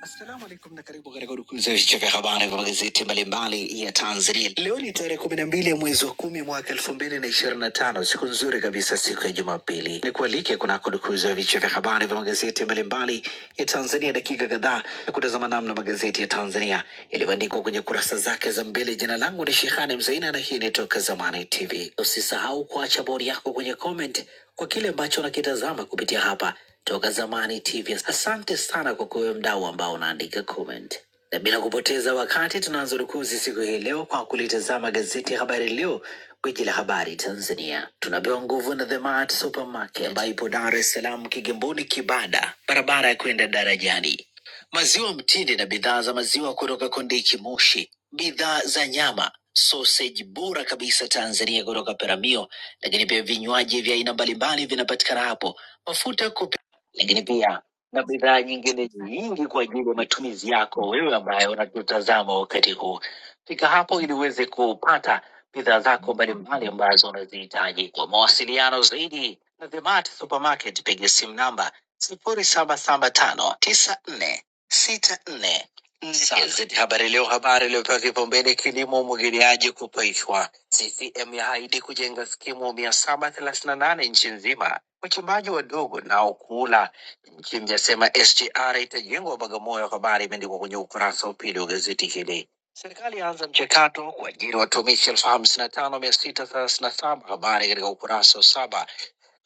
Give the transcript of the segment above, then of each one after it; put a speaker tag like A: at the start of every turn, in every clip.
A: Assalamu alaikum na karibu katika udukuzi ya vichwa vya habari vya magazeti mbalimbali ya Tanzania. Leo ni tarehe kumi na mbili ya mwezi wa kumi mwaka elfu mbili na ishirini na tano siku nzuri kabisa, siku ya Jumapili. Ni kualike kunako udukuzi ya vichwa vya habari vya magazeti mbalimbali ya Tanzania, dakika kadhaa ya kutazama namna magazeti ya Tanzania yalivyoandikwa kwenye kurasa zake za mbele. Jina langu ni Shehani Mzaina na hii ni Toka Zamani TV. Usisahau kuacha bodi yako kwenye comment kwa kile ambacho unakitazama kupitia hapa Toka Zamani TV. Asante sana kwa kuwe mdau ambao unaandika comment, na bila kupoteza wakati tunaanza rukuzi siku hii leo kwa kulitazama gazeti ya Habari Leo, gwiji la habari Tanzania. Tunapewa nguvu na The Mart Supermarket ambayo ipo Dar es Salaam, Kigamboni, Kibada, barabara ya kwenda darajani. Maziwa mtindi na bidhaa za maziwa kutoka Kondiki Moshi, bidhaa za nyama sausage bora kabisa Tanzania kutoka Peramio, lakini pia vinywaji vya aina mbalimbali vinapatikana hapo mafuta ya kupikia lakini pia na bidhaa nyingine nyingi kwa ajili ya matumizi yako wewe ambaye unatutazama wakati huu. Fika hapo ili uweze kupata bidhaa zako mbalimbali ambazo unazihitaji. Kwa mawasiliano zaidi na The Mart Supermarket, piga simu namba sifuri saba saba tano tisa nne sita nne sasa Gazeti Habari Leo, habari iliyopewa kipaumbele kilimo, umwagiliaji kupaishwa. CCM yaahidi kujenga skimu mia saba thelathini na nane nchi nzima, wachimbaji wadogo nao kula. Nchimbi yasema SGR itajengwa Bagamoyo, habari imeandikwa kwenye ukurasa wa pili wa gazeti hili. Serikali yaanza mchakato kuajiri watumishi elfu hamsini na tano mia sita thelathini na saba habari katika ukurasa wa saba.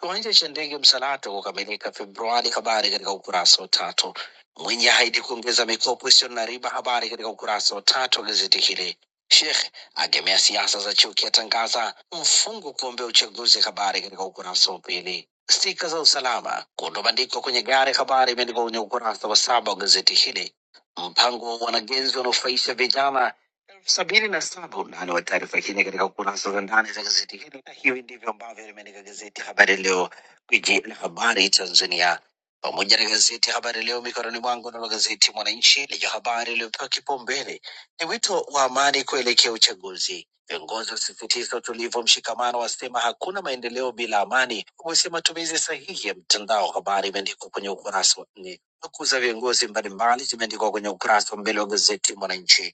A: Kiwanja cha ndege Msalato kukamilika Februari, habari katika ukurasa wa tatu. Mwinyi ahidi kuongeza mikopo isiyo na riba, habari katika ukurasa wa tatu wa gazeti hili. Sheikh agemea siasa za chuki, atangaza mfungo kuombea uchaguzi, habari katika ukurasa wa pili. Stika za usalama kutobandikwa kwenye gari, habari imeandikwa kwenye ukurasa wa saba wa gazeti hili. Mpango wa wanagenzi wanaofaisha vijana elfu sabini na saba. Undani wa taarifa hii ni katika kurasa za ndani za gazeti hili, na hivi ndivyo ambavyo limeandika gazeti Habari Leo, gwiji la habari Tanzania, pamoja na gazeti Habari Leo mikononi mwangu. Nalo gazeti Mwananchi lenye habari iliyopewa kipaumbele ni wito wa amani kuelekea uchaguzi. Viongozi wasisitiza utulivu, wa mshikamano, wasema hakuna maendeleo bila amani, wamesema matumizi sahihi ya mtandao. Habari imeandikwa kwenye ukurasa wa nne. Nukuu za viongozi mbalimbali zimeandikwa kwenye ukurasa wa mbele wa gazeti Mwananchi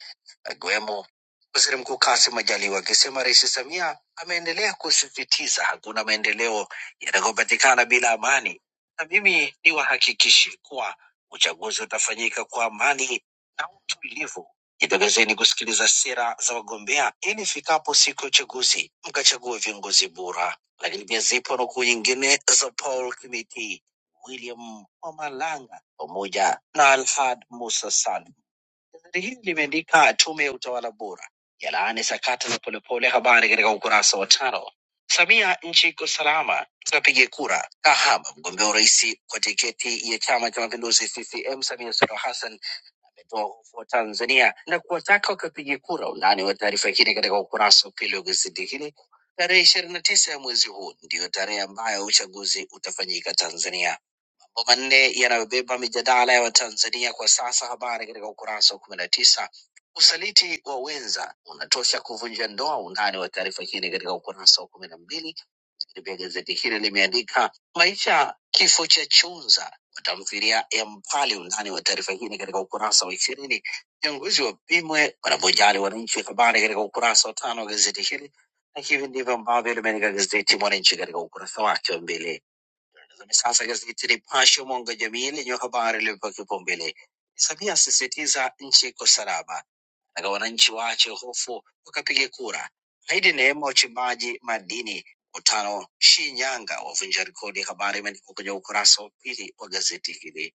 A: akiwemo waziri mkuu Kassim Majaliwa akisema Rais Samia ameendelea kusisitiza hakuna maendeleo yatakayopatikana bila amani, na mimi niwahakikishe kuwa uchaguzi utafanyika kwa amani na utulivu. Jitokezeni kusikiliza sera za wagombea ili ifikapo siku ya uchaguzi mkachague viongozi bora. Lakini pia zipo nukuu nyingine za Paul Kimiti, William Omalanga pamoja na Alhad Musa Saleh Gazeti hili limeandika tume ya utawala bora yalaani sakata la Polepole, habari katika ukurasa wa tano. Samia, nchi iko salama, tunapiga kura. Kahama, mgombea urais kwa tiketi ya chama cha mapinduzi CCM, Samia Suluhu Hassan ametoa hofu wa Tanzania na kuwataka wakapiga kura. Undani wa taarifa hii ni katika ukurasa wa pili wa gazeti hili. Tarehe ishirini na tisa ya mwezi huu ndiyo tarehe ambayo uchaguzi utafanyika Tanzania mambo manne yanayobeba mijadala ya Watanzania kwa sasa. Habari katika ukurasa wa kumi na tisa. Usaliti wa wenza unatosha kuvunja ndoa. Undani wa taarifa hii ni katika ukurasa wa kumi na mbili. Lakini pia gazeti hili limeandika maisha kifo cha Chunza watamfilia ya Mpali. Undani wa taarifa hii ni katika ukurasa wa ishirini. Viongozi wapimwe wanapojali wananchi, habari katika ukurasa wa tano wa gazeti hili, na hivi ndivyo ambavyo limeandika gazeti Mwananchi katika ukurasa wake wa mbele. Tazame sasa gazeti Nipashe mwanga wa jamii lenye habari iliyopewa kipaumbele ni Samia asisitiza nchi iko salama, na wananchi waache hofu wakapige kura, haidi neema wachimbaji madini, mkutano Shinyanga wavunja rekodi. Habari imeandikwa kwenye ukurasa wa pili wa gazeti hili.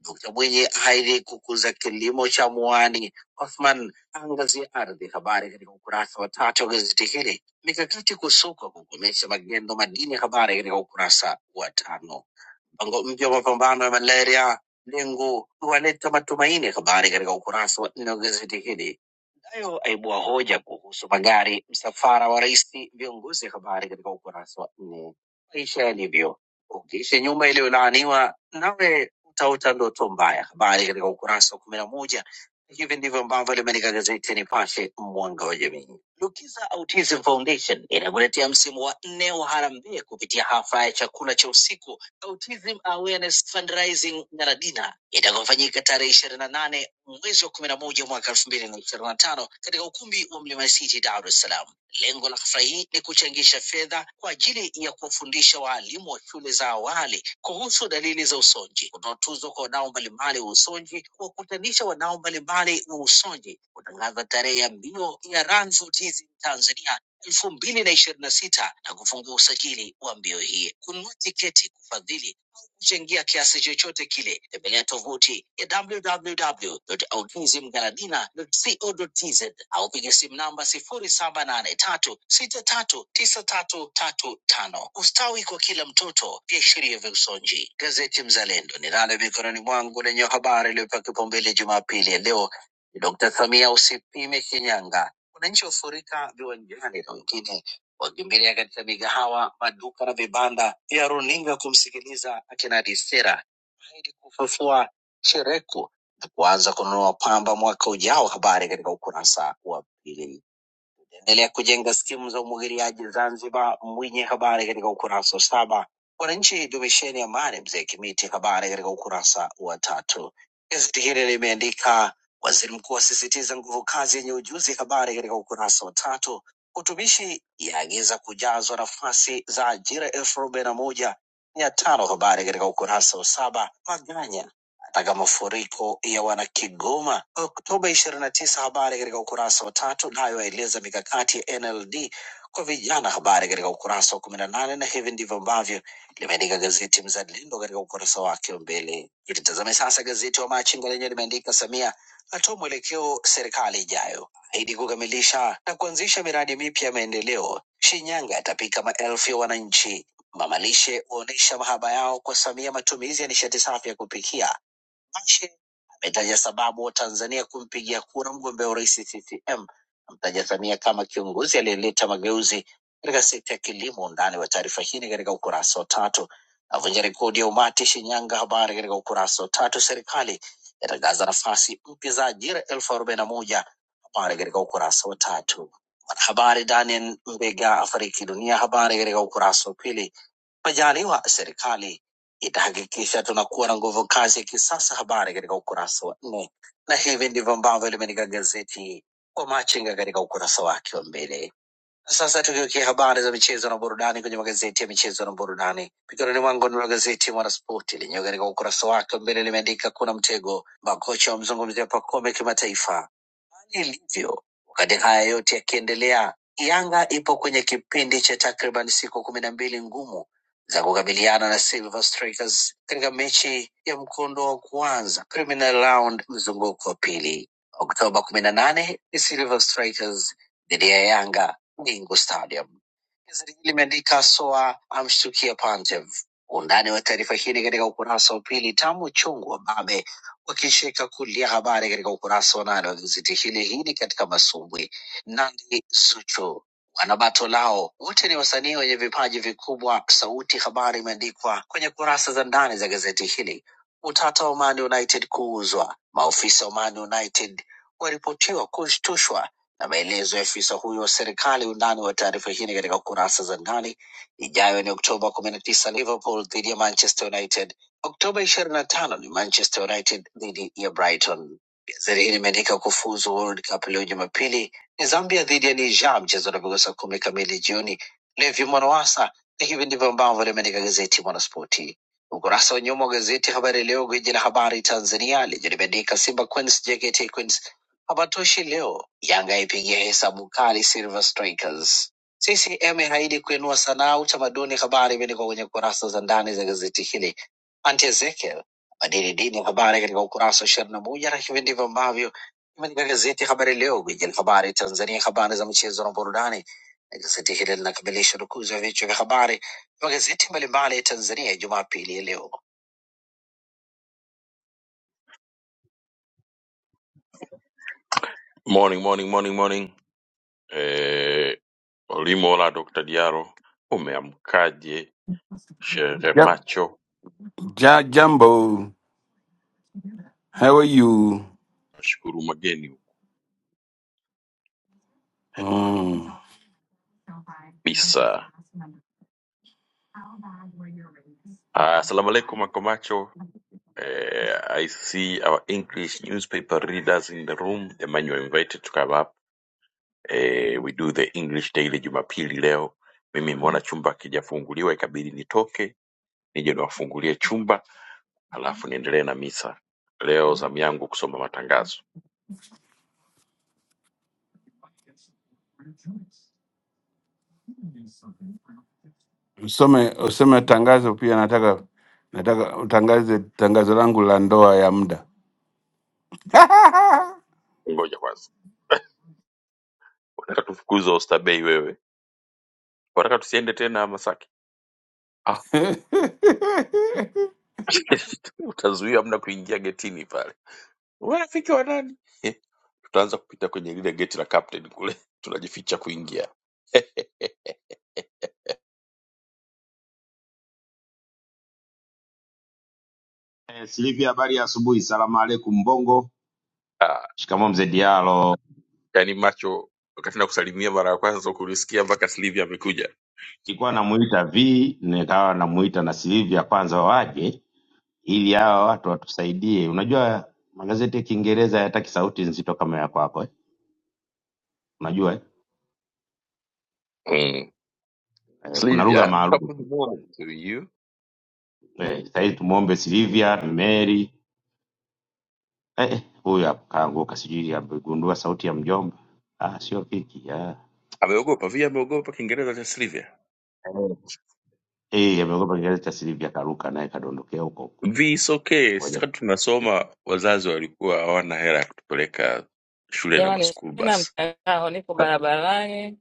A: Dkt Mwinyi ahidi kukuza kilimo cha mwani. Othman angazia ardhi, habari katika ukurasa wa tatu wa gazeti hili. Mikakati kusukwa kukomesha magendo madini, habari katika ukurasa wa tano mpango mpya wa mapambano ya malaria lengo kuwaleta matumaini. Habari katika ukurasa wa nne wa gazeti hili nayo aibua hoja kuhusu magari, msafara wa rais, viongozi. Habari katika ukurasa wa nne. Maisha yalivyo, ukiishi nyumba iliyolaaniwa nawe utaota ndoto mbaya. Habari katika ukurasa wa kumi na moja. Hivi ndivyo ambavyo limeandika gazeti Nipashe, mwanga wa jamii. Lukiza Autism Foundation inakuletea msimu wa nne wa harambee kupitia hafla ya chakula cha usiku Autism Awareness Fundraising Naradina itakofanyika tarehe ishirini na nane mwezi wa kumi na moja mwaka elfu mbili na ishirini na tano katika ukumbi wa Mlima City, Dar es Salaam. Lengo la hafla hii ni kuchangisha fedha kwa ajili ya kuwafundisha waalimu wa shule za awali kuhusu dalili za usonji, kutoa tuzo kwa wadau mbalimbali wa usonji, kuwakutanisha wadau mbalimbali wa usonji, kutangaza tarehe ya mbio ya Run for Autism Tanzania elfu mbili na ishirini na sita na kufungua usajili wa mbio hii, kununua tiketi, kufadhili au kuchangia kiasi chochote kile, tembelea tovuti ya www.onkizimgaladina.co.tz au piga simu namba sifuri saba nane tatu sita tatu tisa tatu tatu tano. Ustawi kwa kila mtoto, viashiria vya usonji. Gazeti Mzalendo ninalo mikononi mwangu lenye habari iliyopewa kipaumbele Jumapili ya leo ni Dkt. Samia usipime Shinyanga, wananchi wafurika viwanjani na wengine wakimbilia katika migahawa, maduka na vibanda vya runinga kumsikiliza akinadi sera ili kufufua shereku na kuanza kununua pamba mwaka ujao. Habari katika ukurasa wa pili endelea kujenga skimu za umwagiliaji Zanzibar. Mwinyi, habari katika ukurasa wa saba. Wananchi dumisheni amani, mzee Kimiti, habari katika ukurasa wa tatu. Gazeti hili limeandika waziri mkuu asisitiza nguvu kazi yenye ujuzi, habari katika ukurasa wa tatu. Utumishi yaagiza kujazwa nafasi za ajira elfu arobaini na moja mia tano, habari katika ukurasa wa saba. Maganya katika mafuriko ya wanakigoma Oktoba ishirini na tisa. Habari katika ukurasa wa tatu, nayo yaeleza mikakati ya NLD kwa vijana, habari katika ukurasa wa kumi na nane, na hivi ndivyo ambavyo limeandika gazeti Mzalendo katika ukurasa wake wa mbele. Tulitazame sasa gazeti wa Machinga lenye limeandika Samia atoa mwelekeo serikali ijayo, ahidi kukamilisha na kuanzisha miradi mipya ya maendeleo. Shinyanga yatapika maelfu ya wananchi. Mamalishe waonyesha mahaba yao kwa Samia, matumizi ya nishati safi ya kupikia Bashe ametaja sababu Watanzania kumpigia kura mgombea urais CCM, amtaja Samia kama kiongozi aliyeleta mageuzi katika sekta ya kilimo. Undani wa taarifa hii ni katika ukurasa wa tatu. Avunja rekodi ya umati Shinyanga, habari katika ukurasa wa tatu. Serikali yatangaza nafasi mpya za ajira elfu arobaini na moja habari katika ukurasa wa tatu. Mwanahabari Daniel Mbega afariki dunia, habari katika ukurasa wa pili. Majaliwa, serikali itahakikisha tunakuwa na nguvu kazi ya kisasa. Habari katika ukurasa wa nne, na hivi ndivyo ambavyo limeandika gazeti kwa Machinga katika ukurasa wake wa mbele. Na Sasa tukiwekia habari za michezo na burudani kwenye magazeti ya michezo na burudani, mikononi mwangu ni gazeti Mwanaspoti lenyewe katika ukurasa wake wa mbele limeandika kuna mtego, makocha wamzungumzia Pacome kimataifa, hali ilivyo. Wakati haya yote yakiendelea, Yanga ipo kwenye kipindi cha takriban siku kumi na mbili ngumu za kukabiliana na Silver Strikers katika mechi ya mkondo wa kwanza preliminary round mzunguko wa pili. Oktoba kumi na nane ni Silver Strikers dhidi ya Yanga Bingu Stadium. Gazeti hili limeandika Soa amshtukia Pantev. Undani wa taarifa hii ni katika ukurasa wa pili. Tamu chungu wa Babe wakisheka kulia habari katika ukurasa wa nane wa gazeti hili. Hii ni katika masumbwi. Nandi Zuchu wanabato lao wote ni wasanii wenye vipaji vikubwa. Sauti Habari imeandikwa kwenye kurasa za ndani za gazeti hili. Utata wa Man United kuuzwa, maofisa wa Man United waripotiwa kushtushwa na maelezo ya afisa huyo wa serikali. Undani wa taarifa hii ni katika kurasa za ndani. Ijayo ni Oktoba kumi na tisa, Liverpool dhidi ya Manchester United Oktoba ishirini na tano ni Manchester United dhidi ya Brighton. Gazeti hili limeandika kufuzu World Cup leo Jumapili ni Zambia dhidi ya Niger, mchezo unapigwa saa kumi kamili jioni. Levi Mwanawasa, na hivi ndivyo ambavyo limeandika gazeti Mwanaspoti. Ukurasa wa nyuma wa gazeti Habari Leo, gwiji la habari Tanzania, lenye limeandika Simba Queens, JKT Queens hapatoshi leo, Yanga ipigia hesabu kali Silver Strikers. CCM haidi kuinua sanaa utamaduni, habari imeandikwa kwenye kurasa za ndani za gazeti hili Anti Ezekiel abadili dini ya habari katika ukurasa wa ishirini na moja na hivi ndivyo ambavyo imeandika gazeti ya Habari Leo, gwiji la habari Tanzania, habari za michezo na burudani. Na gazeti hili linakamilisha rukuzi ya vichwa vya habari vya magazeti mbalimbali ya Tanzania Jumapili ya leo.
B: Yep. Ja, jambo, how are you? Mm. Usome usome tangazo pia, nataka nataka utangaze tangazo langu la ndoa ya muda.
C: Eh, Silivia, habari ya asubuhi. Salamu alaikum Bongo. Shikamoo mzee Diallo. Nilikuwa namuita V, nikawa namuita na Silivia kwanza waje ili hawa watu watusaidie. Unajua magazeti ya Kiingereza hayataki sauti nzito kama ya kwako eh? Unajua eh? Eh, kuna lugha maalum eh, sahii tumuombe Silivia Mary eh, eh, huyu hapo kaanguka, sijui amegundua sauti ya mjomba ah, sio kiki ah. Eh, eh, ameogopa kigazi cha Silivia karuka naye kadondokea huko huko. Ngoja.
D: Jamani, sina mtandao, niko barabarani.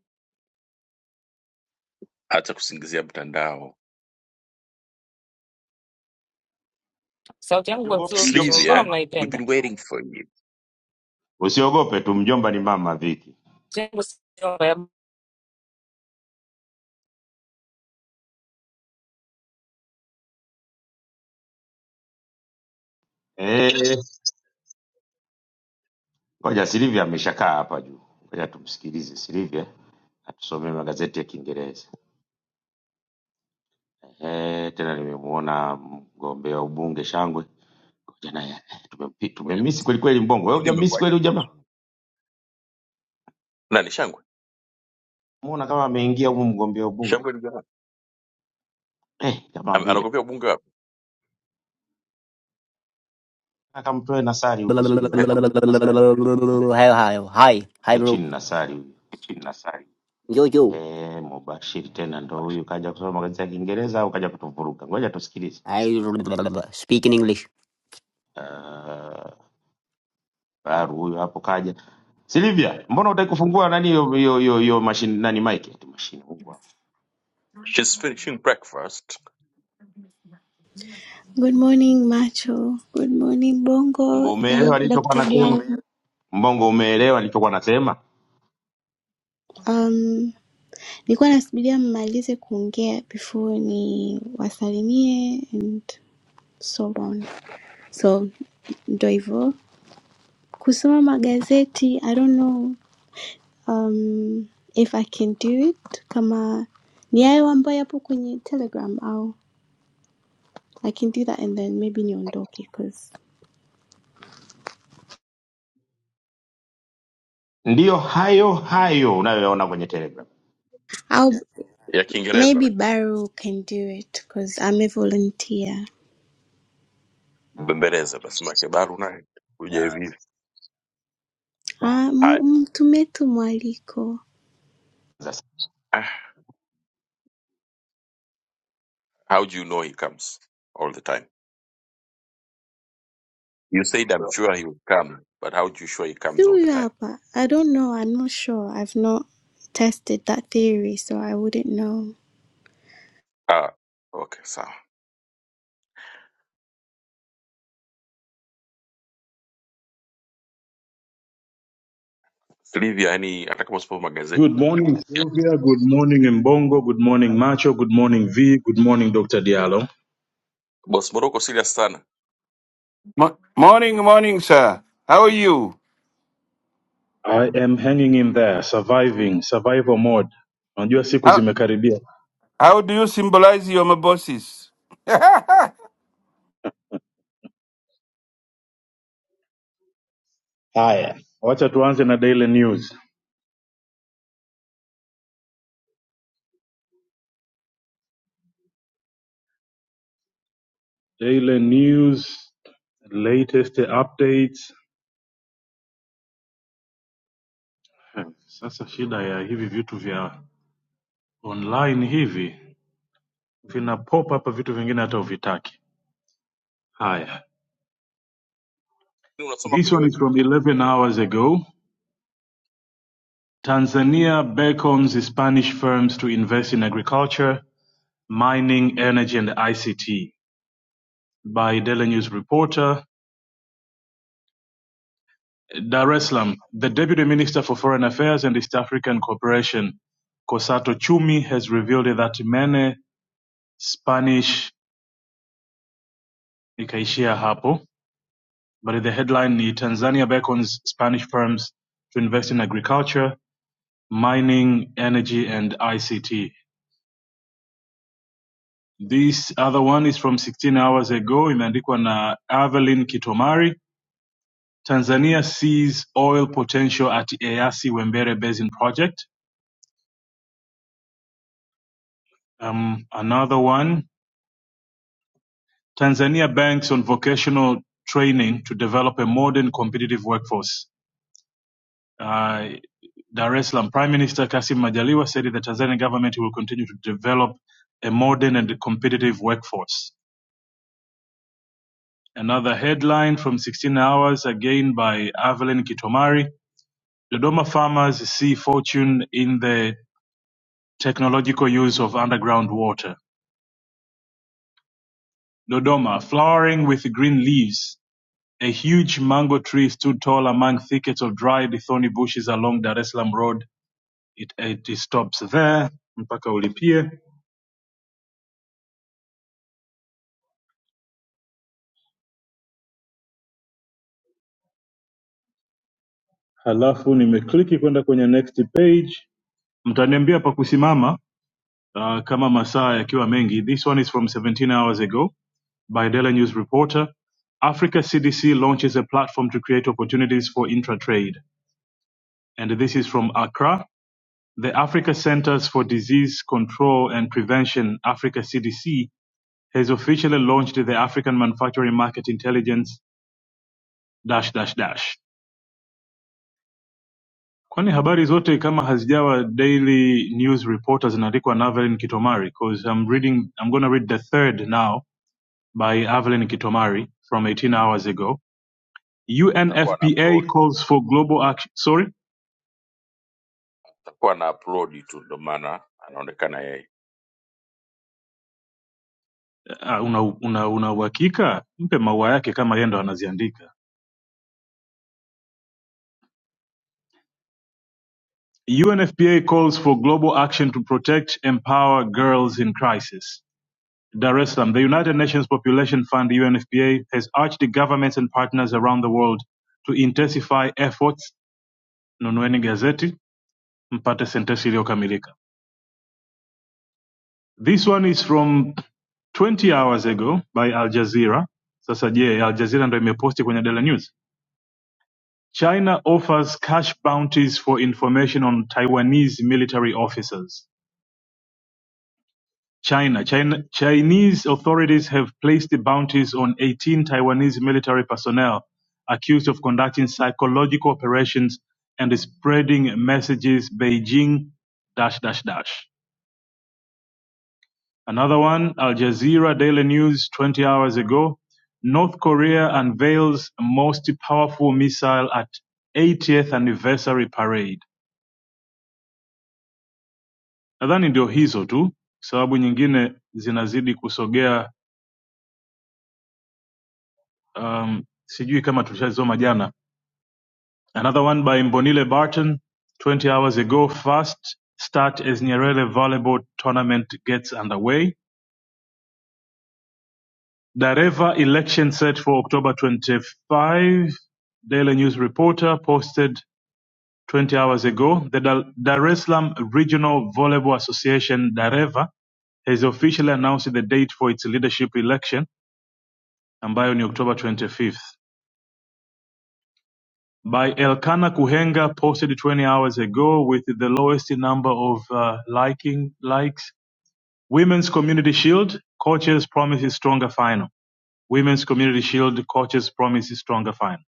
D: Sauti yangu kwa
C: Siogope
D: mzuri,
C: mjomba ni mama.
D: mbona mnaipenda?
C: Usiogope tu, mjomba ni mama Viki.
D: Sauti yangu sio mbaya.
C: Eh, ngoja Silivia ameshakaa hapa juu, ngoja tumsikilize Silivia atusomee magazeti ya Kiingereza. Eh, tena nimemuona mgombea wa ubunge Shangwe, ngoja naye eh, tumempi- tumemisi kweli kweli. Mbongo wewe hujamisi kweli huyu jamaa, muona kama ameingia humu mgombea wa ubunge eh, kama vile akamtoe Nasari huko, sijui wapi
E: Hi, hi, hi,
C: Ye
E: bro.
C: chini Nasari huyu
E: Yo, yo.
C: eh, Mubashiri tena ndo huyu kaja kusoma magazeti ya Kiingereza au kaja kutuvuruga? Ngoja tusikilize.
E: I speak in English.
C: Uh, Baru huyo hapo kaja. Silivia, mbona hutaki kufungua nani hiyo hiyo hiyo hiyo mashine nani mic eti mashine Mungu wangu.
F: Good morning, Macho. Good morning,
C: Mbongo
F: Bongo and
C: umeelewa nilichokuwa
F: Dr.
C: nasema?
F: Diana.
C: Mbongo umeelewa nilichokuwa nasema?
F: Um, nilikuwa nasubiria mmalize kuongea before ni wasalimie and so on. So ndo hivyo. Kusoma magazeti, I don't know um, if I can do it kama ni hayo ambayo yapo kwenye Telegram au I can do that and then maybe niondoke because
C: Ndiyo hayo hayo unayoona kwenye Telegram.
F: I'll maybe Baru can do it because I'm a volunteer.
C: Ah, Sasa
F: Ah, mu- mtumie tu mwaliko.
C: sasa.
F: See huyu hapa. I don't know, I'm not sure. I've not tested that theory, so I wouldn't know.
G: Good morning, Sylvia. Good morning, Mbongo. Good morning, Macho. Good morning, V. Good morning, Dr. Diallo.
B: Mo- morning, morning sir. How are you?
G: I am hanging in there, surviving, survival mode. Unajua siku
B: How,
G: zimekaribia.
B: how do you symbolize your mabosses?
G: Haya, wacha tuanze na daily news. Daily news, latest updates. Eh, Sasa shida ya hivi vitu vya online hivi vina pop up vitu vingine hata uvitaki. Haya, this one is from 11 hours ago. Tanzania beckons Spanish firms to invest in agriculture, mining, energy and ICT. By Daily News reporter, Dar es Salaam, the Deputy Minister for Foreign Affairs and East African Cooperation, Kosato Chumi, has revealed that many Spanish, ikaishia hapo, but the headline ni Tanzania beckons Spanish firms to invest in agriculture, mining, energy and ICT. This other one is from 16 hours ago, imeandikwa na Avelin Kitomari. Tanzania sees oil potential at EAC Wembere Basin Project. Um, another one, Tanzania banks on vocational training to develop a modern competitive workforce. Uh, Dar es Salaam Prime Minister Kassim Majaliwa said that the Tanzanian government will continue to develop a modern and competitive workforce. Another headline from 16 Hours, again by Avelin Kitomari. Dodoma farmers see fortune in the technological use of underground water. Dodoma, flowering with green leaves, a huge mango tree stood tall among thickets of dried thorny bushes along Dar es Salaam Road. It, it stops there mpaka ulipie. Halafu nimekliki kwenda kwenye next page. Mtaniambia pa kusimama uh, kama masaa yakiwa mengi. This one is from 17 hours ago. by Daily News reporter, Africa CDC launches a platform to create opportunities for intra-trade. And this is from Accra. The Africa Centers for Disease Control and Prevention, Africa CDC, has officially launched the African Manufacturing Market Intelligence dash dash dash. Kwani habari zote kama hazijawa daily news reporters zinaandikwa na Avelin Kitomari because I'm reading I'm going to read the third now by Avelin Kitomari from 18 hours ago. UNFPA calls for global action. Sorry, Ah, una una una uhakika? Mpe maua yake kama yeye ndo anaziandika. UNFPA calls for global action to protect empower girls in crisis. Dar es Salaam, the United Nations Population Fund UNFPA has urged the governments and partners around the world to intensify efforts. Nunueni gazeti mpate sentensi iliyokamilika. This one is from 20 hours ago by Al Jazeera. Sasa je, Al Jazeera ndo imeposti kwenye Daily News? China offers cash bounties for information on Taiwanese military officers. China, China Chinese authorities have placed bounties on 18 Taiwanese military personnel accused of conducting psychological operations and spreading messages Beijing dash dash dash. Another one, Al Jazeera Daily News 20 hours ago, North Korea unveils most powerful missile at 80th anniversary parade. nadhani ndio hizo tu sababu nyingine zinazidi kusogea um, sijui kama tulishazisoma jana another one by mbonile barton 20 hours ago fast start as nyerere volleyball tournament gets underway dareva election set for october 25 daily news reporter posted 20 hours ago the Dar Dar es Salaam Regional Volleyball Association Dareva has officially announced the date for its leadership election ambayo ni October 25th. by Elkanah Kuhenga posted 20 hours ago with the lowest number of uh, liking likes. Women's Community Shield coaches promises stronger final. Women's Community Shield coaches promises stronger final.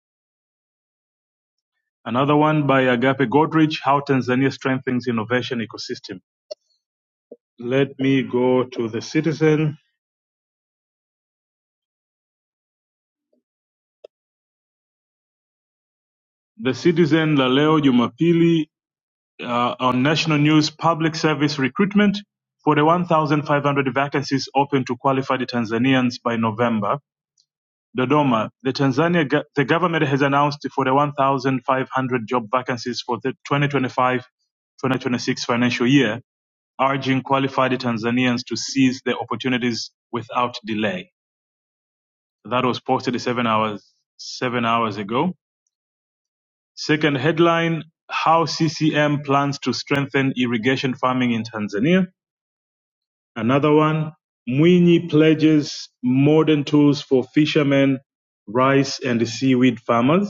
G: Another one by Agape Godrich, How Tanzania Strengthens Innovation Ecosystem. Let me go to the Citizen. The Citizen la leo Jumapili uh, on national news, public service recruitment, 41,500 vacancies open to qualified Tanzanians by November. Dodoma, the Tanzania the government has announced 41,500 job vacancies for the 2025-2026 financial year, urging qualified Tanzanians to seize the opportunities without delay. That was posted seven hours seven hours ago. Second headline: How CCM plans to strengthen irrigation farming in Tanzania. Another one: Mwinyi pledges modern tools for fishermen, rice and seaweed farmers.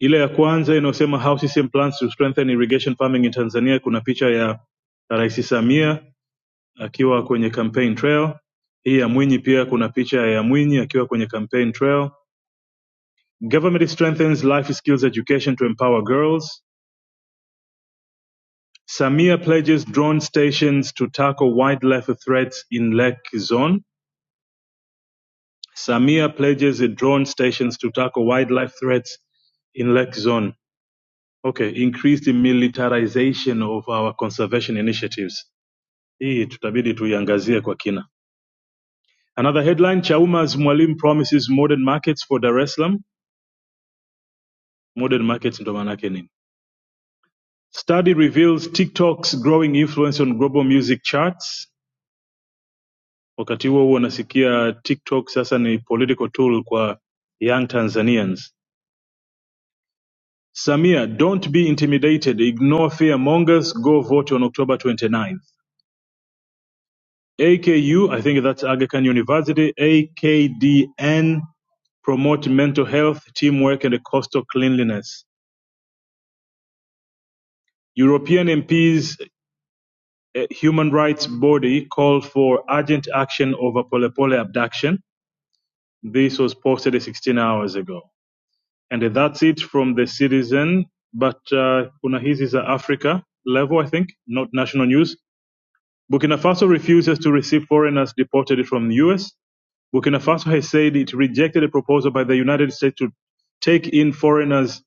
G: Ile ya kwanza inayosema how CCM plans to strengthen irrigation farming in Tanzania, kuna picha ya Rais Samia akiwa kwenye campaign trail. Hii ya Mwinyi pia kuna picha ya Mwinyi akiwa kwenye campaign trail. Government strengthens life skills education to empower girls. Samia pledges drone stations to tackle wildlife threats in Lake Zone. Samia pledges drone stations to tackle wildlife threats in Lake Zone. Okay, increased militarization of our conservation initiatives. hii tutabidi tuiangazie kwa kina another headline chaumas mwalimu promises modern markets for dar es salaam modern markets ndo maana yake nini study reveals tiktok's growing influence on global music charts wakati huo huo unasikia tiktok sasa ni political tool kwa young tanzanians samia don't be intimidated ignore fear mongers go vote on october 29th aku i think that's aga khan university akdn promote mental health, teamwork and coastal cleanliness. European MPs uh, human rights body called for urgent action over Polepole abduction. This was posted 16 hours ago. And that's it from the citizen. But uh, kuna hizi za Africa level, I think, not national news. Burkina Faso refuses to receive foreigners deported from the US. Burkina Faso has said it rejected a proposal by the United States to take in foreigners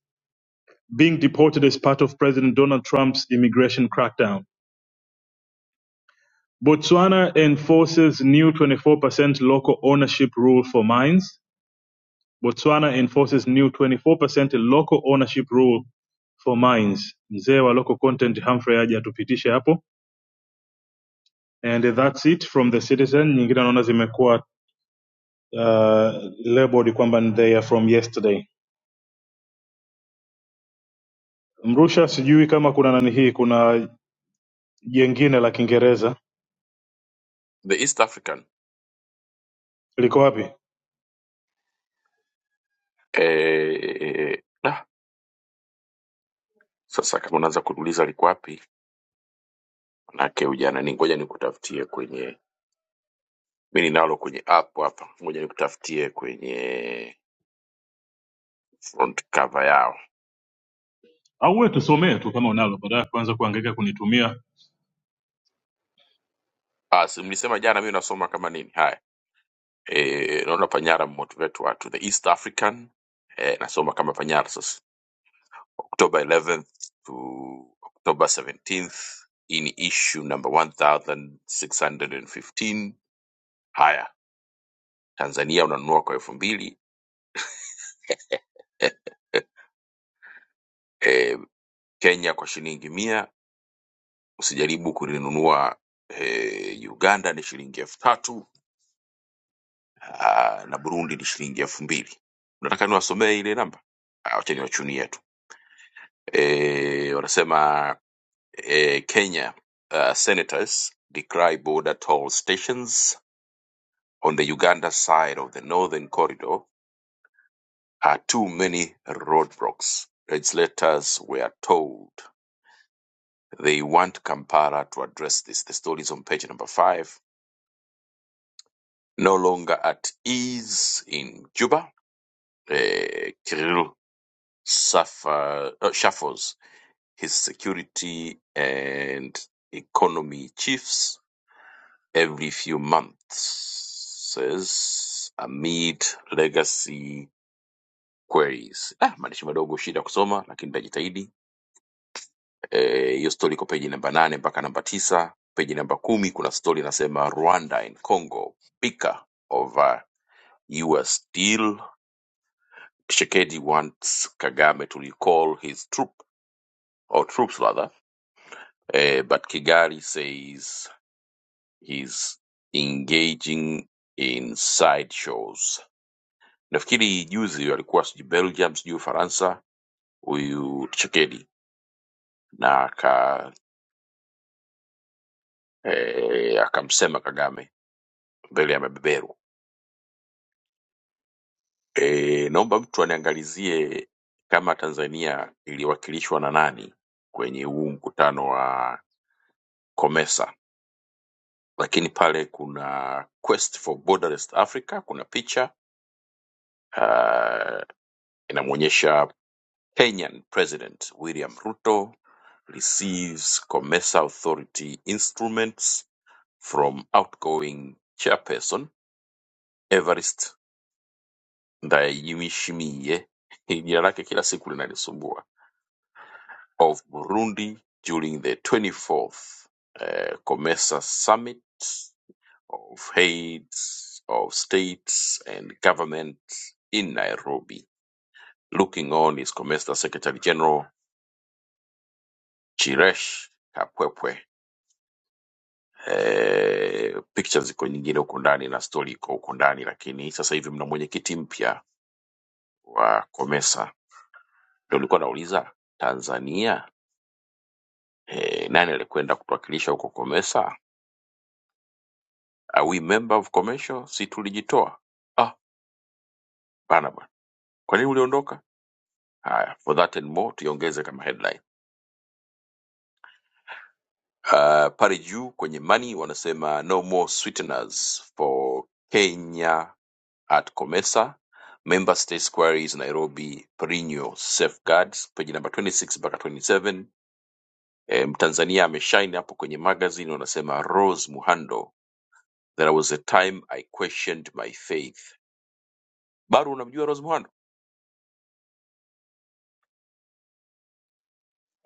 G: being deported as part of President Donald Trump's immigration crackdown. Botswana enforces new 24% local ownership rule for mines. Botswana enforces new 24% local ownership rule for mines. Mzee wa local content Humphrey aje atupitishe hapo. And that's it from the Citizen. Nyingine naona zimekuwa uh, labeled kwamba ni they are from yesterday. Mrusha, sijui kama kuna nani hii, kuna jengine la Kiingereza liko wapi? au wewe tusomee tu kama unalo, badala ya kuanza kuhangaika kunitumia.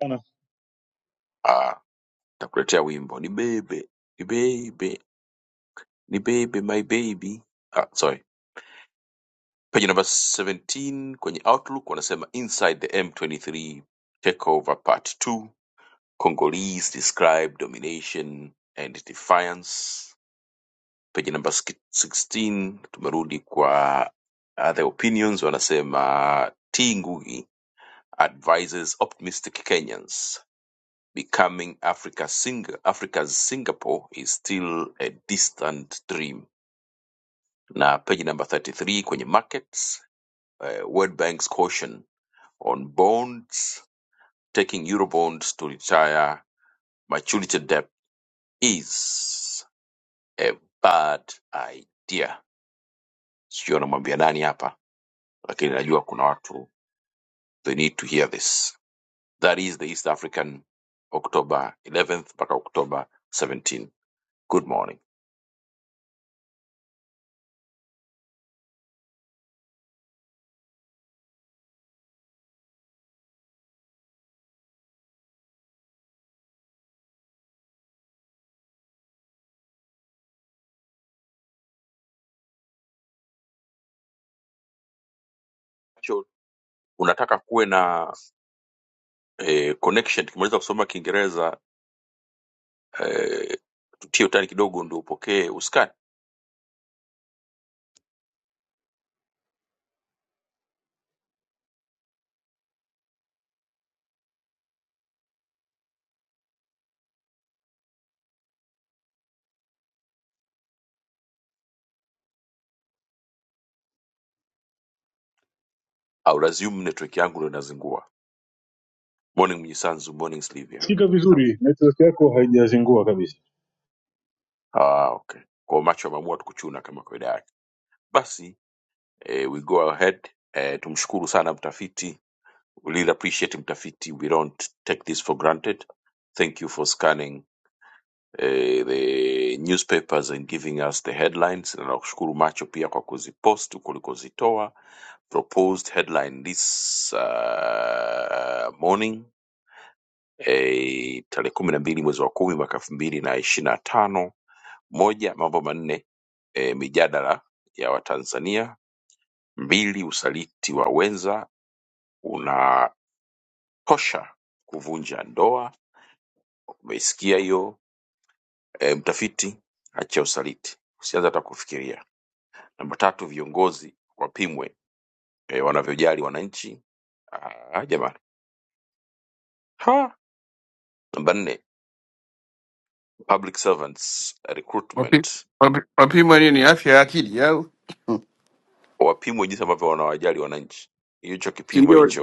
G: Bana, Sikika vizuri, network yako haijazingua kabisa.
B: Wapi- wapi- Wapimwa nini? Afya ya akili yao, si ndio?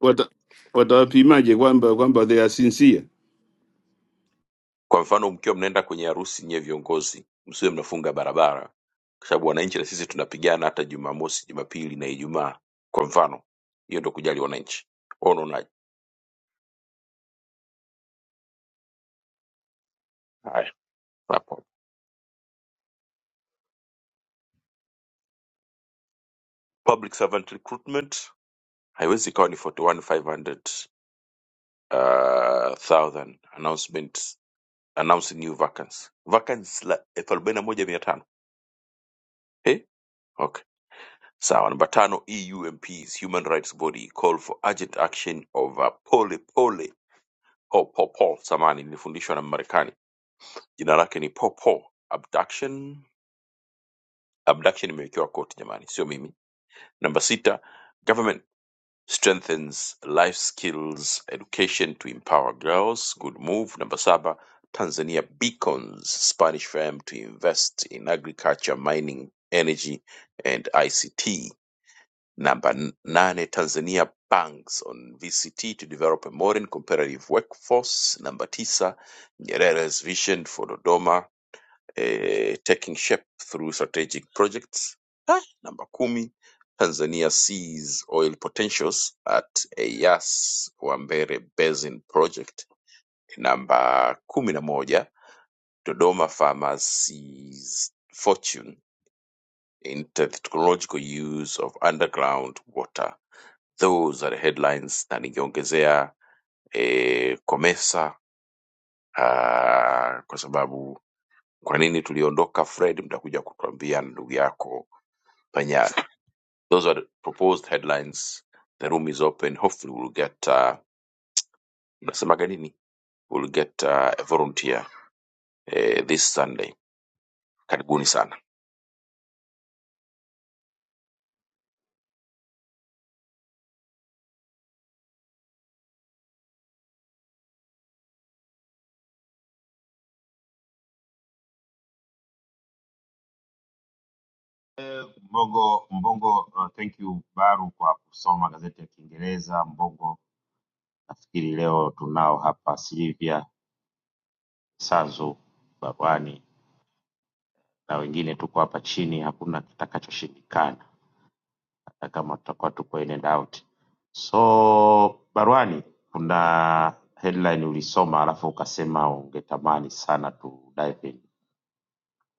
B: wata- Watawapimaje kwamba kwamba they are sincere?
A: Ah,
C: Eh, Mbongo Mbongo uh, thank you Baru kwa kusoma gazeti ya Kiingereza. Mbongo nafikiri leo tunao hapa Silivia, Sanzu, Barwani na wengine tuko hapa chini, hakuna kitakachoshindikana. hata kama tutakuwa tuko in and out so barwani kuna headline ulisoma alafu ukasema ungetamani sana tu dive in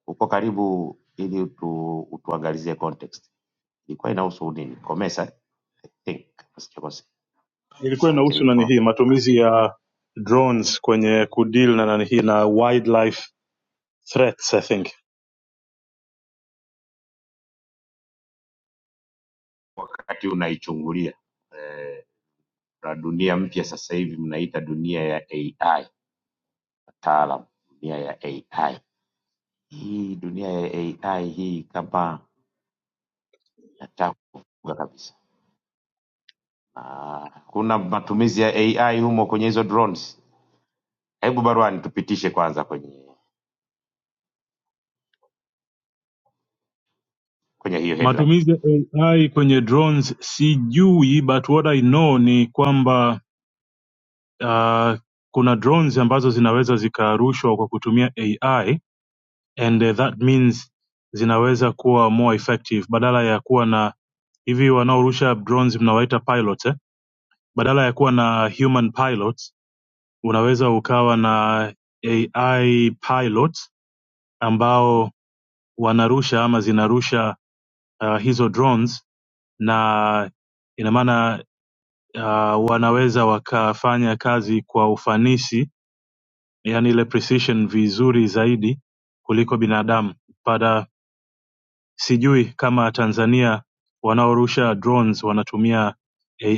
C: uko karibu ili utu, utuangalizie context ilikuwa inahusu nini komesa eh? i think kama sijakosea
G: Ilikuwa
C: maanake
G: inahusu nani
C: nilikuwa
G: hii, matumizi ya drones kwenye kudeal na nani hii na wildlife threats I think.
C: wakati unaichungulia eh, na dunia mpya sasa hivi mnaita dunia ya ai wataalam dunia ya AI. Hii dunia ya AI hii kama nataka kufunga kabisa, na kuna matumizi ya AI humo kwenye hizo drones. Hebu Barwani tupitishe kwanza kwenye kwenye hiyo headline.
G: Matumizi ya AI kwenye drones sijui, but what I know ni kwamba uh, kuna drones ambazo zinaweza zikarushwa kwa kutumia AI and uh, that means zinaweza kuwa more effective badala ya kuwa na hivi wanaorusha drones mnawaita pilots eh? badala ya kuwa na human pilots unaweza ukawa na ai pilots ambao wanarusha ama zinarusha uh, hizo drones na ina maana uh, wanaweza wakafanya kazi kwa ufanisi yani ile precision vizuri zaidi kuliko binadamu but uh, sijui kama tanzania wanaorusha drones wanatumia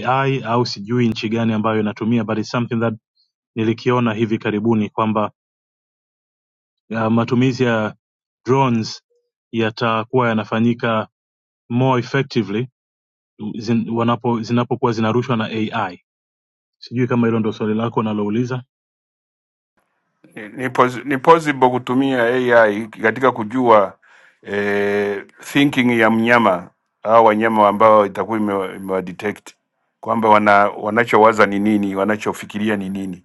G: ai au sijui nchi gani ambayo inatumia but it's something that nilikiona hivi karibuni kwamba uh, matumizi ya drones yatakuwa yanafanyika more effectively zin, wanapo zinapokuwa zinarushwa na ai sijui kama hilo ndo swali lako unalouliza
B: Ni, pos- ni possible kutumia AI katika kujua eh, thinking ya mnyama au wanyama ambao itakuwa imewa imewa detect kwamba wana, wanachowaza ni nini, wanachofikiria ni nini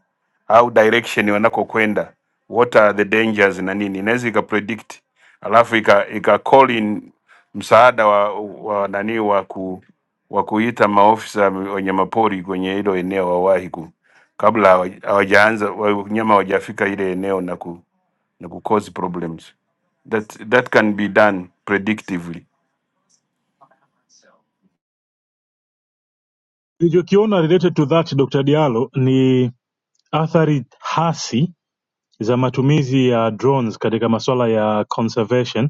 B: au direction wanakokwenda what are the dangers na nini, inaweza ikapredict alafu ika, ika call in msaada wa, wa nani wa ku wa kuita maofisa wanyamapori kwenye hilo eneo wawahi ku, kabla hawa- hawajaanza wanyama hawajafika ile eneo na ku, na ku cause problems that, that can be done predictively.
G: nilichokiona related to that dr dialo ni athari hasi za matumizi ya drones katika masuala ya conservation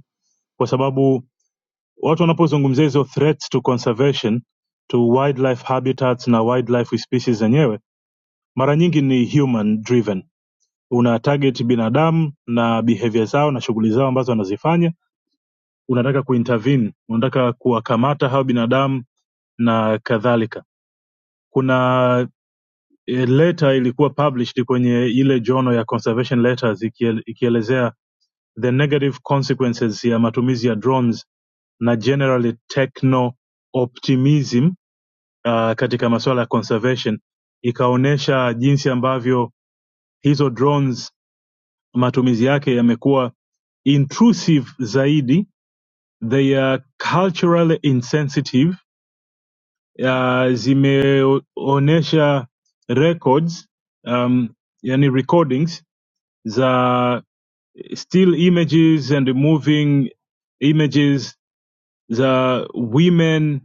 G: kwa sababu watu wanapozungumzia hizo threats to conservation to wildlife habitats na wildlife species zenyewe mara nyingi ni human driven una target binadamu na behavior zao na shughuli zao ambazo wanazifanya unataka kuintervene unataka kuwakamata hao binadamu na kadhalika kuna eh, letter ilikuwa published kwenye ile jono ya conservation letters ikiel- ikielezea the negative consequences ya matumizi ya drones na generally techno optimism uh, katika masuala ya conservation ikaonyesha jinsi ambavyo hizo drones matumizi yake yamekuwa intrusive zaidi they are culturally insensitive uh, zimeonyesha records um, yani recordings za still images and moving images za women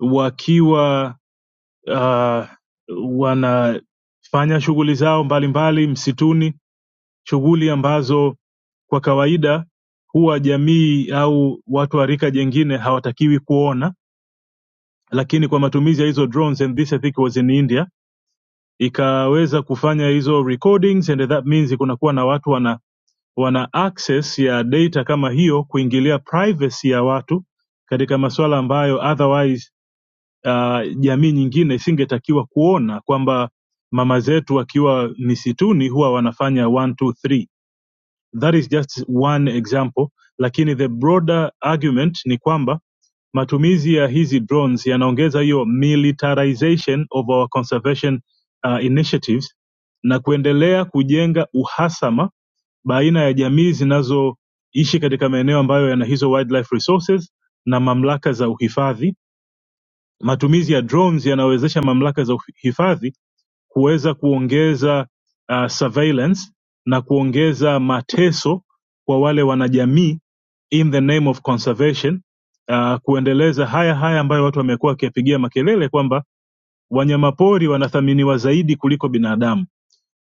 G: wakiwa uh, wanafanya shughuli zao mbalimbali mbali, msituni, shughuli ambazo kwa kawaida huwa jamii au watu wa rika jengine hawatakiwi kuona, lakini kwa matumizi ya hizo drones, and this I think was in India, ikaweza kufanya hizo recordings and that means kunakuwa na watu wana wana access ya data kama hiyo kuingilia privacy ya watu katika masuala ambayo otherwise ah, jamii nyingine isingetakiwa kuona kwamba mama zetu wakiwa misituni huwa wanafanya one, two, three. That is just one example, lakini the broader argument ni kwamba matumizi ya hizi drones yanaongeza hiyo militarization of our conservation uh, initiatives na kuendelea kujenga uhasama baina ya jamii zinazoishi katika maeneo ambayo yana hizo wildlife resources na mamlaka za uhifadhi Matumizi ya drones yanawezesha mamlaka za hifadhi kuweza kuongeza uh, surveillance na kuongeza mateso kwa wale wanajamii in the name of conservation uh, kuendeleza haya haya ambayo watu wamekuwa wakiyapigia makelele kwamba wanyamapori wanathaminiwa zaidi kuliko binadamu.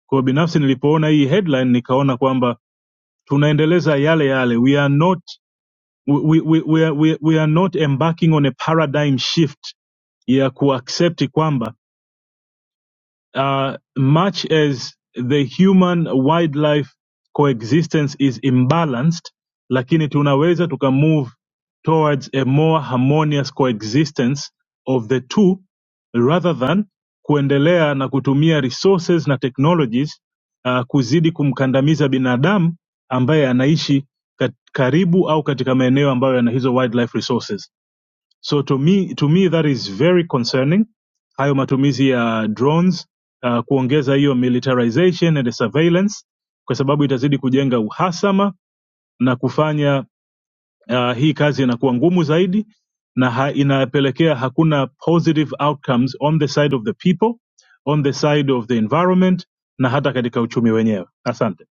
G: Kwa hiyo binafsi nilipoona hii headline nikaona kwamba tunaendeleza yale yale, we are not we, we, we, we, are- we we are not embarking on a paradigm shift ya kuaccept kwamba uh, much as the human wildlife coexistence is imbalanced lakini tunaweza tukamove towards a more harmonious coexistence of the two rather than kuendelea na kutumia resources na technologies uh, kuzidi kumkandamiza binadamu ambaye anaishi kat- karibu au katika maeneo ambayo yana hizo wildlife resources So to me, to me that is very concerning, hayo matumizi ya drones uh, kuongeza hiyo militarization and surveillance, kwa sababu itazidi kujenga uhasama na kufanya uh, hii kazi inakuwa ngumu zaidi na ha, inapelekea hakuna positive outcomes on the side of the people, on the side of the environment na hata katika uchumi wenyewe. Asante,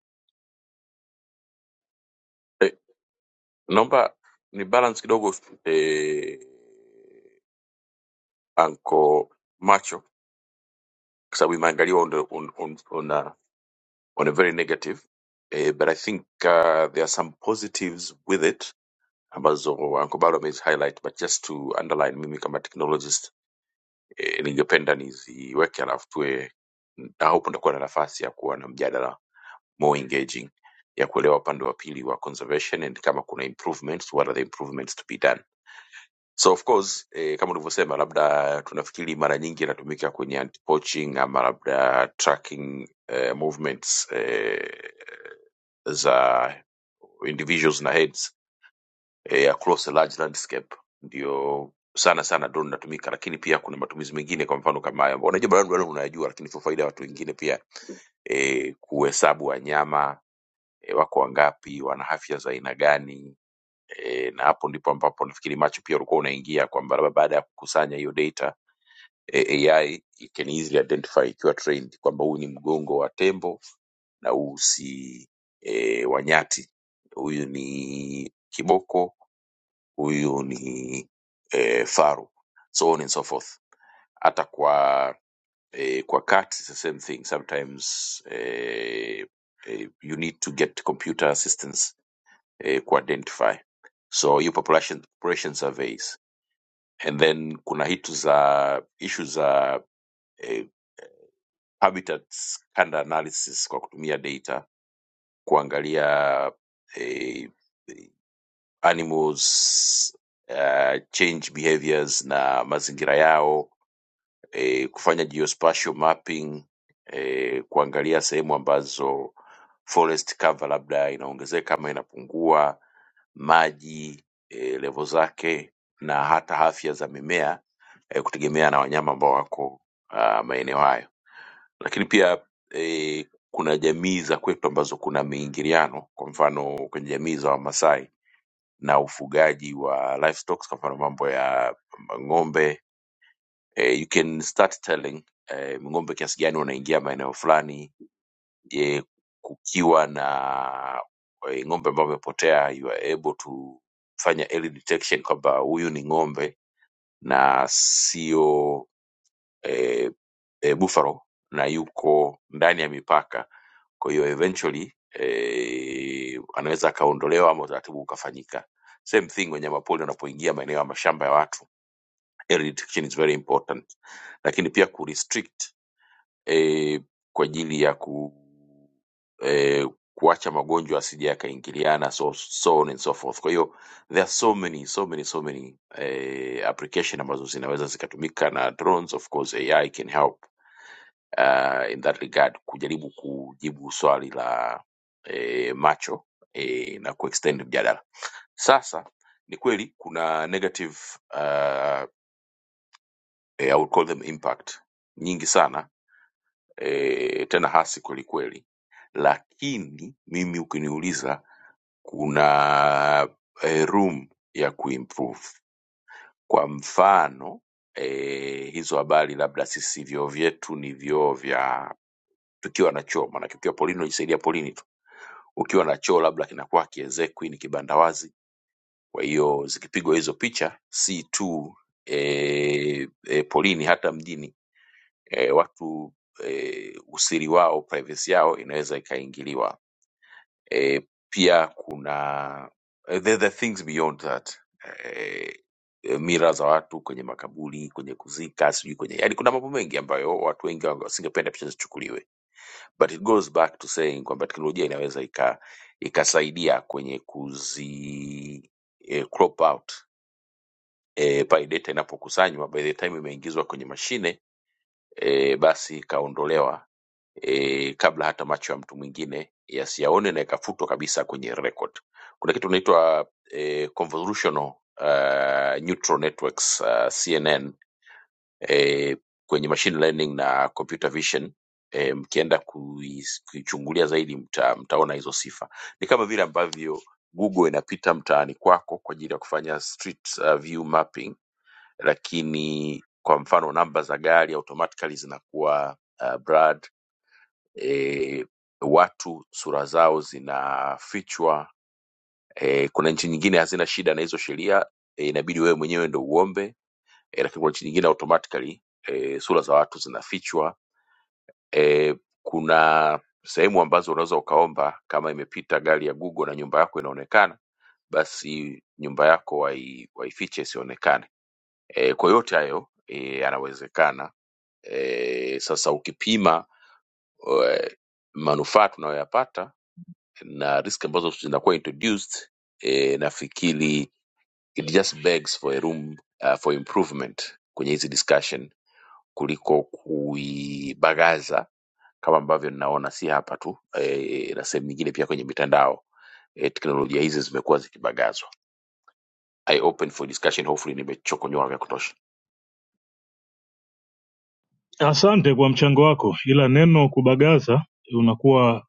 G: asante kwa mchango wako, ila neno kubagaza unakuwa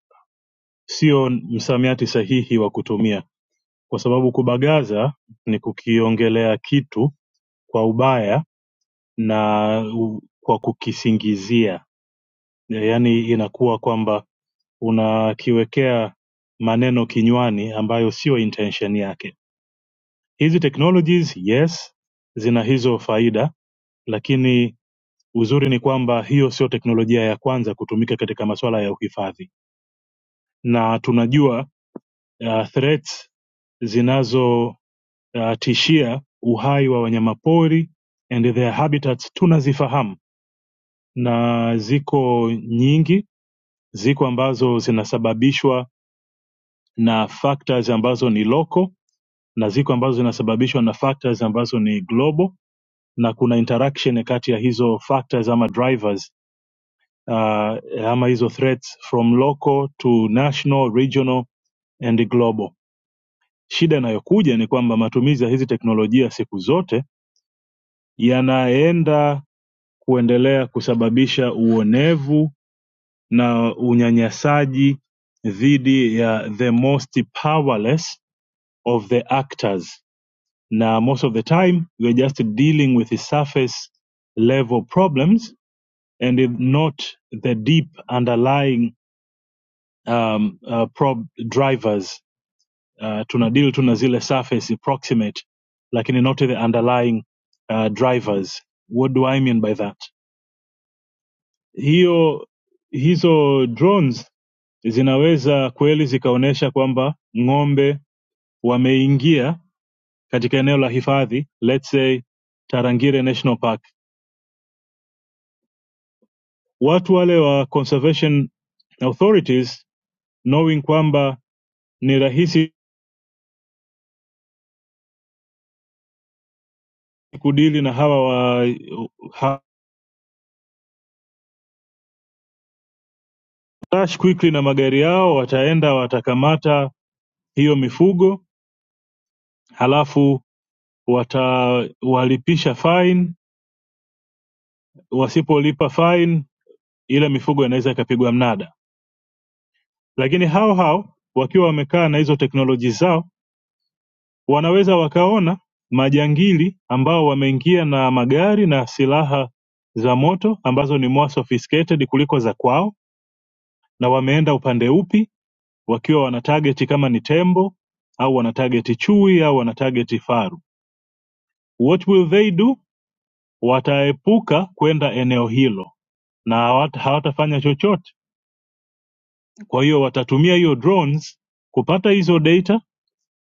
G: sio msamiati sahihi wa kutumia kwa sababu kubagaza ni kukiongelea kitu kwa ubaya na u- kwa kukisingizia, yaani inakuwa kwamba unakiwekea maneno kinywani ambayo sio intention yake. Hizi technologies yes, zina hizo faida, lakini uzuri ni kwamba hiyo sio teknolojia ya kwanza kutumika katika masuala ya uhifadhi, na tunajua uh, threats zinazo uh, tishia uhai wa wanyamapori and their habitats tunazifahamu na ziko nyingi ziko ambazo zinasababishwa na factors ambazo ni local na ziko ambazo zinasababishwa na factors ambazo ni global na kuna interaction kati ya hizo factors ama drivers uh, ama hizo threats from local to national regional and global shida inayokuja ni kwamba matumizi ya hizi teknolojia siku zote yanaenda kuendelea kusababisha uonevu na unyanyasaji dhidi ya the most powerless of the actors na most of the time we're just dealing with the surface level problems and if not the deep underlying um, uh, prob drivers uh, tuna deal tu na zile surface proximate lakini not the underlying uh, drivers what do i mean by that hiyo hizo drones zinaweza kweli zikaonyesha kwamba ng'ombe wameingia katika eneo la hifadhi let's say tarangire national park watu wale wa conservation authorities knowing kwamba ni rahisi kudili na hawa wa ha- rush quickly na magari yao wataenda watakamata hiyo mifugo halafu watawalipisha fine wasipolipa fine ile mifugo inaweza ikapigwa mnada Lakini hao hao wakiwa wamekaa na hizo teknoloji zao wanaweza wakaona majangili ambao wameingia na magari na silaha za moto ambazo ni more sophisticated kuliko za kwao, na wameenda upande upi, wakiwa wana target kama ni tembo au wana target chui au wana target faru. What will they do? Wataepuka kwenda eneo hilo na hawata- hawatafanya chochote. Kwa hiyo watatumia hiyo drones kupata hizo data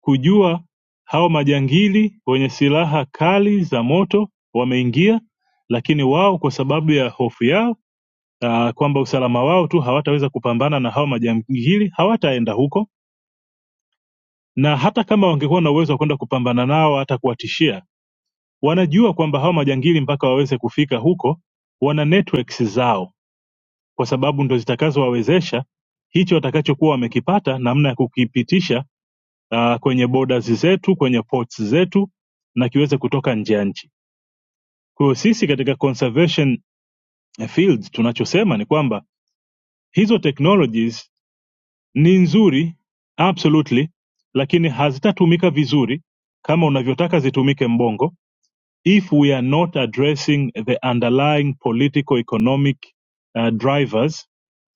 G: kujua hao majangili wenye silaha kali za moto wameingia lakini wao kwa sababu ya hofu yao uh, kwamba usalama wao tu hawataweza kupambana na hao majangili hawataenda huko na hata kama wangekuwa na uwezo wa kwenda kupambana nao hata kuwatishia wanajua kwamba hao majangili mpaka waweze kufika huko wana networks zao kwa sababu ndo zitakazowawezesha hicho watakachokuwa wamekipata namna ya kukipitisha uh, kwenye borders zetu kwenye ports zetu na kiweze kutoka nje ya nchi kwa hiyo sisi katika conservation fields tunachosema ni kwamba hizo technologies ni nzuri absolutely lakini hazitatumika vizuri kama unavyotaka zitumike mbongo if we are not addressing the underlying political economic uh, drivers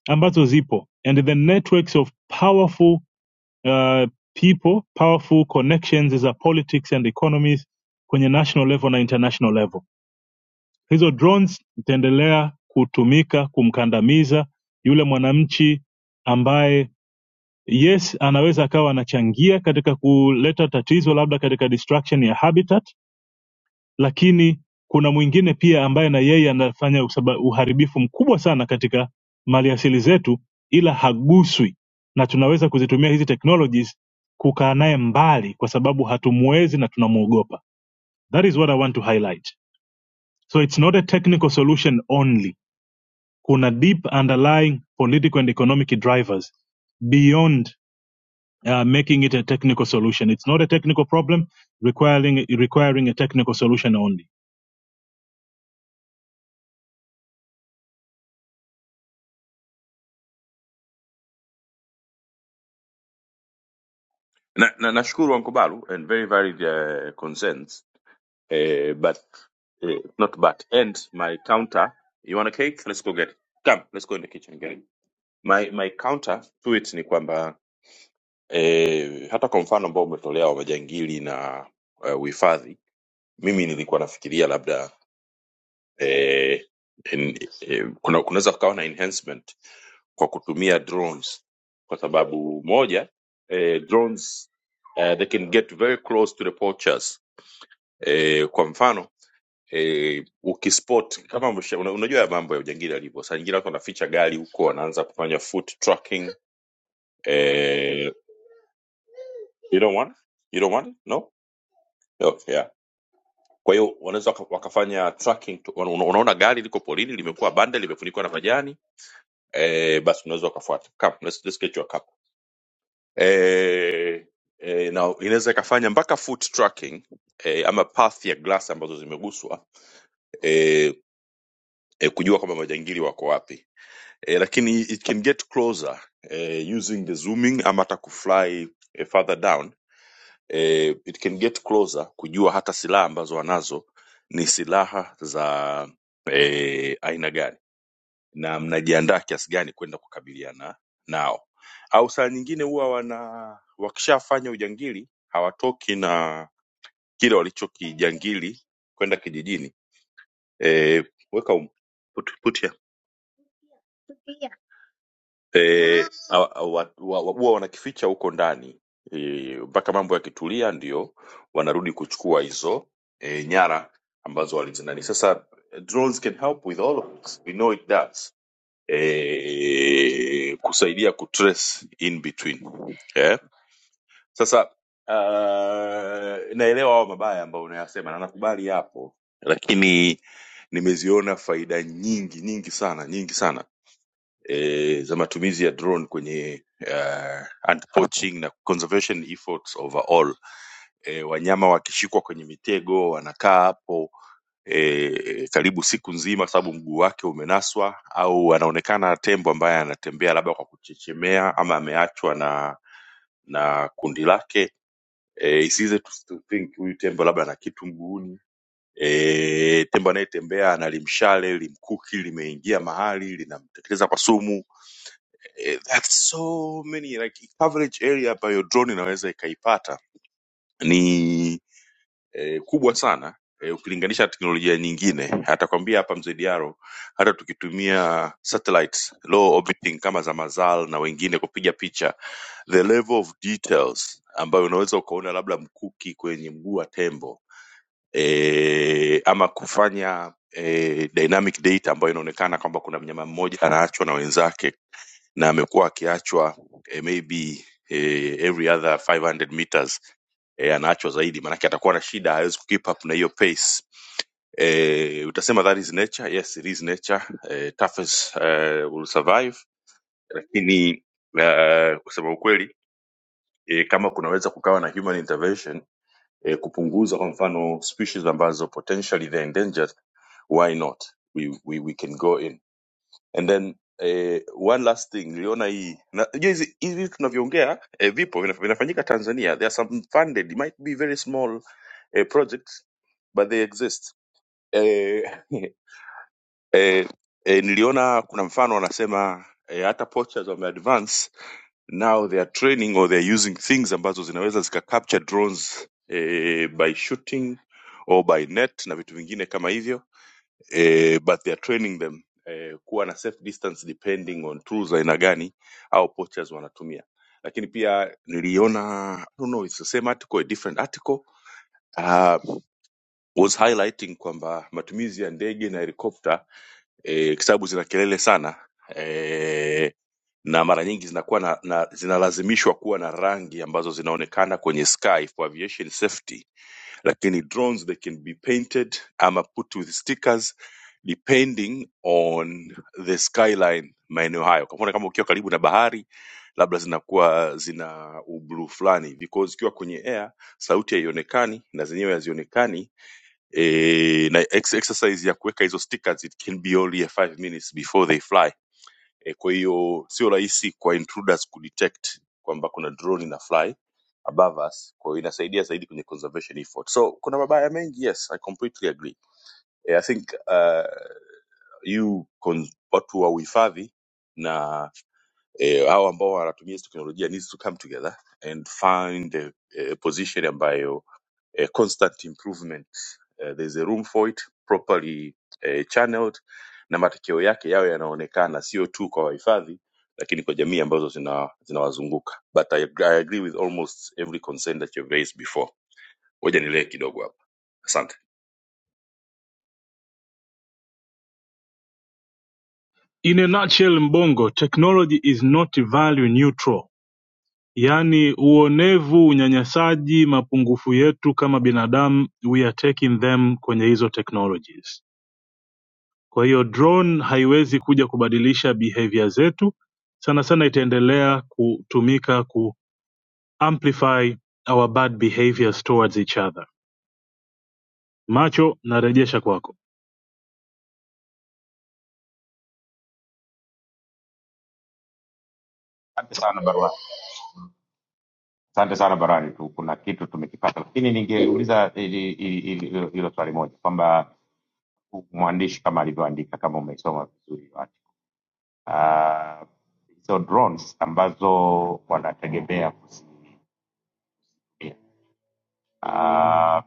G: ambazo zipo and the networks of powerful uh, people powerful connections za politics and economies kwenye national level na international level hizo drones zitaendelea kutumika kumkandamiza yule mwananchi ambaye yes anaweza akawa anachangia katika kuleta tatizo labda katika destruction ya habitat lakini kuna mwingine pia ambaye na yeye anafanya usaba- uharibifu mkubwa sana katika maliasili zetu ila haguswi na tunaweza kuzitumia hizi technologies kukaa naye mbali kwa sababu hatumuwezi na tunamwogopa that is what i want to highlight so it's not a technical solution only kuna deep underlying political and economic drivers beyond uh, making it a technical solution it's not a technical problem requiring requiring a technical solution only In a nutshell Mbongo technology is not value neutral yaani uonevu unyanyasaji mapungufu yetu kama binadamu we are taking them kwenye hizo technologies kwa hiyo drone haiwezi kuja kubadilisha behavior zetu sana sana itaendelea kutumika ku amplify our bad behaviors towards each other macho narejesha kwako
C: Asante sana Barwani, asante sana Barwani tu, kuna kitu tumekipata, lakini ningeuliza ili- ili- ili- hilo hilo swali moja kwamba mwandishi kama alivyoandika, kama umeisoma vizuri article ah, hizo drones ambazo wanategemea kuzitumia Ah,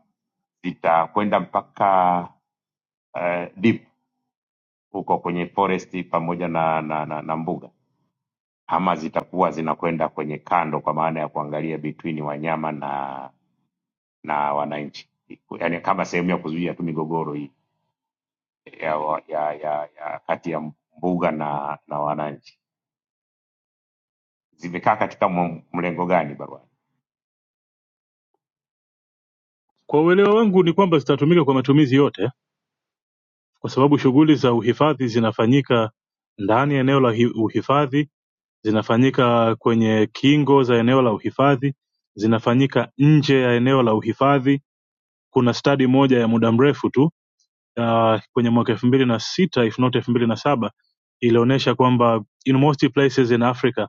C: zitakwenda mpaka eh, deep huko kwenye foresti pamoja na, na, na, na mbuga ama zitakuwa zinakwenda kwenye kando kwa maana ya kuangalia between wanyama na na wananchi yaani kama sehemu ya kuzuia tu migogoro hii ya, ya, ya, ya kati ya mbuga na na wananchi zimekaa katika mu- mlengo gani barua
G: kwa uelewa wangu ni kwamba zitatumika kwa matumizi yote Kwa sababu shughuli za uhifadhi zinafanyika ndani ya eneo la hi- uhifadhi, zinafanyika kwenye kingo za eneo la uhifadhi, zinafanyika nje ya eneo la uhifadhi. Kuna stadi moja ya muda mrefu tu uh, kwenye mwaka elfu mbili na sita if not elfu mbili na saba ilionyesha kwamba in most places in Africa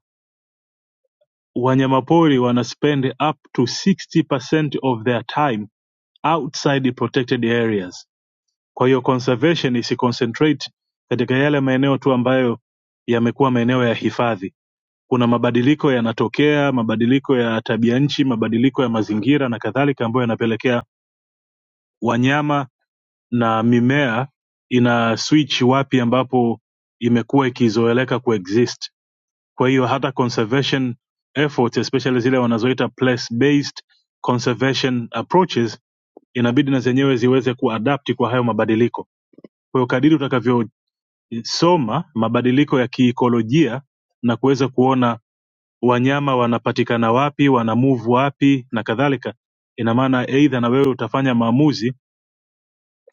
G: wanyamapori wana spend up to 60% of their time outside the protected areas Kwa hiyo conservation isi concentrate katika yale maeneo tu ambayo yamekuwa maeneo ya hifadhi. Kuna mabadiliko yanatokea, mabadiliko ya tabia nchi, mabadiliko ya mazingira na kadhalika, ambayo yanapelekea wanyama na mimea ina switch wapi ambapo imekuwa ikizoeleka kuexist. Kwa hiyo hata conservation efforts especially zile wanazoita place based conservation approaches inabidi na zenyewe ziweze kuadapti kwa hayo mabadiliko. Kwa hiyo kadiri utakavyo soma mabadiliko ya kiikolojia na kuweza kuona wanyama wanapatikana wapi wana move wapi na kadhalika ina maana eidha na wewe utafanya maamuzi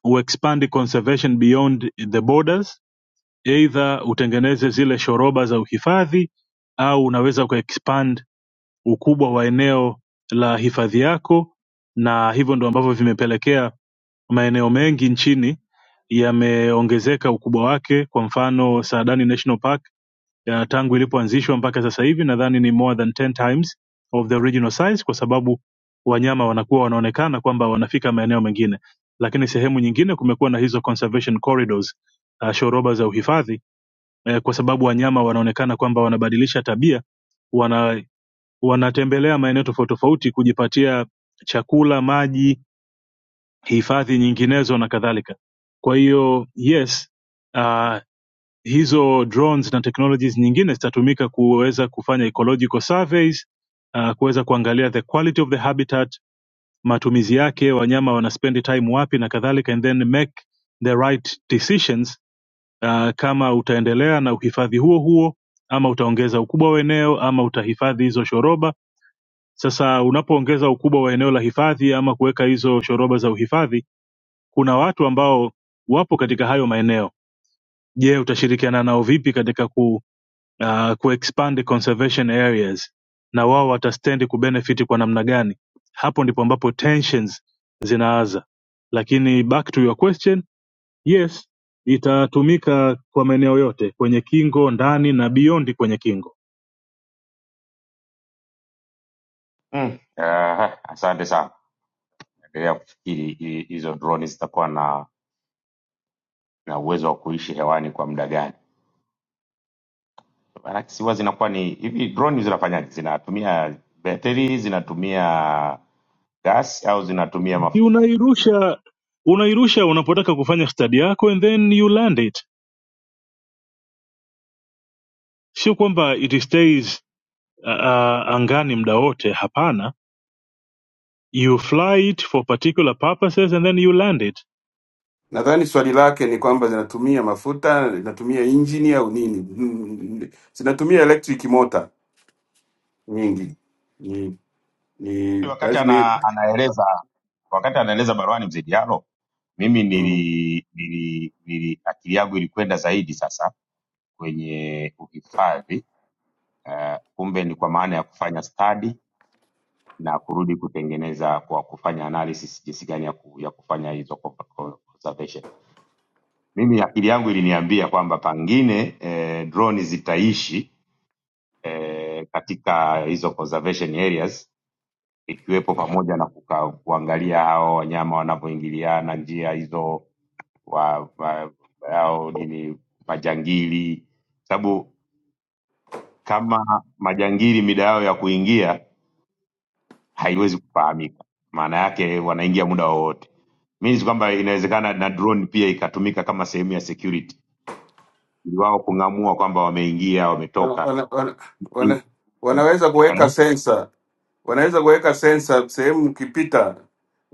G: uexpand conservation beyond the borders eidha utengeneze zile shoroba za uhifadhi au unaweza kuexpand ukubwa wa eneo la hifadhi yako na hivyo ndo ambavyo vimepelekea maeneo mengi nchini yameongezeka ukubwa wake kwa mfano saadani national park uh, tangu ilipoanzishwa mpaka sasa hivi nadhani ni more than 10 times of the original size kwa sababu wanyama wanakuwa wanaonekana kwamba wanafika maeneo mengine lakini sehemu nyingine kumekuwa na hizo conservation corridors uh, shoroba za uhifadhi eh, kwa sababu wanyama wanaonekana kwamba wanabadilisha tabia wana wanatembelea maeneo tofauti tofauti kujipatia chakula maji hifadhi nyinginezo na kadhalika kwa hiyo yes uh, hizo drones na technologies nyingine zitatumika kuweza kufanya ecological surveys uh, kuweza kuangalia the quality of the habitat matumizi yake wanyama wanaspend time wapi na kadhalika and then make the right decisions uh, kama utaendelea na uhifadhi huo huo ama utaongeza ukubwa wa eneo ama utahifadhi hizo shoroba sasa unapoongeza ukubwa wa eneo la hifadhi ama kuweka hizo shoroba za uhifadhi kuna watu ambao wapo katika hayo maeneo je utashirikiana nao vipi katika ku uh, kuexpand conservation areas na wao watastand kubenefit kwa namna gani hapo ndipo ambapo tensions zinaanza lakini back to your question yes itatumika kwa maeneo yote kwenye kingo ndani na beyond kwenye kingo
C: Mm. Uh, asante sana. Endelea kufikiri hi- hizo droni zitakuwa na na uwezo wa kuishi hewani kwa muda gani. Maanake si huwa zinakuwa ni hivi, droni zinafanyaje? Zinatumia betri, zinatumia gas au zinatumia
G: Ni
C: mafuta?
G: unairusha unairusha unapotaka kufanya study yako and then you land it sio kwamba it stays uh, uh, angani muda wote hapana you fly it for particular purposes and then you land it
B: Nadhani swali lake ni kwamba zinatumia mafuta, zinatumia injini au nini? Mm, Zinatumia electric motor nyingi, ni, ni
C: Wakati
B: lazima.
C: ana, anaeleza wakati anaeleza baruani mzee Diallo, mimi
B: Mm.
C: nili, nili, nili akili yangu ilikwenda zaidi sasa kwenye uhifadhi uh, kumbe ni kwa maana ya kufanya study na kurudi kutengeneza kwa kufanya analysis jinsi gani ya, ku, ya kufanya hizo co- co- conservation. Mimi akili yangu iliniambia kwamba pangine eh, drone zitaishi eh, katika hizo conservation areas ikiwepo pamoja na kuka, kuangalia hao wanyama wanavyoingiliana njia hizo wa, wa, au nini majangili, sababu kama majangili mida yao ya kuingia haiwezi kufahamika. Maana yake wanaingia muda wowote. Means kwamba inawezekana na drone pia ikatumika kama sehemu ya security, ili wao kung'amua kwamba wameingia
B: Wana,
C: wametoka.
B: wana, wana,
C: Eh,
B: wana- wanaweza kuweka
C: Bwana
B: sensa, wanaweza kuweka sensa sehemu ukipita,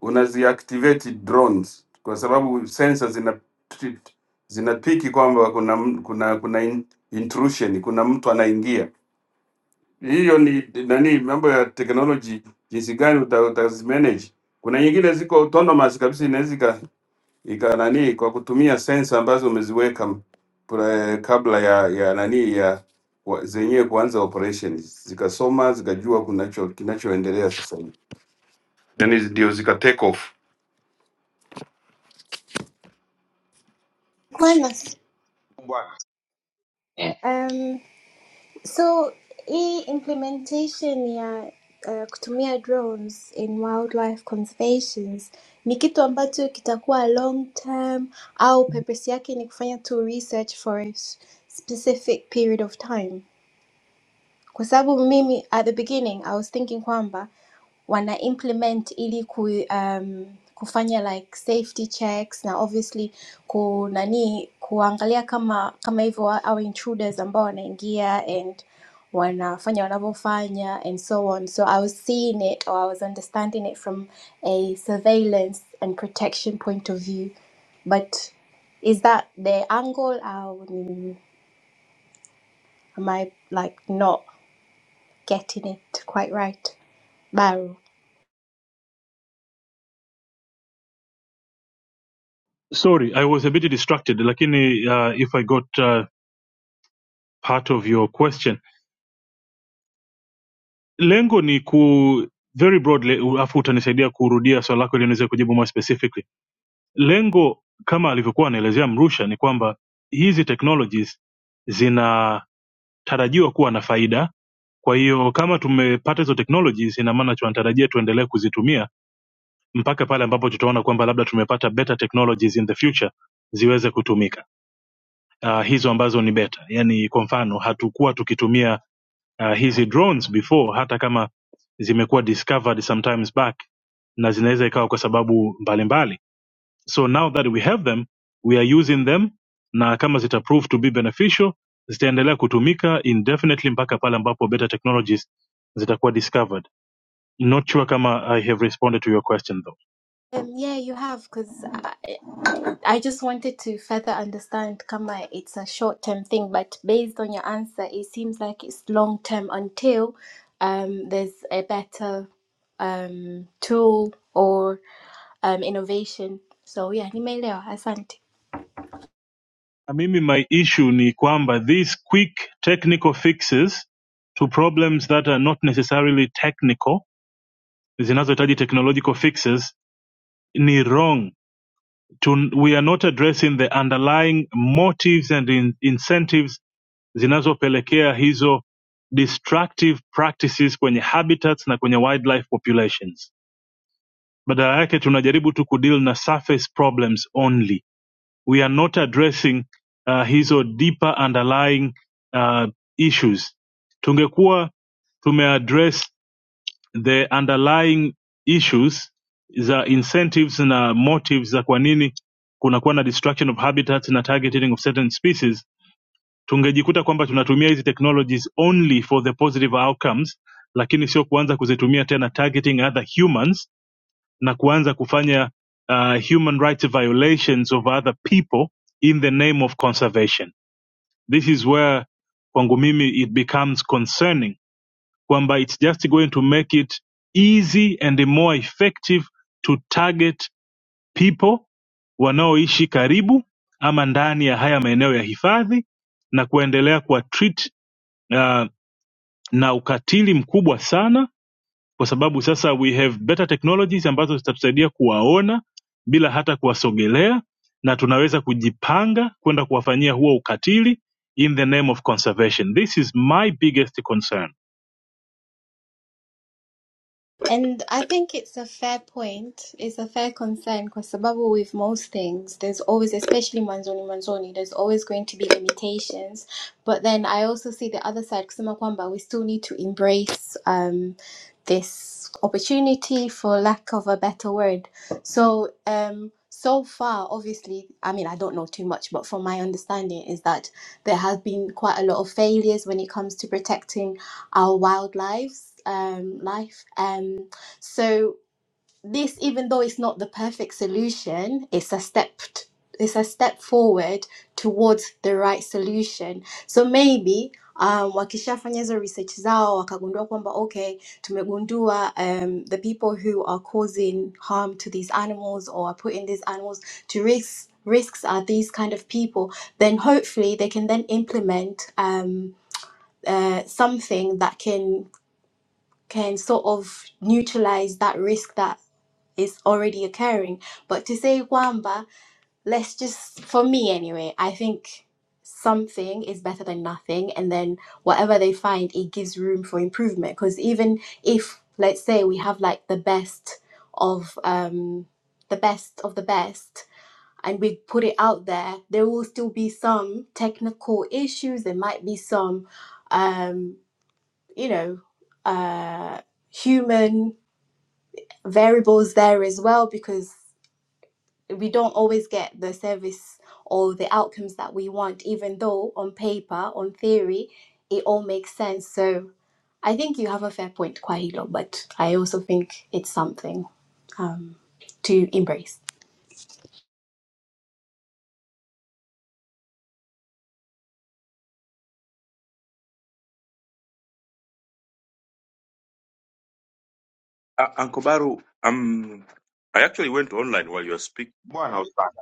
B: unaziactivate drones kwa sababu sensa zina zinapiki kwamba kuna m- kuna kuna in- intrusion, kuna mtu anaingia. Hiyo ni nani, mambo ya technology, jinsi gani uta, utazimanage. Kuna nyingine ziko autonomous kabisa, inaweza ika nani kwa kutumia sensa ambazo umeziweka m- pre- kabla ya ya nani ya wa- zenyewe kuanza operation, zikasoma zikajua kunacho kinachoendelea sasa hivi, yani ndio zika take off
F: Bwana,
C: eh,
F: um, so hii implementation ya uh, kutumia drones in wildlife conservations ni kitu ambacho kitakuwa long term au purpose yake ni kufanya tu research for a s- specific period of time? kwa sababu mimi at the beginning I was thinking kwamba wana implement ili ku, um, kufanya like safety checks na obviously ku nani kuangalia kama kama hivyo wa- au intruders ambao wanaingia and wanafanya wanavyofanya and so on so i was seeing it or i was understanding it from a surveillance and protection point of view but is that the angle or am i like not getting it quite right, Baru.
G: Sorry, I was a bit distracted, lakini uh, if I got uh, part of your question, lengo ni ku very broadly, u- afu utanisaidia kurudia swali lako ili niweze kujibu more specifically. Lengo kama alivyokuwa anaelezea Mrusha ni kwamba hizi technologies zinatarajiwa kuwa na faida. Kwa hiyo kama tumepata hizo technologies, ina maana tunatarajia tuendelee kuzitumia mpaka pale ambapo tutaona kwamba labda tumepata better technologies in the future ziweze kutumika uh, hizo ambazo ni beta yani kwa mfano hatukuwa tukitumia uh, hizi drones before hata kama zimekuwa discovered sometimes back na zinaweza ikawa kwa sababu mbalimbali so now that we have them we are using them na kama zita prove to be beneficial zitaendelea kutumika indefinitely mpaka pale ambapo beta technologies zitakuwa discovered not sure kama i have responded to your question though
F: Um, yeah, you have, because I, I just wanted to further understand Kama it's a short term thing, but based on your answer, it seems like it's long term until um, there's a better um, tool or um, innovation. So, yeah, nimeelewa. Asante.
G: na mimi my issue ni kwamba these quick technical fixes to problems that are not necessarily technical zinazohitaji technological fixes ni wrong to, we are not addressing the underlying motives and in, incentives zinazopelekea hizo destructive practices kwenye habitats na kwenye wildlife populations badala yake tunajaribu tu kudeal na surface problems only we are not addressing uh, hizo deeper underlying uh, issues tungekuwa tumeaddress the underlying issues za incentives na motives za kwa nini kunakuwa na destruction of habitats na targeting of certain species tungejikuta kwamba tunatumia hizi technologies only for the positive outcomes lakini sio kuanza kuzitumia tena targeting other humans na kuanza kufanya uh, human rights violations of other people in the name of conservation this is where kwangu mimi it becomes concerning kwamba it's just going to make it easy and more effective to target people wanaoishi karibu ama ndani ya haya maeneo ya hifadhi na kuendelea kuwa treat uh, na ukatili mkubwa sana kwa sababu sasa we have better technologies ambazo zitatusaidia kuwaona bila hata kuwasogelea na tunaweza kujipanga kwenda kuwafanyia huo ukatili in the name of conservation this is my biggest concern
F: And I think it's a fair point. It's a fair concern kwa sababu with most things, there's always, especially mwanzoni mwanzoni, there's always going to be limitations. But then I also see the other side, kusema kwamba we still need to embrace um, this opportunity, for lack of a better word. So, um, so far, obviously, I mean, I don't know too much, but from my understanding is that there have been quite a lot of failures when it comes to protecting our wildlife's um, life. Um, so this, even though it's not the perfect solution, it's a step. t- It's a step forward towards the right solution. So maybe um, wakishafanya hizo research zao wakagundua kwamba okay, tumegundua um, the people who are causing harm to these animals or are putting these animals to risks risks are these kind of people. Then hopefully they can then implement um, uh, something that can can sort of neutralize that risk that is already occurring. But to say Wamba, let's just, for me anyway, I think something is better than nothing. And then whatever they find, it gives room for improvement. Because even if, let's say, we have like the best of um, the best of the best, and we put it out there, there will still be some technical issues. There might be some, um, you know, uh, human variables there as well because we don't always get the service or the outcomes that we want, even though on paper, on theory, it all makes sense. So I think you have a fair point, Kwahilo, but I also think it's something um, to embrace.
C: bwana ustadi.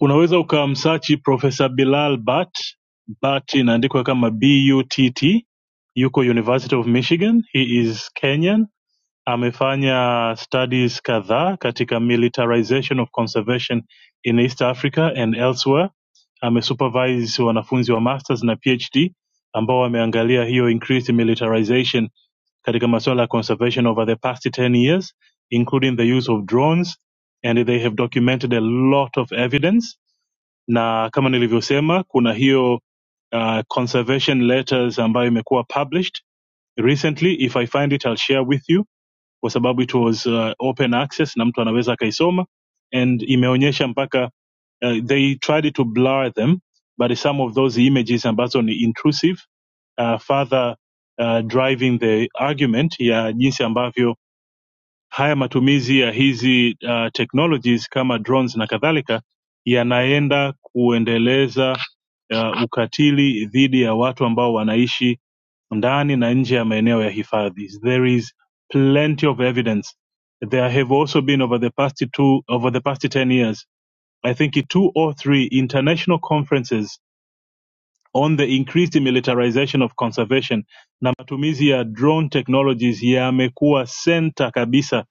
G: unaweza ukamsachi profesa bilal bat bat inaandikwa kama butt yuko university of michigan he is kenyan Amefanya studies kadhaa katika militarization of conservation in East Africa and elsewhere. Amesupervise wanafunzi wa masters na PhD ambao wameangalia hiyo increased militarization katika masuala ya conservation over the past 10 years including the use of drones and they have documented a lot of evidence na kama nilivyosema kuna hiyo uh, conservation letters ambayo imekuwa published recently if i find it i'll share with you kwa sababu it was uh, open access na mtu anaweza akaisoma and imeonyesha mpaka uh, they tried to blur them but some of those images ambazo ni intrusive uh, further uh, driving the argument ya jinsi ambavyo haya matumizi ya hizi uh, technologies kama drones na kadhalika yanaenda kuendeleza uh, ukatili dhidi ya watu ambao wanaishi ndani na nje ya maeneo ya hifadhi. There is plenty of evidence. There have also been over the past two over the past 10 years, I think two or three international conferences on the increased militarization of conservation na matumizi ya drone technologies yamekuwa center kabisa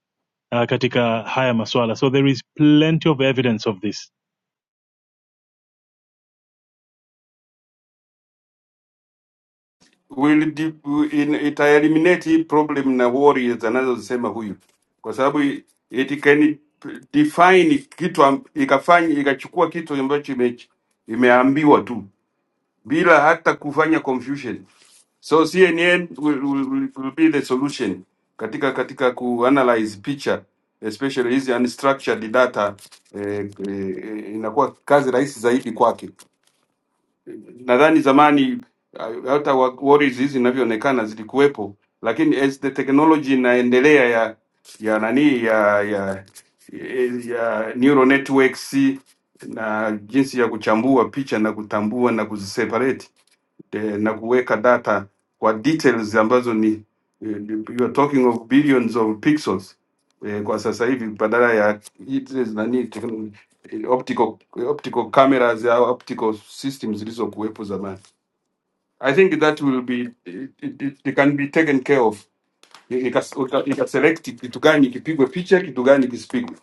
G: uh, katika haya maswala. So there is plenty of evidence of this.
B: will de- in, ita eliminate hii problem na worry anazozisema huyu, kwa sababu i- it can define kitu am- ikafanya ikachukua kitu ambacho ime, imeambiwa tu bila hata kufanya confusion. So CNN will, will, will will be the solution katika katika kuanalyze picture especially hizi unstructured data eh, eh, inakuwa kazi rahisi zaidi kwake. Nadhani zamani ah, hata wa- worries hizi zinavyoonekana zilikuwepo, lakini as the technology inaendelea ya ya nani ya ya ya neural networks na jinsi ya kuchambua picha na kutambua na kuziseparate eh, na kuweka data kwa details ambazo ni eh, you are talking of billions of pixels eh, kwa sasa hivi badala ya hizi nani tekn- eh, optical eh, optical cameras au optical systems zilizokuwepo zamani. I think that will be it, it, it it can be taken care of. Ika- uka- Ikaselect kitu gani kipigwe picha, kitu gani kisipigwe.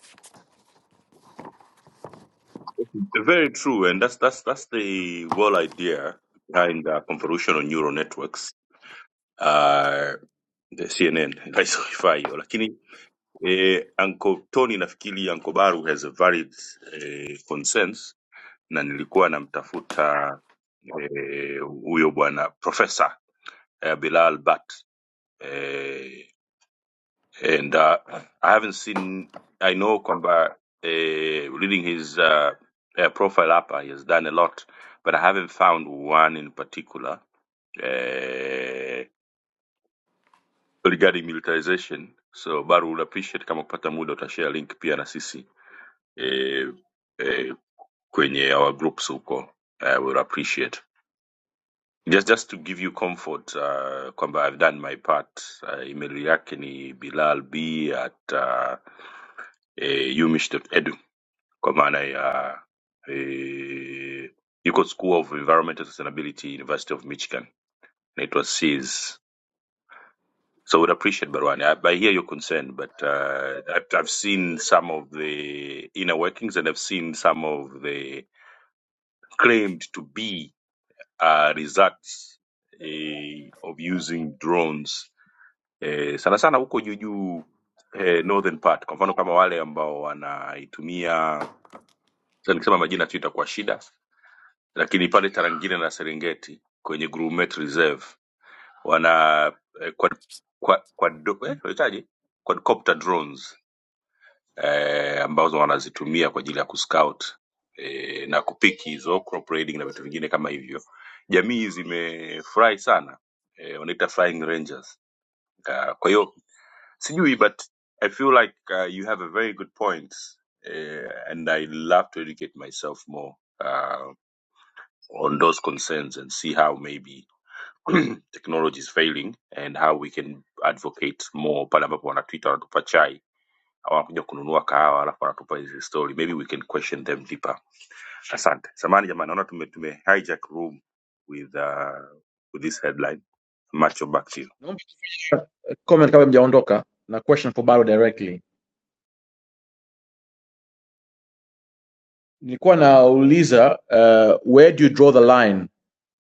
H: Naomba kufanya comment kabla mjaondoka na question for Baru directly. Nilikuwa nauliza uh, where do you draw the line?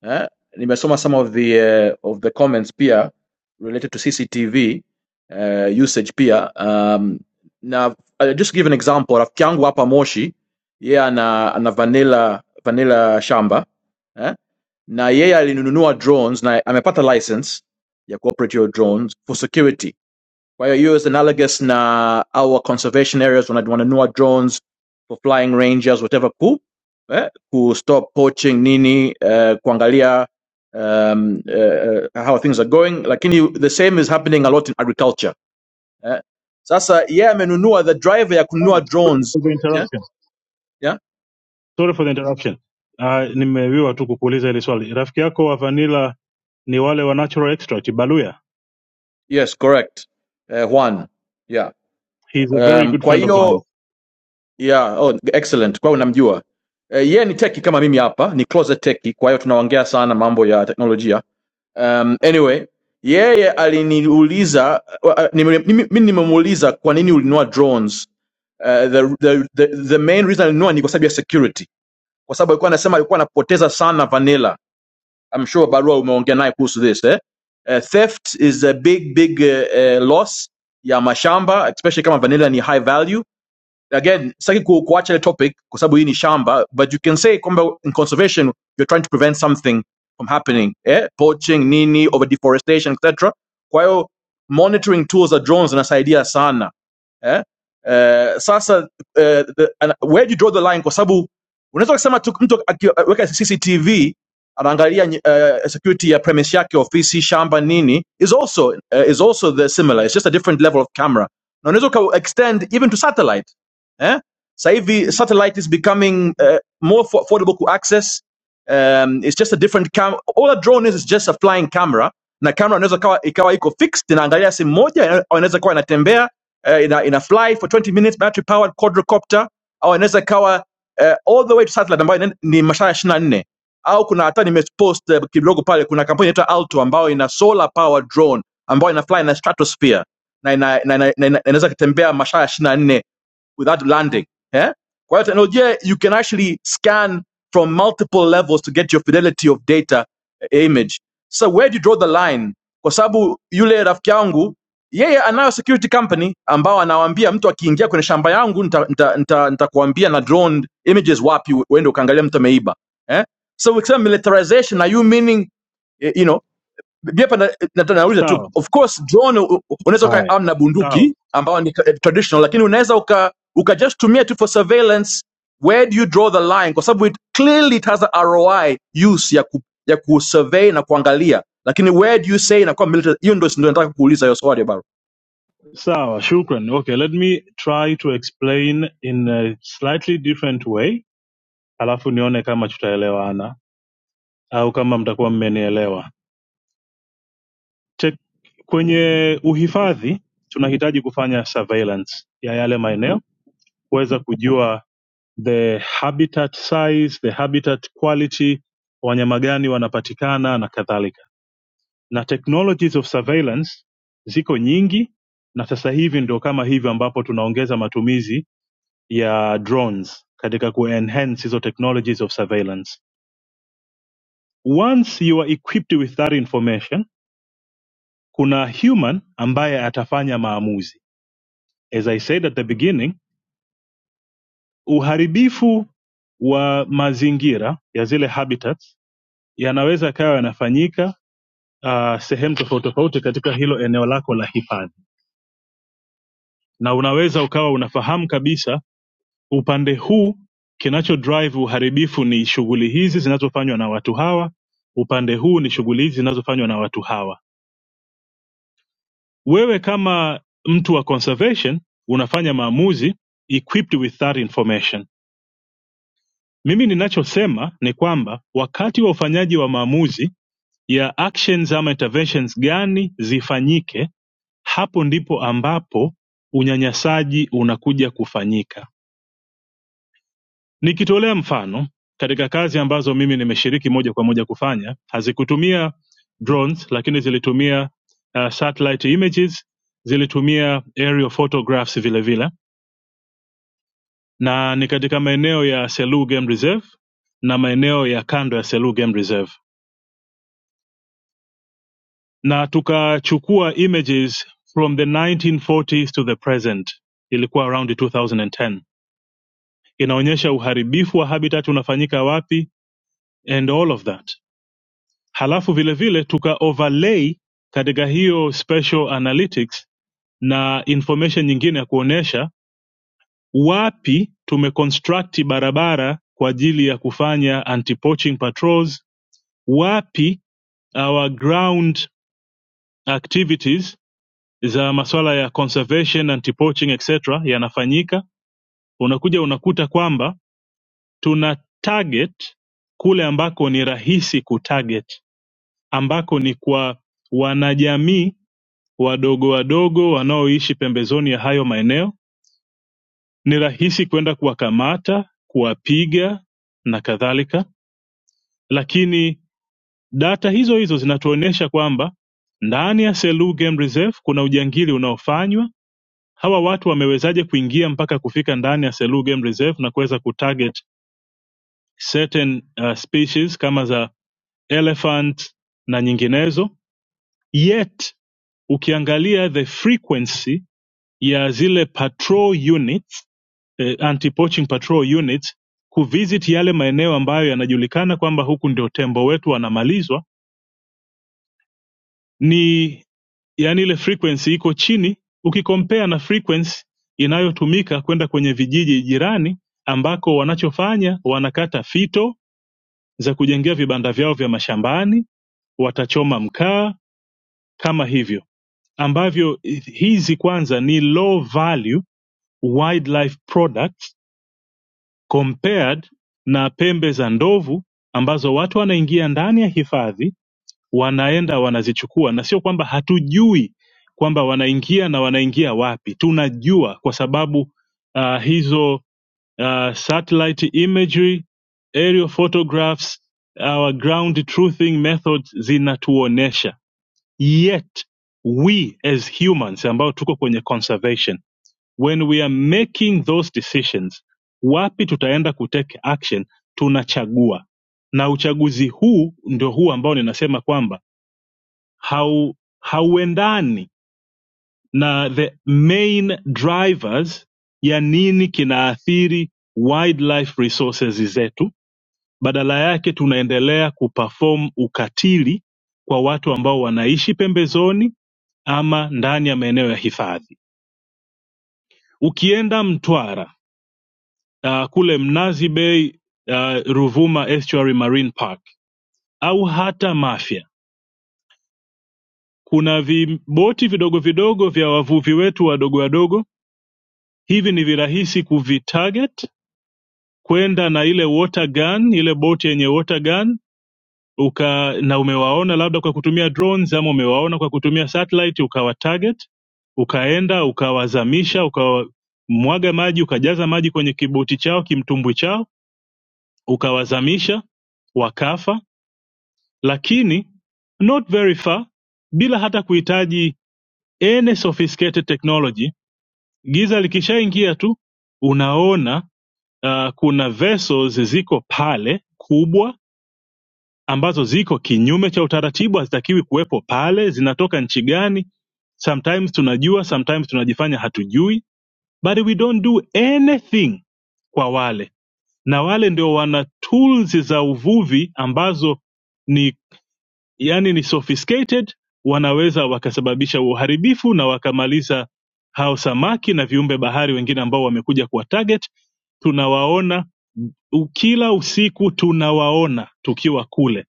H: Eh? Nimesoma some of the uh, of the comments pia related to CCTV uh, usage pia. Um, na I'll just give an example. Rafiki yangu hapa Moshi, yeye ana ana vanilla vanilla shamba eh? na yeye alinunua drones na amepata license ya cooperate your drones for security Kwa hiyo hiyo is analogous na our conservation areas wana- wananunua drones for flying rangers whatever ku eh, ku stop poaching nini eh, kuangalia um, eh, eh, how things are going lakini the same is happening a lot in agriculture eh. Sasa yeye yeah, amenunua the driver ya kununua
G: Bwana, sorry
H: drones
G: for the
H: yeah,
G: interruption.
H: yeah,
G: Sorry for the interruption. Uh, nimewiwa tu kukuuliza hili swali. Rafiki yako wa Vanilla ni wale wa natural extract baluya
H: yes correct eh, Juan yeah
G: he is a very
H: um,
G: good
H: kwa
G: friend of
H: hiyo
G: mine
H: Yeah, oh, excellent. Kwa hiyo unamjua. Eh, yeye ni teki kama mimi hapa, ni closet teki, kwa hiyo tunaongea sana mambo ya teknolojia. Um, anyway, yeye aliniuliza wa- ah, nime- mimi mimi nimemuuliza kwa nini ulinunua drones. Uh, the, the, the, the main reason alinunua ni kwa sababu ya security. Kwa sababu alikuwa anasema alikuwa anapoteza sana vanilla. I'm sure Barua umeongea naye kuhusu this, eh? Uh, theft is a big big uh, uh, loss ya mashamba especially kama vanilla ni high value again sitaki ku, kuacha ile topic kwa sababu hii ni shamba but you can say kwamba in conservation you're trying to prevent something from happening eh? poaching nini over deforestation etc kwa hiyo monitoring tools za drones zinasaidia sana eh? Eh, sasa eh, the, and where do you draw the line kwa sababu unaweza kusema tu mtu akiweka cctv anaangalia uh, security ya premise yake ofisi shamba nini is also uh, is also the similar it's just a different level of camera na unaweza uka extend even to satellite eh sasa hivi satellite is becoming uh, more affordable to access um, it's just a different cam all a drone is is just a flying camera na camera inaweza kawa ikawa iko fixed inaangalia simu moja au inaweza kuwa inatembea uh, ina, ina fly for 20 minutes battery powered quadrocopter au inaweza ikawa uh, all the way to satellite ambayo ina- ni masaa 24 au kuna hata nimepost uh, kidogo pale kuna kampuni inaitwa Alto ambayo ina solar powered drone ambayo ina fly na stratosphere na inaweza ina- na- na- na- na- inaweza kutembea masaa 24 without landing. Yeah? Kwa hiyo teknolojia, you can actually scan from multiple levels to get your fidelity of data eh, image. So where do you draw the line? Kwa sababu yule rafiki yangu yeye anayo security company ambao anawaambia mtu akiingia kwenye shamba yangu nitakuambia nita, nita, nitakuambia na drone images wapi uende ukaangalia mtu ameiba eh? so ukisema militarization are you meaning eh, you know? Gepa na- nataka nauliza tu,
G: sawa
H: of course drone u- u- unaweza
G: Haya,
H: ukaarm na
G: sawa
H: bunduki ambao ni ka- eh, traditional, lakini unaweza uka, uka just tumia tu for surveillance. Where do you draw the line? Kwa sababu it clearly it has a ROI use ya ku, ya kusurvey na kuangalia, lakini where do you say inakuwa military? Hiyo ndio ndio nataka kuuliza hiyo swali baro.
G: sawa shukran okay let me try to explain in a slightly different way alafu nione kama tutaelewana au kama mtakuwa mmenielewa Che- kwenye uhifadhi tunahitaji kufanya surveillance ya yale maeneo kuweza kujua the habitat size the habitat quality wanyama gani wanapatikana na kadhalika na technologies of surveillance ziko nyingi na sasa hivi ndio kama hivyo ambapo tunaongeza matumizi ya drones katika kuenhance hizo technologies of surveillance once you are equipped with that information kuna human ambaye atafanya maamuzi as i said at the beginning uharibifu wa mazingira ya zile habitats yanaweza kawa yanafanyika uh, sehemu tofauti tofauti katika hilo eneo lako la hifadhi na unaweza ukawa unafahamu kabisa Upande huu kinachodrive uharibifu ni shughuli hizi zinazofanywa na watu hawa, upande huu ni shughuli hizi zinazofanywa na watu hawa. Wewe kama mtu wa conservation unafanya maamuzi equipped with that information. Mimi ninachosema ni kwamba wakati wa ufanyaji wa maamuzi ya actions ama interventions gani zifanyike, hapo ndipo ambapo unyanyasaji unakuja kufanyika. Nikitolea mfano, katika kazi ambazo mimi nimeshiriki moja kwa moja kufanya, hazikutumia drones lakini zilitumia uh, satellite images, zilitumia aerial photographs vile vile, na ni katika maeneo ya Selous Game Reserve na maeneo ya kando ya Selous Game Reserve, na tukachukua images from the 1940s to the present, ilikuwa around 2010. Inaonyesha uharibifu wa habitat unafanyika wapi and all of that halafu vile vile tuka overlay katika hiyo special analytics na information nyingine ya kuonesha wapi tumeconstruct barabara kwa ajili ya kufanya anti poaching patrols wapi our ground activities za masuala ya conservation anti poaching etc yanafanyika unakuja unakuta kwamba tuna target kule ambako ni rahisi kutarget ambako ni kwa wanajamii wadogo wadogo wanaoishi pembezoni ya hayo maeneo ni rahisi kwenda kuwakamata kuwapiga na kadhalika lakini data hizo hizo zinatuonyesha kwamba ndani ya Selous Game Reserve kuna ujangili unaofanywa hawa watu wamewezaje kuingia mpaka kufika ndani ya Selous Game Reserve na kuweza kutarget certain uh, species kama za elephant na nyinginezo yet ukiangalia the frequency ya zile patrol units eh, anti-poaching patrol units kuvisit yale maeneo ambayo yanajulikana kwamba huku ndio tembo wetu wanamalizwa ni yani ile frequency iko chini ukikompea na frequency inayotumika kwenda kwenye vijiji jirani ambako wanachofanya wanakata fito za kujengea vibanda vyao vya mashambani watachoma mkaa kama hivyo ambavyo hizi kwanza ni low value wildlife products compared na pembe za ndovu ambazo watu wanaingia ndani ya hifadhi wanaenda wanazichukua na sio kwamba hatujui kwamba wanaingia na wanaingia wapi tunajua kwa sababu uh, hizo uh, satellite imagery aerial photographs our ground truthing methods zinatuonesha yet we as humans ambao tuko kwenye conservation when we are making those decisions wapi tutaenda kutake action tunachagua na uchaguzi huu ndio huu ambao ninasema kwamba hau hauendani na the main drivers ya nini kinaathiri wildlife resources zetu badala yake tunaendelea kuperform ukatili kwa watu ambao wanaishi pembezoni ama ndani ya maeneo ya hifadhi ukienda mtwara uh, kule Mnazi Bay uh, Ruvuma Estuary Marine Park au hata Mafia. Kuna viboti vidogo vidogo vya wavuvi wetu wadogo wadogo, hivi ni virahisi kuvitarget kwenda na ile water gun, ile boti yenye water gun uka na umewaona labda kwa kutumia drones ama umewaona kwa kutumia satellite, ukawa target, ukaenda ukawazamisha, ukamwaga maji, ukajaza maji kwenye kiboti chao, kimtumbwi chao, ukawazamisha wakafa lakini not very far bila hata kuhitaji any sophisticated technology giza likishaingia tu unaona uh, kuna vessels ziko pale kubwa ambazo ziko kinyume cha utaratibu hazitakiwi kuwepo pale zinatoka nchi gani sometimes tunajua sometimes tunajifanya hatujui but we don't do anything kwa wale na wale ndio wana tools za uvuvi ambazo ni yani ni sophisticated wanaweza wakasababisha uharibifu na wakamaliza hao samaki na viumbe bahari wengine ambao wamekuja kuwa target tunawaona u- kila usiku tunawaona tukiwa kule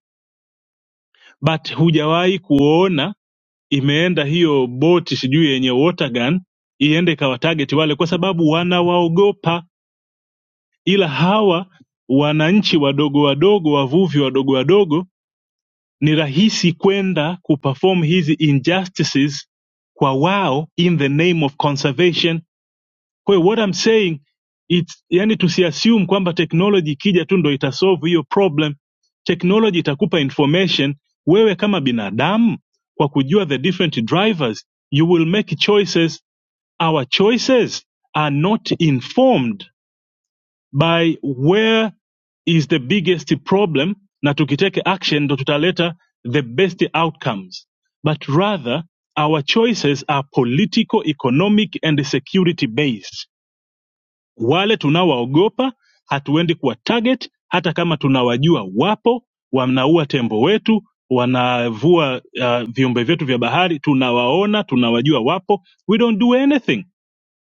G: but hujawahi kuona imeenda hiyo boti sijui yenye water gun iende ikawa target wale kwa sababu wanawaogopa ila hawa wananchi wadogo wadogo wavuvi wadogo wadogo ni rahisi kwenda kuperform hizi injustices kwa wao in the name of conservation kwa hiyo what I'm saying it's, yani tusiassume kwamba technology ikija tu ndo itasolve hiyo problem technology itakupa information wewe kama binadamu kwa kujua the different drivers you will make choices our choices are not informed by where is the biggest problem na tukiteke action ndo tutaleta the best outcomes but rather our choices are political economic and security based wale tunawaogopa hatuendi kuwa target hata kama tunawajua wapo wanaua tembo wetu wanavua uh, viumbe vyetu vya bahari tunawaona tunawajua wapo we don't do anything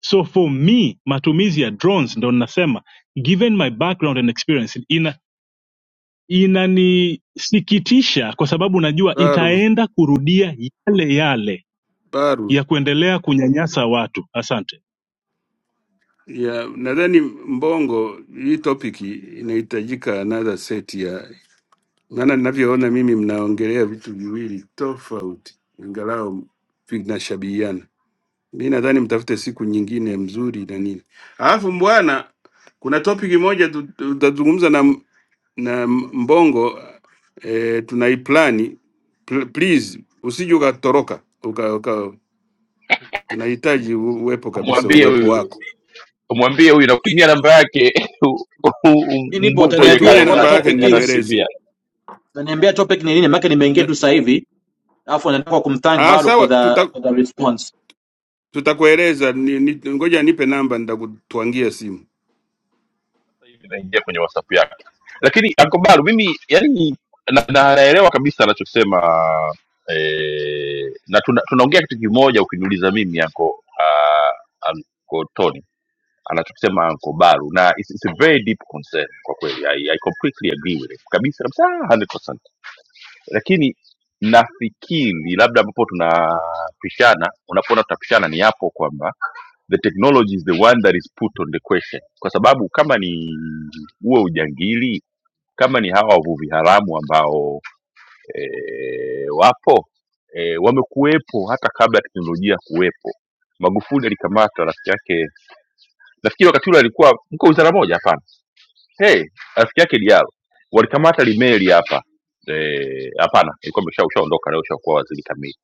G: so for me matumizi ya drones ndo nasema given my background and experience ina inanisikitisha kwa sababu najua
B: Baru,
G: itaenda kurudia yale yale
B: baru.
G: ya kuendelea kunyanyasa watu asante
B: Ya, nadhani Mbongo, hii topic inahitajika another set maana ninavyoona mimi mnaongelea vitu viwili tofauti, ingalau vinashabihiana. Mi nadhani mtafute siku nyingine mzuri na nini. Alafu mbwana, kuna topic moja tu- tu- tutazungumza na m- na m- Mbongo eh, tunaiplani Pl- please, usije ukatoroka uka, uka, tunahitaji u- uwepo kabisa,
A: mwambie
B: uwepo
A: huyu
B: wako.
A: mwambie huyu nakutumia namba yake u- u-
H: mi nipo
A: umbuku kwenye
H: utaniambia
B: Utanitumia
A: kalenda
H: what the
B: namba
A: yake
B: yake
H: topic is
A: sijatakimbia.
B: nimweleze.
H: utaniambia topic ni nini maana nimeingia
B: Ta-
H: tu sasa hivi alafu nataka kumthank
B: Ah,
H: bado for
B: sawa
H: the for the response
B: Tutakueleza ni, ni, ngoja nipe namba nitakutwangia simu.
A: hivi naingia kwenye whatsapp yake lakini ankobalu mimi yani na, na, naelewa kabisa anachosema eh, na tuna, tunaongea kitu kimoja ukiniuliza mimi anko uh, anko tony anachokisema anko baru na it's, it's a very deep concern kwa kweli I, I completely agree with it kabisa kabisa 100% lakini nafikiri labda ambapo tunapishana unapoona tutapishana ni hapo kwamba the technology is the one that is put on the question kwa sababu kama ni huo ujangili kama ni hawa wavuvi haramu ambao e, wapo e, wamekuwepo hata kabla ya teknolojia kuwepo magufuli alikamatwa rafiki yake nafikiri wakati ule alikuwa mko wizara moja hapana hey, rafiki yake Diallo walikamata limeli hapa eh, hapana, ilikuwa imesha- ushaondoka leo, ushakuwa waziri kamili,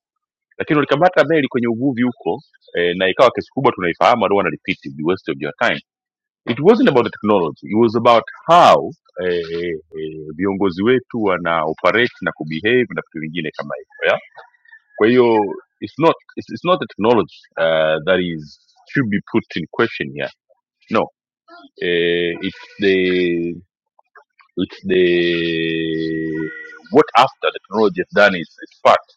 A: lakini walikamata meli kwenye uvuvi huko eh, na ikawa kesi kubwa tunaifahamu. I don't want to repeat it, the waste of your time. It wasn't about the technology, it was about how eh, viongozi wetu wana operate na kubehave na vitu vingine kama hivyo yeah? Kwa hiyo it's not, it's, it's not the technology uh, that is should be put in question here no eh, it's the It's the what after the technology has done its, its part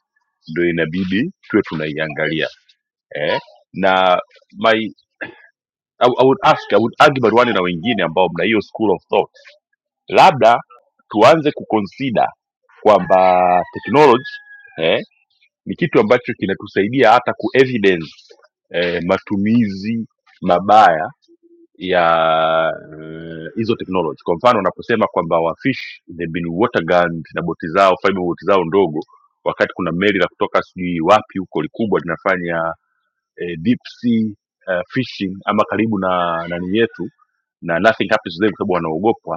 A: ndio inabidi tuwe tunaiangalia eh? na my, I, I would ask I would argue Barwani na wengine ambao mna hiyo school of thought labda tuanze kuconsider kwamba technology eh, ni kitu ambacho kinatusaidia hata ku evidence eh, matumizi mabaya ya eh, hizo technology kwa mfano unaposema kwamba wafish they've been water gunned na boti zao fiber boti zao ndogo wakati kuna meli la kutoka sijui wapi huko likubwa linafanya eh, deep sea eh, fishing ama karibu na nani yetu na nothing happens to them kwa sababu wanaogopa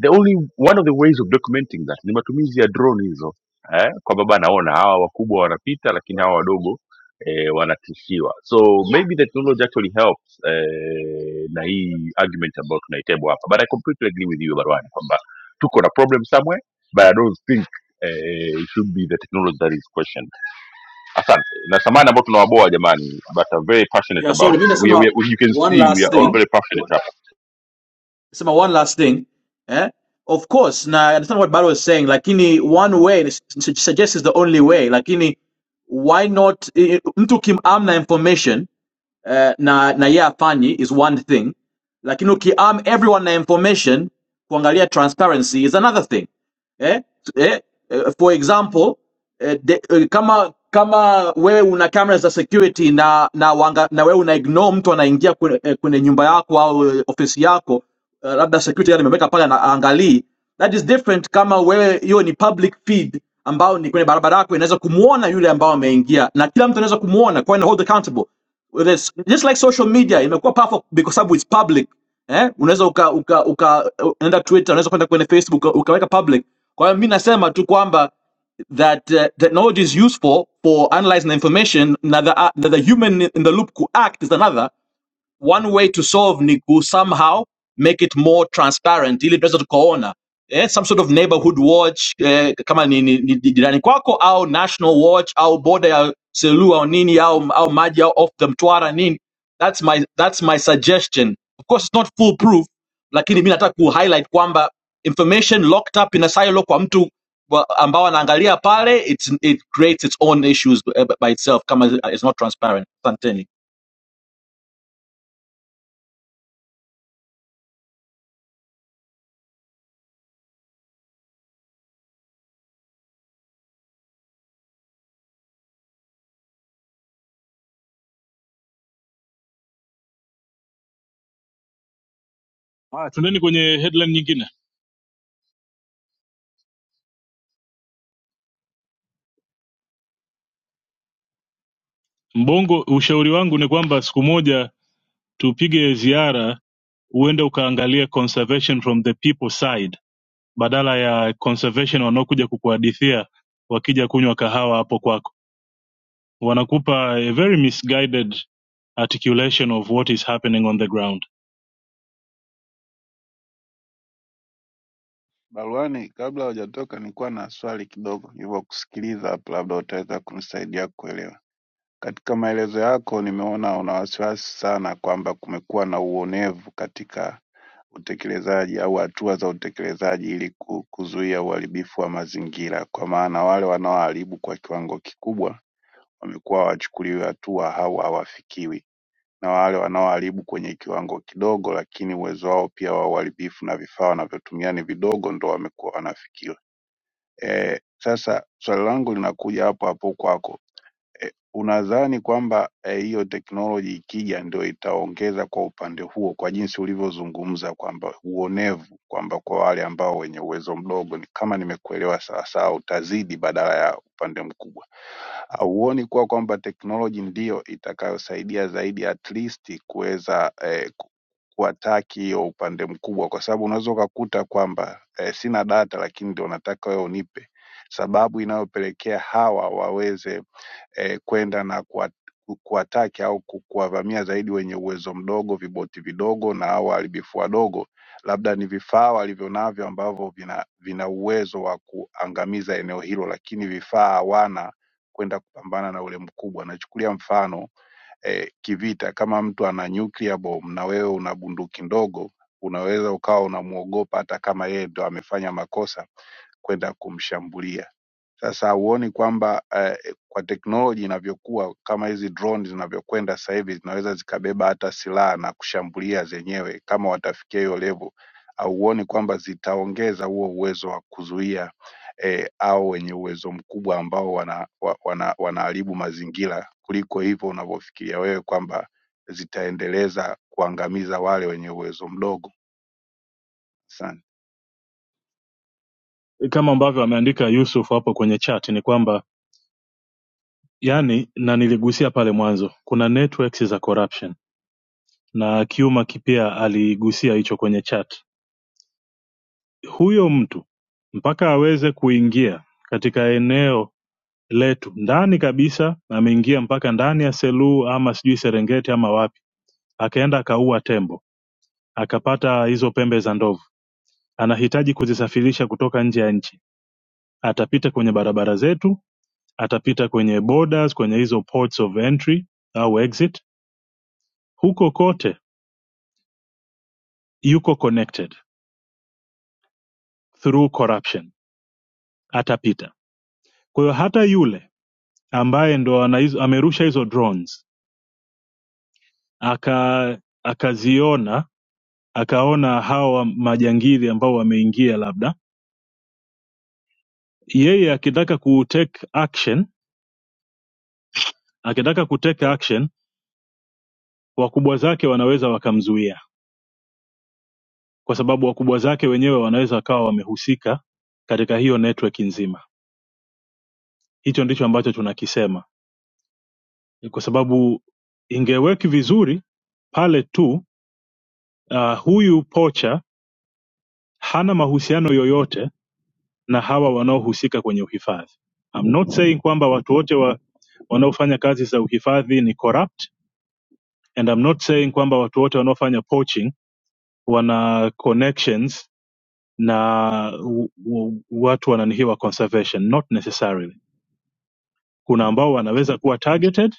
A: the only one of the ways of documenting that ni matumizi ya drone hizo eh, kwamba bana ona hawa wakubwa wanapita lakini hawa wadogo eh, wanatishiwa so maybe the technology actually helps eh, na hii argument ambayo tunaitebwa hapa but i completely agree with you barwani kwamba tuko na problem somewhere but i don't think eh, it should be the technology that is questioned asante na samani ambao tunawaboa jamani but I'm very passionate
H: yeah
A: about
H: sorry mi
A: we, are- we,
H: nasema
A: are- you can
H: one
A: see we
H: last
A: are all
H: thing
A: very passionate
H: sema one last thing eh? of course na I understand what Baro is saying lakini one way suggests is the only way lakini why not i- Kim Amna information eh, na, na yeye afanyi is one thing, lakini ukiarm everyone na information kuangalia transparency is another thing eh? Eh? eh, For example eh, de, eh, kama kama wewe una kamera za security na na, wanga, na wewe una ignore mtu anaingia kwenye, eh, kwenye nyumba yako au eh, ofisi yako eh, labda security yale imeweka pale na angalii, that is different kama wewe hiyo ni public feed ambao ni kwenye barabara yako inaweza kumuona yule ambao ameingia na kila mtu anaweza kumuona kwa hiyo hold accountable well, just like social media imekuwa powerful because sababu it's public eh? unaweza uka, uka, uka unaenda Twitter unaweza kwenda kwenye Facebook uka- ukaweka public. Kwa hiyo mimi nasema tu kwamba that uh, technology is useful for analyzing the information na the, na the the human in the loop ku act is another one way to solve ni ku somehow make it more transparent ili tunaweza tukaona eh, some sort of neighborhood watch eh, kama ni, ni, ni jirani kwako au national watch au border ya selua au nini au, au maji au off the mtwara nini that's my, that's my suggestion of course it's not foolproof. lakini mi nataka ku highlight kwamba information locked up in a silo kwa mtu wa- ambao anaangalia pale it's, it creates its own issues eh, by itself kama it's not transparent asanteni
G: haya tuendeni kwenye headline nyingine mbongo ushauri wangu ni kwamba siku moja tupige ziara uende ukaangalia conservation from the people side badala ya conservation wanaokuja kukuhadithia wakija kunywa kahawa hapo kwako wanakupa a very misguided articulation of what is happening on the ground
I: Baruani kabla hujatoka nilikuwa na swali kidogo nilivyokusikiliza hapo labda utaweza kunisaidia kuelewa. Katika maelezo yako nimeona una wasiwasi sana kwamba kumekuwa na uonevu katika utekelezaji au hatua za utekelezaji ili ku- kuzuia uharibifu wa mazingira, kwa maana wale wanaoharibu kwa kiwango kikubwa wamekuwa hawachukuliwi hatua au hawafikiwi, na wale wanaoharibu kwenye kiwango kidogo, lakini uwezo wao pia wa uharibifu na vifaa wanavyotumia ni vidogo, ndo wamekuwa wanafikiwa. Eh, sasa swali langu linakuja hapo hapo kwako. Eh, unadhani kwamba eh, hiyo teknoloji ikija ndio itaongeza kwa upande huo, kwa jinsi ulivyozungumza kwamba uonevu, kwamba kwa wale ambao wenye uwezo mdogo, ni- kama nimekuelewa sawasawa, utazidi badala ya upande mkubwa? hauoni kuwa kwamba teknoloji ndiyo itakayosaidia zaidi at least kuweza eh, ku- kuwataki hiyo upande mkubwa, kwa sababu unaweza ukakuta kwamba eh, sina data lakini ndio nataka wewe unipe sababu inayopelekea hawa waweze eh, kwenda na kuwa- ku- kuwataki au ku- kuwavamia zaidi wenye uwezo mdogo, viboti vidogo na au waharibifu wadogo, labda ni vifaa walivyo navyo ambavyo vina, vina uwezo wa kuangamiza eneo hilo, lakini vifaa hawana kwenda kupambana na ule mkubwa. Nachukulia mfano eh, kivita, kama mtu ana nuclear bomb na wewe una bunduki ndogo, unaweza ukawa unamwogopa hata kama yeye ndo amefanya makosa kwenda kumshambulia sasa huoni kwamba eh, kwa teknoloji inavyokuwa kama hizi drone zinavyokwenda sasa hivi zinaweza zikabeba hata silaha na kushambulia zenyewe kama watafikia hiyo level? Hauoni kwamba zitaongeza huo uwezo wa kuzuia eh, au wenye uwezo mkubwa ambao wana, wa- wana, wanaharibu mazingira kuliko hivyo unavyofikiria wewe kwamba zitaendeleza kuangamiza wale wenye uwezo mdogo? Asante,
G: kama ambavyo ameandika yusuf hapo kwenye chat ni kwamba yani na niligusia pale mwanzo kuna networks za corruption na kiuma kipia aligusia hicho kwenye chat huyo mtu mpaka aweze kuingia katika eneo letu ndani kabisa ameingia mpaka ndani ya seluu ama sijui serengeti ama wapi akaenda akaua tembo akapata hizo pembe za ndovu anahitaji kuzisafirisha kutoka nje ya nchi atapita kwenye barabara zetu atapita kwenye borders kwenye hizo ports of entry au exit huko kote yuko connected through corruption atapita kwa hiyo hata yule ambaye ndo ana hizo- amerusha hizo drones aka akaziona akaona hawa majangili ambao wameingia labda yeye akitaka ku take action akitaka ku take action wakubwa zake wanaweza wakamzuia kwa sababu wakubwa zake wenyewe wanaweza wakawa wamehusika katika hiyo network nzima hicho ndicho ambacho tunakisema kwa sababu ingeweki vizuri pale tu uh, huyu pocha hana mahusiano yoyote na hawa wanaohusika kwenye uhifadhi I'm not saying kwamba watu wote wa, wanaofanya kazi za uhifadhi ni corrupt and I'm not saying kwamba watu wote wanaofanya poaching wana connections na u, u, watu wananihiwa conservation not necessarily Kuna ambao wanaweza kuwa targeted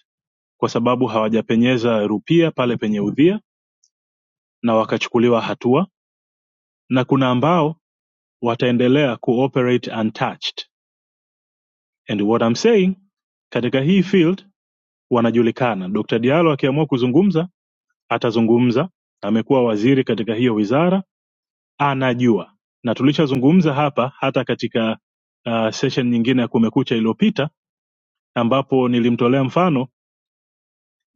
G: kwa sababu hawajapenyeza rupia pale penye udhia na wakachukuliwa hatua, na kuna ambao wataendelea kuoperate untouched. And what I'm saying, katika hii field wanajulikana. Dr. Diallo akiamua kuzungumza atazungumza, amekuwa waziri katika hiyo wizara, anajua. Na tulishazungumza hapa hata katika uh, session nyingine ya Kumekucha iliyopita ambapo nilimtolea mfano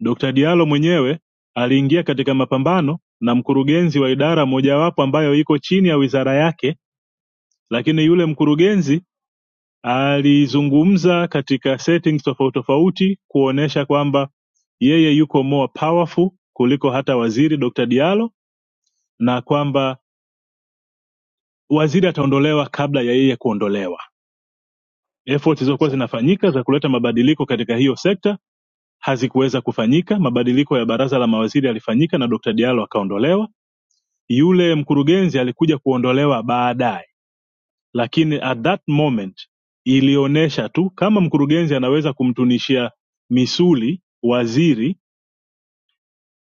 G: Dokta Diallo mwenyewe aliingia katika mapambano na mkurugenzi wa idara mojawapo ambayo iko chini ya wizara yake lakini yule mkurugenzi alizungumza katika settings tofauti tofauti kuonesha kwamba yeye yuko more powerful kuliko hata waziri Dr. Diallo na kwamba waziri ataondolewa kabla ya yeye kuondolewa. Efforts zilizokuwa
I: asante.
G: zinafanyika za kuleta mabadiliko katika hiyo sekta hazikuweza kufanyika. Mabadiliko ya baraza la mawaziri yalifanyika na Dr. Diallo akaondolewa Yule mkurugenzi alikuja kuondolewa baadae lakini at that moment ilionesha tu kama mkurugenzi anaweza kumtunishia misuli waziri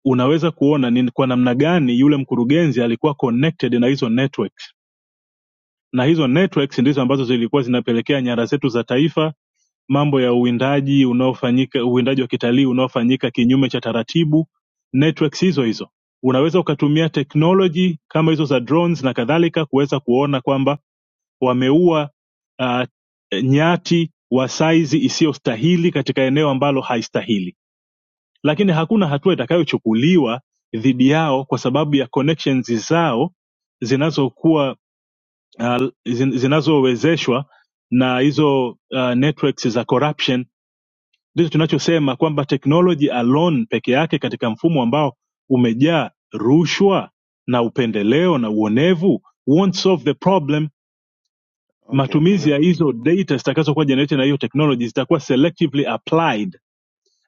G: unaweza kuona ni kwa namna gani yule mkurugenzi alikuwa connected na hizo networks na hizo networks ndizo ambazo zilikuwa zinapelekea nyara zetu za taifa mambo ya uwindaji unaofanyika uwindaji wa kitalii unaofanyika kinyume cha taratibu networks hizo hizo unaweza ukatumia technology kama hizo za drones na kadhalika kuweza kuona kwamba wameua uh, nyati wa saizi isiyostahili katika eneo ambalo haistahili, lakini hakuna hatua itakayochukuliwa dhidi yao kwa sababu ya connections zao zinazokuwa uh, zin- zinazowezeshwa na hizo uh, networks za corruption. Ndicho tunachosema kwamba technology alone peke yake katika mfumo ambao umejaa rushwa na upendeleo na uonevu won't solve the problem
I: Okay, nime
G: matumizi ya hizo data zitakazokuwa generated na hiyo technology zitakuwa selectively applied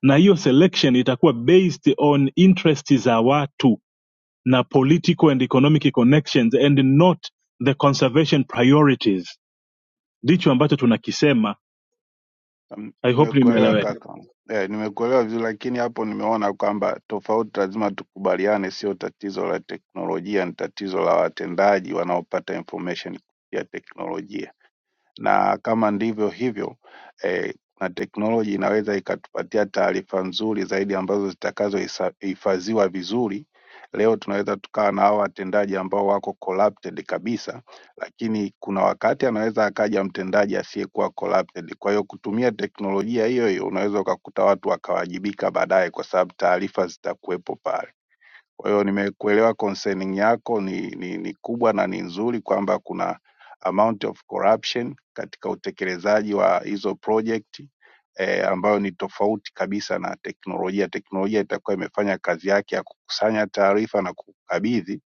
G: na hiyo selection itakuwa based on interest za watu na political and economic connections and not the conservation priorities ndicho ambacho tunakisema
I: Mm,
G: i hope
I: Nimekuelewa
G: nimeeleweka
I: kaka. Eh, nimekuelewa vizuri lakini hapo nimeona kwamba tofauti lazima tukubaliane, sio tatizo la teknolojia, ni tatizo la watendaji wanaopata information kupitia teknolojia na kama ndivyo hivyo eh, na teknoloji inaweza ikatupatia taarifa nzuri zaidi ambazo zitakazohifadhiwa vizuri. Leo tunaweza tukawa na hawa watendaji ambao wako corrupted kabisa, lakini kuna wakati anaweza akaja mtendaji asiyekuwa corrupted. Kwa hiyo kutumia teknolojia hiyo hiyo unaweza ukakuta watu wakawajibika baadaye, kwa sababu taarifa zitakuwepo pale. Kwa hiyo nimekuelewa concerning yako ni, ni, ni kubwa na ni nzuri kwamba kuna amount of corruption katika utekelezaji wa hizo project eh, ambayo ni tofauti kabisa na teknolojia. Teknolojia itakuwa imefanya kazi yake ya kukusanya taarifa na kukabidhi.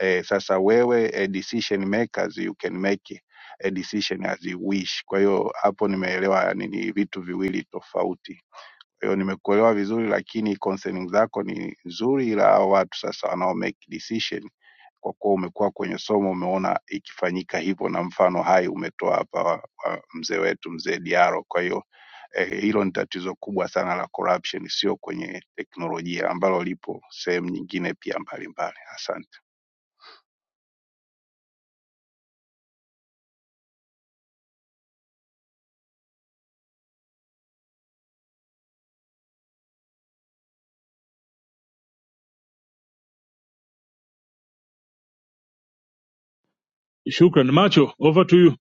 I: Eh, sasa wewe eh, decision makers you can make a decision as you wish. Kwa hiyo hapo nimeelewa ni ni vitu viwili tofauti. Kwa hiyo nimekuelewa vizuri, lakini concerning zako ni nzuri, ila hao watu sasa wanao make decision, kwa kuwa umekuwa kwenye somo, umeona ikifanyika hivyo, na mfano hai umetoa hapa wa, wa mzee wetu mzee Diaro. Kwa hiyo eh, hilo ni tatizo kubwa sana la corruption, sio kwenye teknolojia, ambalo lipo sehemu nyingine pia mbalimbali. Asante.
G: shukran macho over to you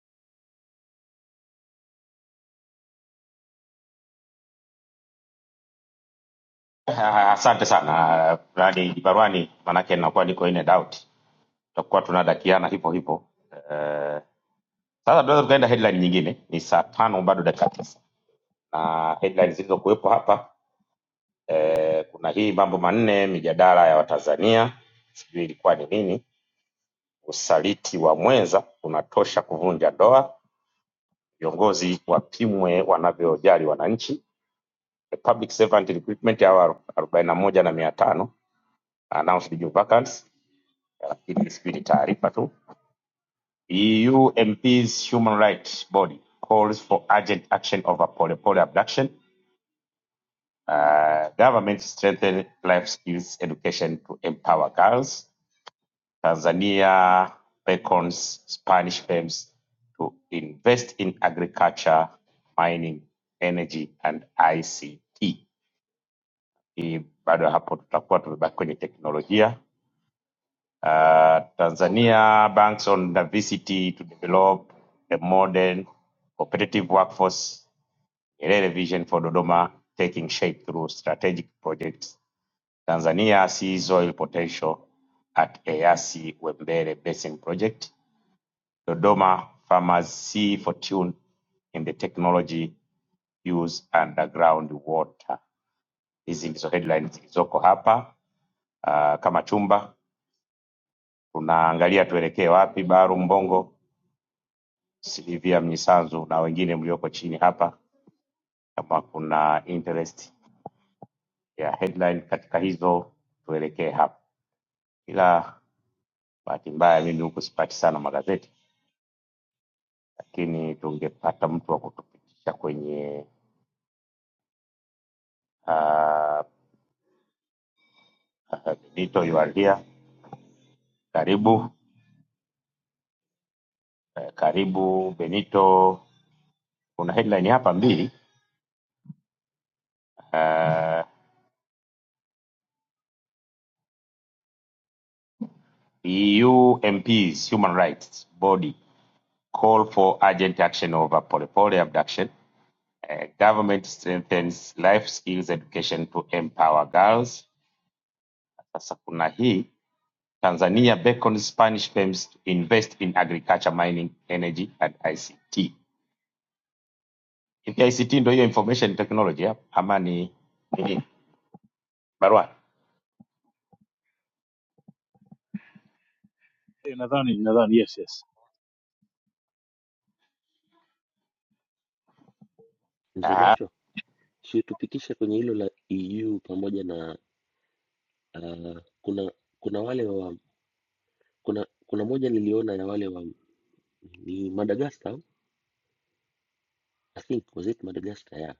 C: Ah, Asante sana Rani Barwani, maanake nakuwa niko in and out, tutakuwa tunadakiana hivyo hivyo. Eh, Sasa tunaweza tukaenda headline nyingine. Ni saa tano bado dakika tisa na headline zilizokuwepo hapa kuna hii mambo manne mijadala ya Watanzania, sijui ilikuwa ni nini. Usaliti wa mwenza unatosha kuvunja ndoa, viongozi wapimwe wanavyojali wananchi, The public servant recruitment hawa arobaini na moja na mia tano announced new vacancies, lakini sijui ni taarifa tu. EU MPs Human Rights Body calls for urgent action over Polepole abduction. Uh, government strengthen life skills education to empower girls. Tanzania beckons Spanish firms to invest in agriculture, mining, energy and ICT. Hii bado hapo tutakuwa tumebaki kwenye teknolojia. Uh, Tanzania banks on diversity to develop a modern competitive workforce. Nyerere vision for Dodoma taking shape through strategic projects. Tanzania sees oil potential at EAC Wembere Basin Project. Dodoma farmers see fortune in the technology use underground water. Hizi ndizo headlines zilizoko hapa. Uh, kama chumba tunaangalia tuelekee wapi, Baru Mbongo, Silivia Mnyisanzu na wengine mlioko chini hapa, kama kuna interest ya headline katika hizo tuelekee hapa, ila bahati mbaya mimi huku sipati sana magazeti, lakini tungepata mtu wa kutupitisha kwenye uh, uh, Benito you are here Karibu eh, karibu Benito. Kuna headline hapa mbili uh, EU MPs Human Rights Body call for urgent action over Polepole abduction. Uh, government strengthens life skills education to empower girls. Sasa kuna hii Tanzania beckons Spanish firms to invest in agriculture, mining, energy and ICT. Hivi ICT ndio hiyo information technology hapa ama ni nini? Barua.
G: Eh, nadhani nadhani yes yes
J: Mzee
C: Ah,
J: Macho, si tupitishe kwenye hilo la EU pamoja na uh, kuna kuna wale wa kuna kuna moja niliona ya wale wa ni Madagascar, I think was it Madagascar ya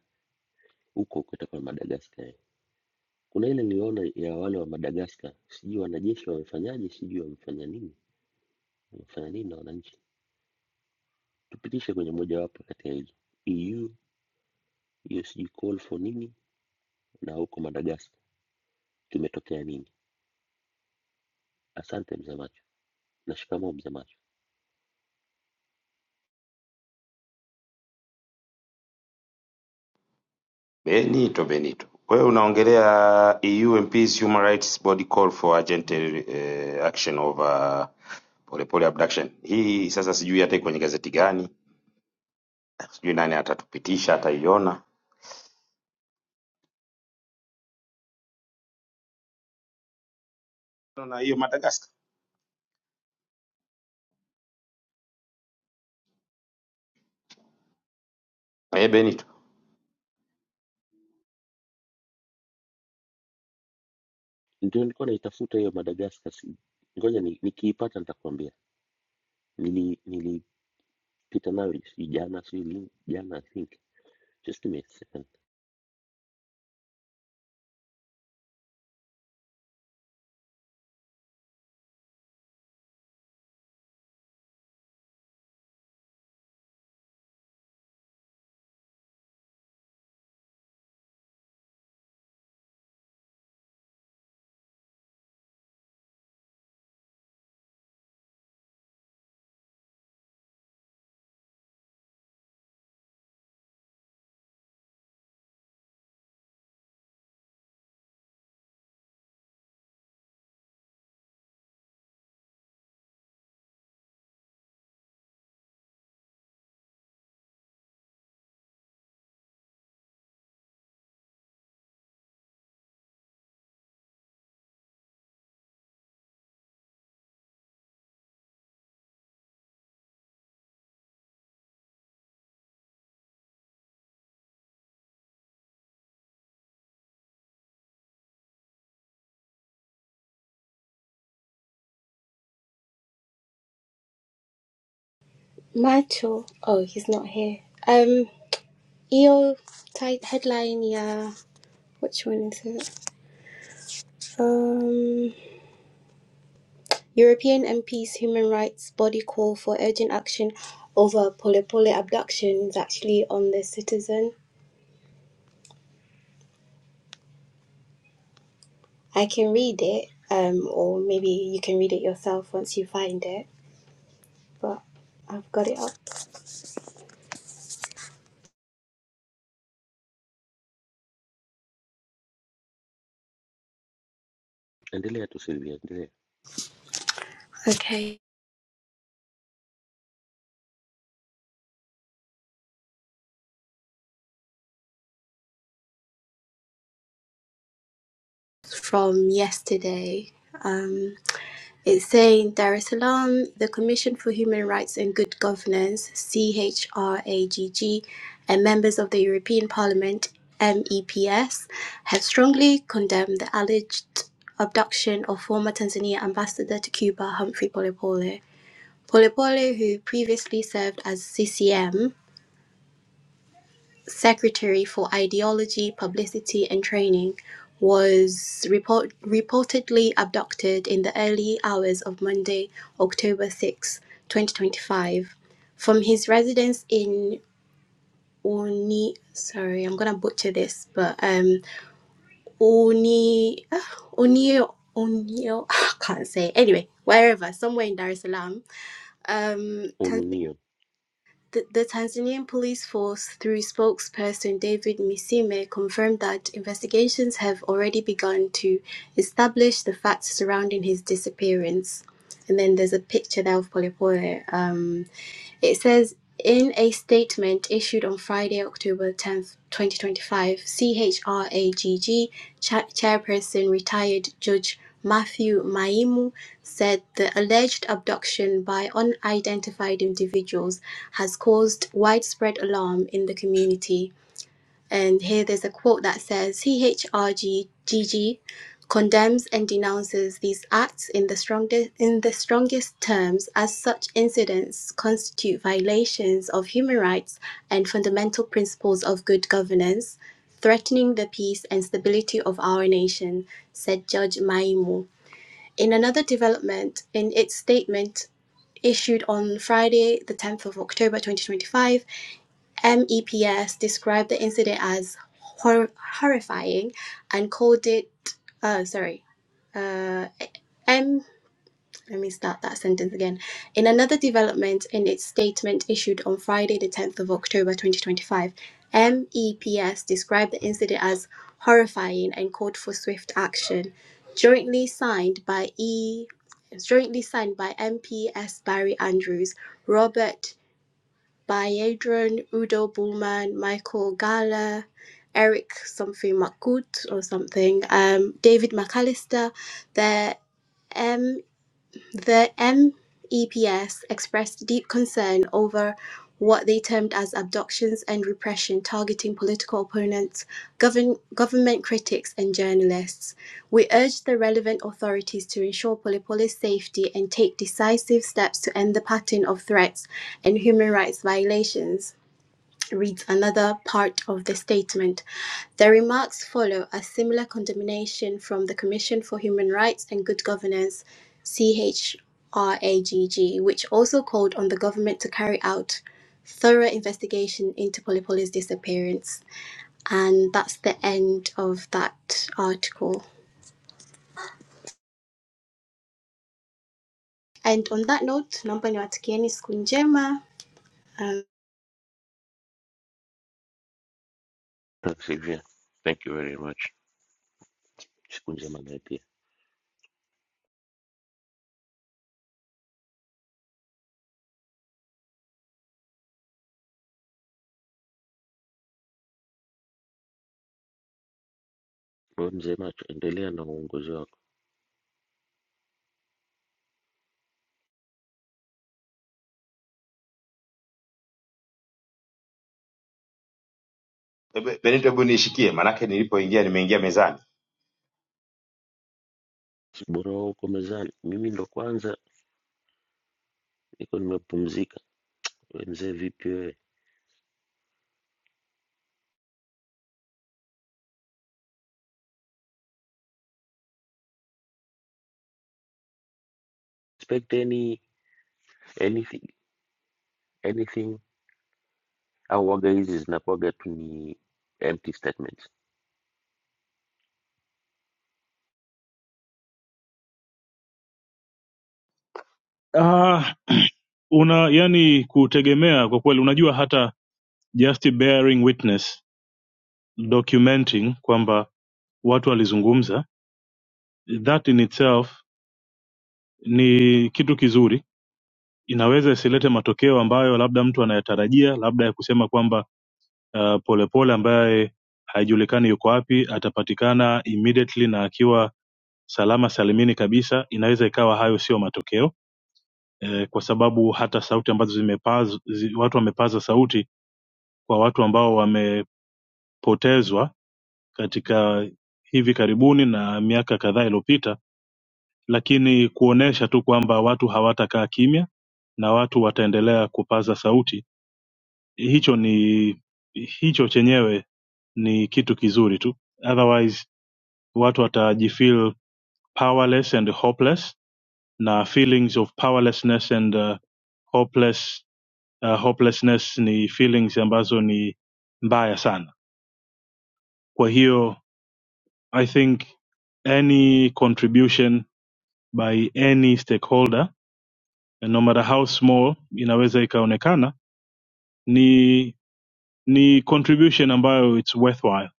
J: huko huko itakuwa Madagascar. eh. Kuna ile niliona ya wale wa Madagascar, sijui wanajeshi wamefanyaje, sijui wamefanya nini, wamefanya nini na wananchi. Tupitishe kwenye mojawapo kati ya hizo EU, hiyo sijui call for nini, na huko Madagascar kimetokea nini. Asante mzee Macho na shikamoo mzee Macho.
C: benito benito wewe unaongelea eu mps human rights body call for urgent eh, action over polepole abduction hii sasa sijui hata iko kwenye gazeti gani sijui nani atatupitisha ataiona na hiyo madagascar eh benito
J: ndio nilikuwa naitafuta hiyo Madagascar. si- Ngoja ni, nikiipata nitakwambia. Nili nilipita nayo si jana si lini jana I think. Just give me a second.
F: Macho. Oh, he's not here. Um, EO tight headline, yeah. Which one is it? Um. European MPs' human rights body call for urgent action over Polepole abduction is actually on the Citizen. I can read it, um, or maybe you can read it yourself once you find it. But I've got it up.
J: Endelea tu Sylvia, endelea.
F: Okay, from yesterday. Um, It's saying Dar es Salaam, the Commission for Human Rights and Good Governance, CHRAGG, and members of the European Parliament, MEPS, have strongly condemned the alleged abduction of former Tanzania ambassador to Cuba, Humphrey Polepole. Polepole, who previously served as CCM secretary for ideology, publicity, and training, was report- reportedly abducted in the early hours of Monday, October 6, 2025, from his residence in Oni. Sorry, I'm gonna butcher this, but um, Uni, Uni, Uni. I can't say. Anyway, wherever, somewhere in Dar es Salaam, um, Tanzania.
J: Ununio.
F: The, the Tanzanian police force, through spokesperson David Misime, confirmed that investigations have already begun to establish the facts surrounding his disappearance. And then there's a picture there of Polepole. um, it says in a statement issued on Friday, October 10th, 2025, CHRAGG cha- chairperson retired Judge Matthew Maimu said the alleged abduction by unidentified individuals has caused widespread alarm in the community. And here there's a quote that says CHRGGG condemns and denounces these acts in the strongest in the strongest terms as such incidents constitute violations of human rights and fundamental principles of good governance threatening the peace and stability of our nation said judge maimu in another development in its statement issued on friday the 10th of october 2025 MEPS described the incident as hor- horrifying and called it, oh, sorry, uh, M. Let me start that sentence again. In another development in its statement issued on Friday, the 10th of October 2025, MEPS described the incident as horrifying and called for swift action. Jointly signed by E. Jointly signed by MPS Barry Andrews, Robert by Adrian, Udo Bullman, Michael Gala, Eric something Makut or something, um, David McAllister, the M the MEPS expressed deep concern over what they termed as abductions and repression targeting political opponents, govern, government critics, and journalists. We urge the relevant authorities to ensure Polypolis' safety and take decisive steps to end the pattern of threats and human rights violations reads another part of the statement. The remarks follow a similar condemnation from the Commission for Human Rights and Good Governance, CHRAGG, which also called on the government to carry out thorough investigation into Polypoly's disappearance. And that's the end of that article. And on that note, number ni watakieni siku njema. Um,
J: Thanks Sylvia. Thank you very much. Siku njema naye pia. Wewe mzee macho, endelea na uongozi wako.
C: Eh, Be- benito hebu niishikie maanake nilipoingia nimeingia mezani
J: Si Bora wewe uko mezani. Mimi ndo kwanza niko nimepumzika. Wewe mzee vipi wewe? Expect any anything anything au waga hizi zinakuwaga tu ni empty statements
G: Ah, uh, una yani kutegemea kwa kweli unajua hata just bearing witness documenting kwamba watu walizungumza that in itself ni kitu kizuri inaweza isilete matokeo ambayo labda mtu anayatarajia labda ya kusema kwamba uh, polepole ambaye haijulikani yuko wapi atapatikana immediately na akiwa salama salimini kabisa inaweza ikawa hayo sio matokeo eh, kwa sababu hata sauti ambazo zimepaz, zi, watu wamepaza sauti kwa watu ambao wamepotezwa katika hivi karibuni na miaka kadhaa iliyopita lakini kuonesha tu kwamba watu hawatakaa kimya na watu wataendelea kupaza sauti hicho ni hicho chenyewe ni kitu kizuri tu otherwise watu watajifeel powerless and hopeless na feelings of powerlessness and uh, hopeless, uh, hopelessness ni feelings ambazo ni mbaya sana kwa hiyo i think any contribution by any stakeholder no matter how small inaweza ikaonekana ni ni contribution ambayo it's worthwhile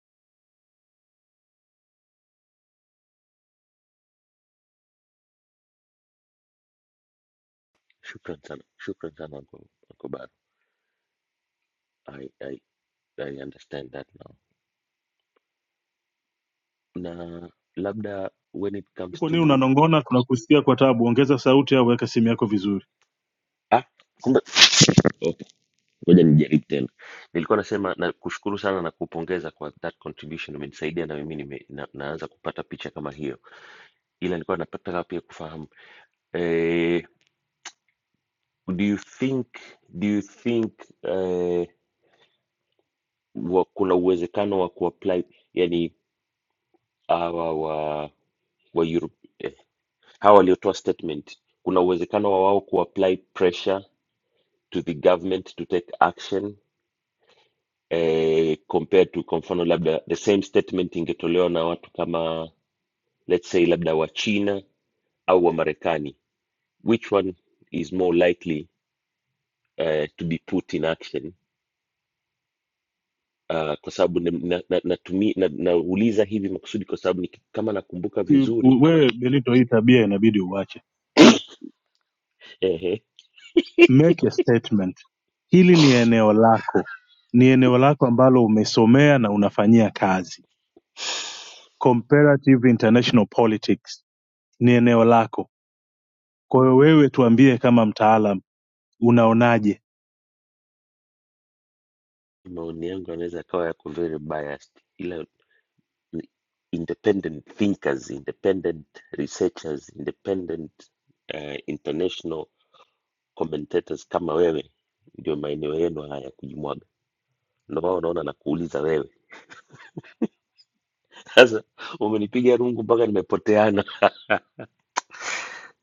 J: Shukran sana, shukran sana Uncle, Uncle Baru. I, I, I understand that now. Na labda when it comes
G: uko nini
J: to
G: unanongona tunakusikia kwa tabu ongeza sauti au weka simu yako vizuri
J: ah, kumbe okay, ngoja nijaribu tena. Nilikuwa nasema na kushukuru sana na kupongeza kwa that contribution, umenisaidia na mimi nime, na, naanza kupata picha kama hiyo, ila nilikuwa nataka pia kufahamu eh, do you think do you think eh, wa, kuna uwezekano wa kuapply yani hawa wa wa Europe eh, hawa waliotoa statement, kuna uwezekano wa wao kuapply pressure to the government to take action eh, compared to kwa mfano labda the same statement ingetolewa na watu kama let's say labda wa China au wa Marekani, which one is more likely eh, to be put in action? Uh, kwa sababu nauliza na, na, natumi- na, nauliza hivi makusudi kwa sababu niki- kama nakumbuka
G: Ti-
J: vizuri
G: u- wewe benito hii tabia inabidi uache
J: ehe,
G: make a statement hili ni eneo lako ni eneo lako ambalo umesomea na unafanyia kazi comparative international politics ni eneo lako kwa hiyo wewe tuambie kama mtaalam unaonaje
J: maoni yangu yanaweza yakawa yako very biased, independent thinkers, independent researchers, independent uh, international commentators kama wewe ndio maeneo yenu haya ya kujimwaga. Ndio maana unaona nakuuliza wewe. Sasa umenipiga rungu mpaka nimepoteana.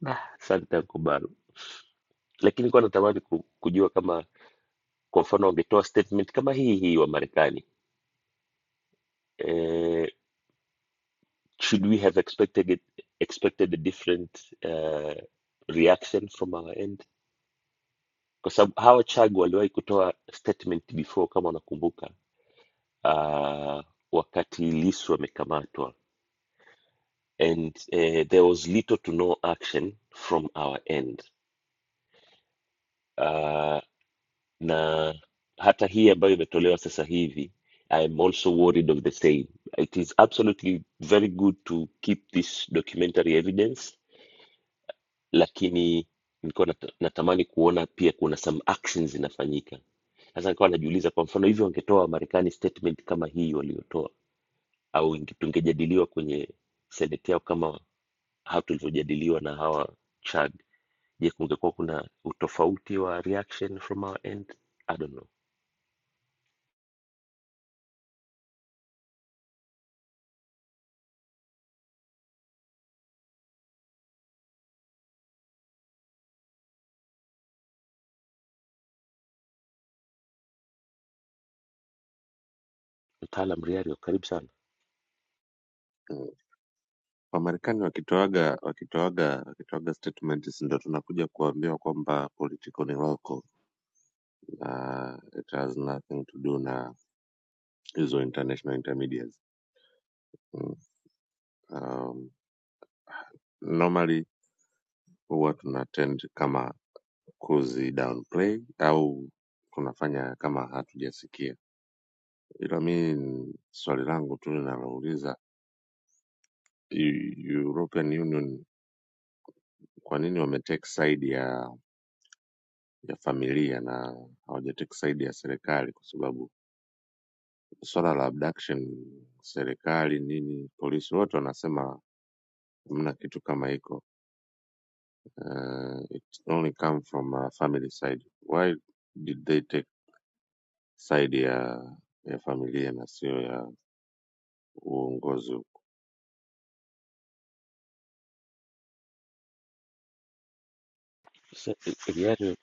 J: Ah, Asante Ankubaru, lakini kwa natamani ku- kujua kama kwa mfano wangetoa statement kama hii hii wa Marekani eh, should we have expected it, expected a different uh, reaction from our end? kwa sababu hawa chagu waliwahi kutoa statement before kama unakumbuka uh, wakati lisu amekamatwa and uh, there was little to no action from our end uh, na hata hii ambayo imetolewa sasa hivi I'm also worried of the same. It is absolutely very good to keep this documentary evidence, lakini nilikuwa nata- natamani kuona pia kuna some actions zinafanyika Sasa nikawa najiuliza, kwa mfano hivyo wangetoa Wamarekani statement kama hii waliotoa, au inge- tungejadiliwa kwenye seneti yao kama hao tulivyojadiliwa na hawa Chad, je, kungekuwa kuna utofauti wa reaction from our end? I don't know. Mtaalam Riario, karibu sana. Sa- Riario,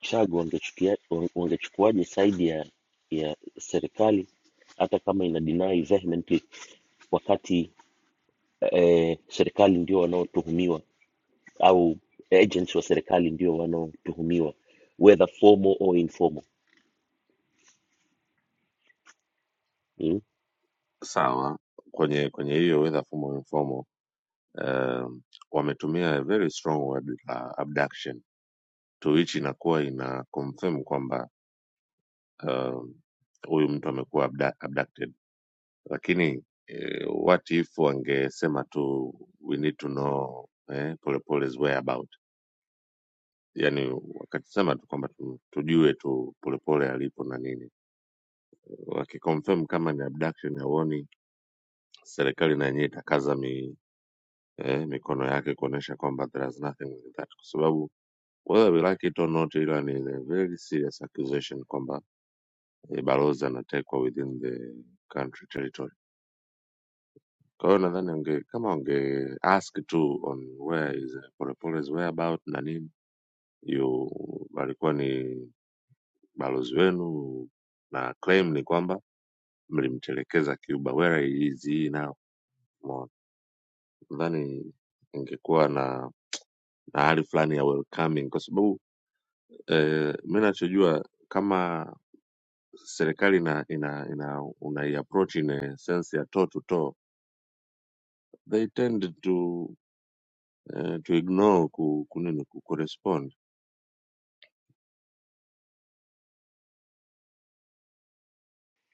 J: Chad wangechukia- wange- wangechukuaje saidi ya ya serikali hata kama ina deny vehemently, wakati eh, serikali ndio wanaotuhumiwa au agents wa serikali ndio wanaotuhumiwa whether formal or informal mm?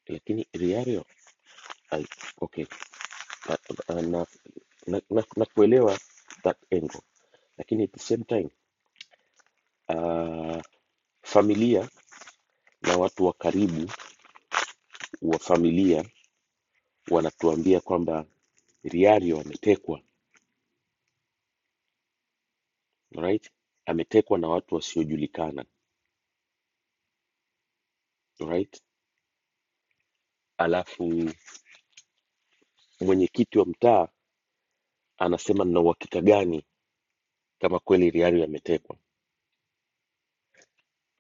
J: lakini riario I- okay na, na, na, na, na na kuelewa that angle lakini at the same time uh, familia na watu wa karibu wa familia wanatuambia kwamba riario ametekwa right ametekwa na watu wasiojulikana right alafu mwenyekiti wa mtaa anasema na uhakika gani kama kweli riario ametekwa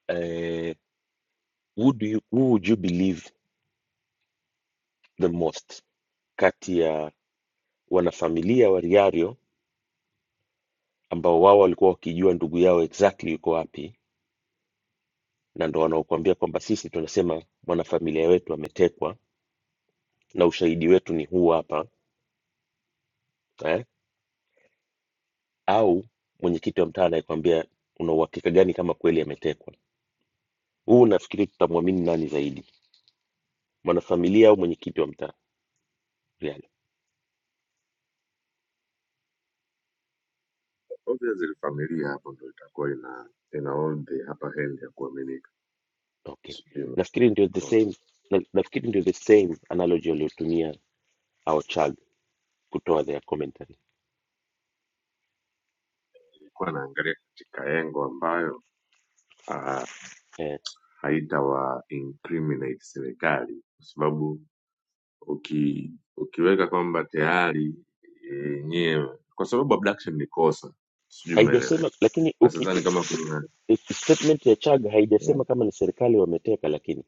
J: Eh, who do you, who would you believe the most kati ya wanafamilia wa Riario ambao wao walikuwa wakijua ndugu yao exactly yuko wapi, na ndo wanaokuambia kwamba sisi tunasema mwanafamilia wetu ametekwa na ushahidi wetu ni huu hapa eh? Au mwenyekiti wa mtaa anayekwambia una uhakika gani kama kweli ametekwa? Huu nafikiri tutamwamini nani zaidi, mwanafamilia au mwenyekiti wa mtaa Riario? Okay, nafikiri ndio the same na, nafikiri ndio the same analogy waliotumia our child kutoa their commentary. eh, haijasema lakini uki, uki, statement ya Chaga haijasema kama ni serikali wameteka, lakini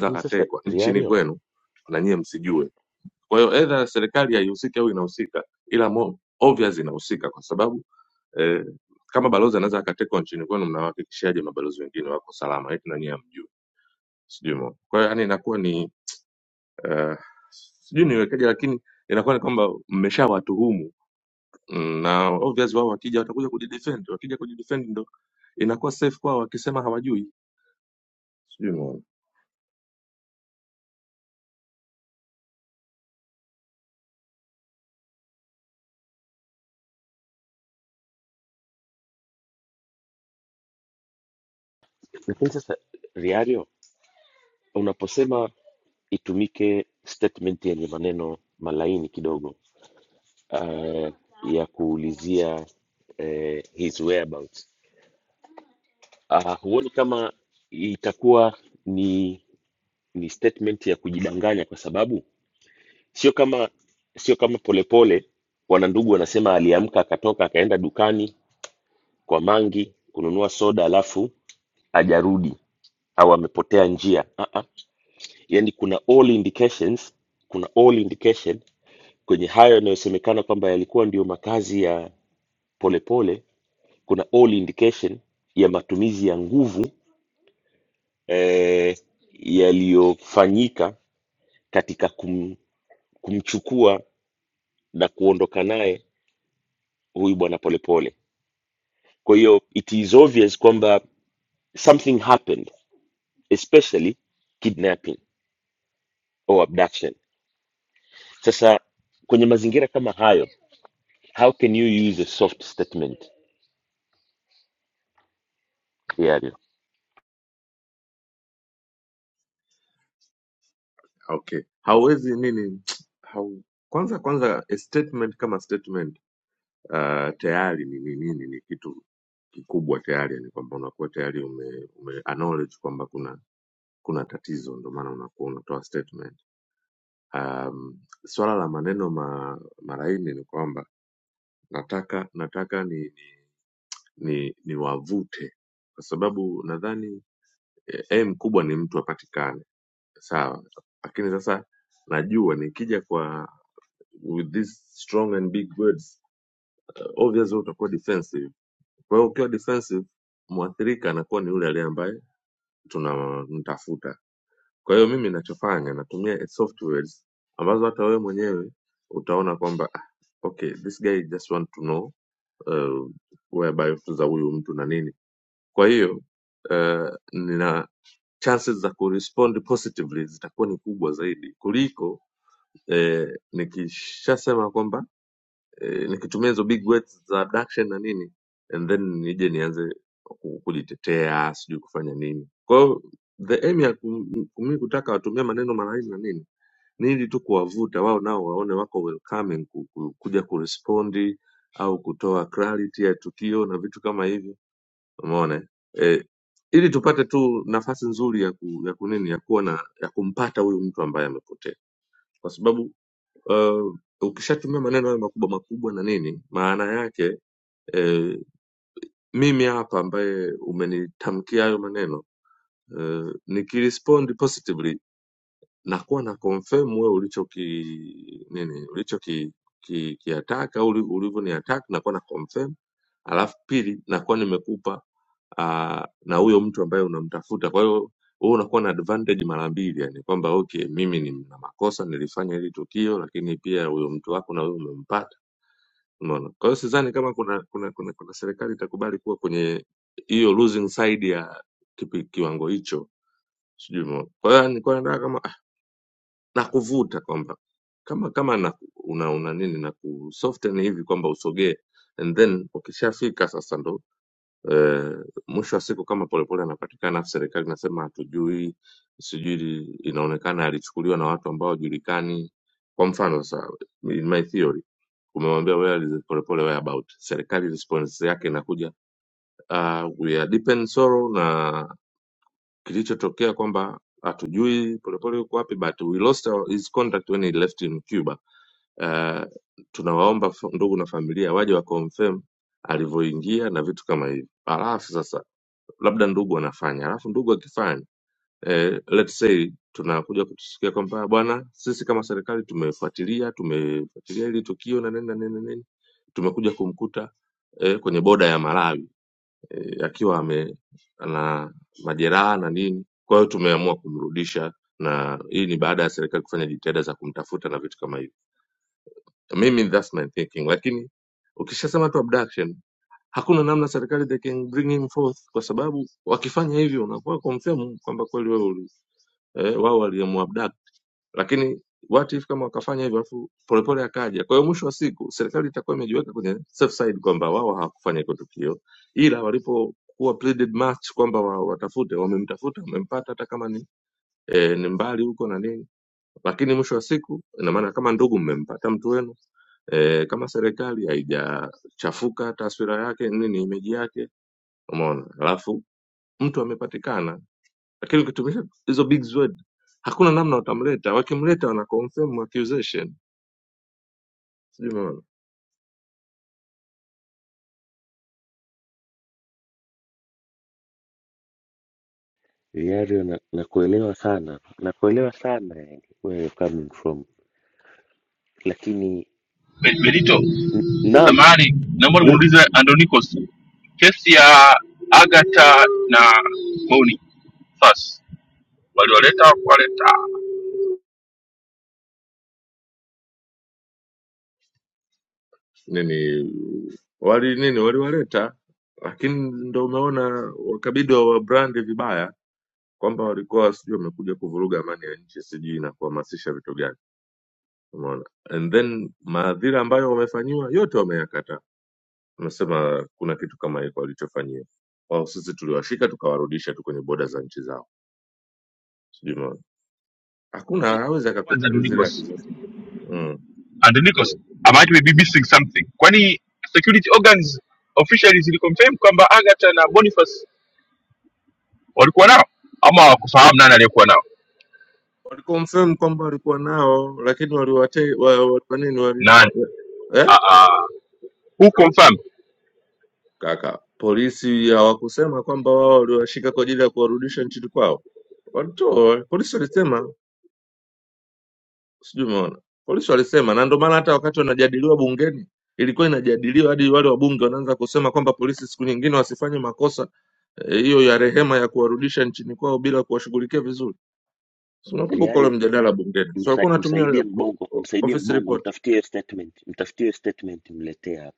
J: lakini sasa Riario, lakini sasa Riario, unaposema itumike statement yenye maneno malaini kidogo uh, ya kuulizia eh, his whereabouts uh, huoni kama itakuwa ni ni statement ya kujidanganya, kwa sababu sio kama sio kama polepole wanandugu wanasema aliamka akatoka akaenda dukani kwa mangi kununua soda alafu hajarudi au amepotea njia ah -ah. yani kuna all indications kuna all indication kwenye hayo yanayosemekana kwamba yalikuwa ndio makazi ya polepole kuna all indication ya matumizi ya nguvu eh, yaliyofanyika katika kum, kumchukua na kuondoka naye huyu bwana polepole kwa hiyo it is obvious kwamba something happened especially kidnapping or abduction Sasa kwenye mazingira kama hayo, how can you use a soft statement Yario? Yario, na nakuelewa sana, nakuelewa sana yani, where you're coming from, lakini
A: Ben- Benito,
J: naam,
A: samahani, naomba
J: bila
A: nimuulize Andonikos, kesi ya Agatha na Boni first walioleta waleta Ngoja kwanza Andonikos. Andonikos, I might be missing something. Kwani security organs officially ziliconfirm kwamba Agatha na Boniface walikuwa nao ama hawakufahamu nani aliyekuwa nao? Nani? Ah ah. Who confirm?
J: Yario, msa, msaidie mbongo, msaidie mbongo, mtafutie statement, mtafutie statement, mletee hapa.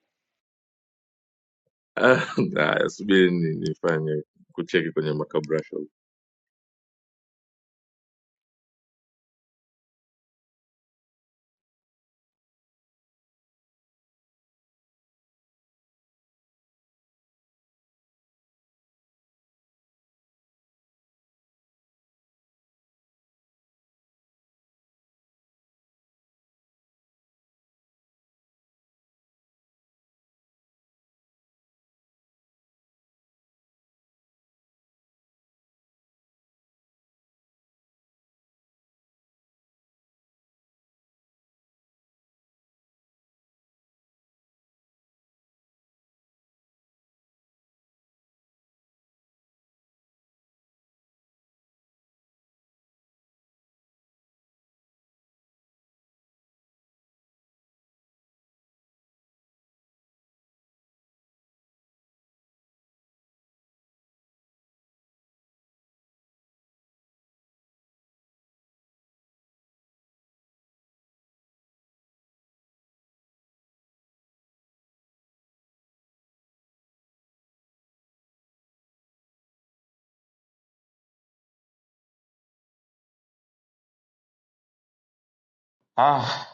C: ah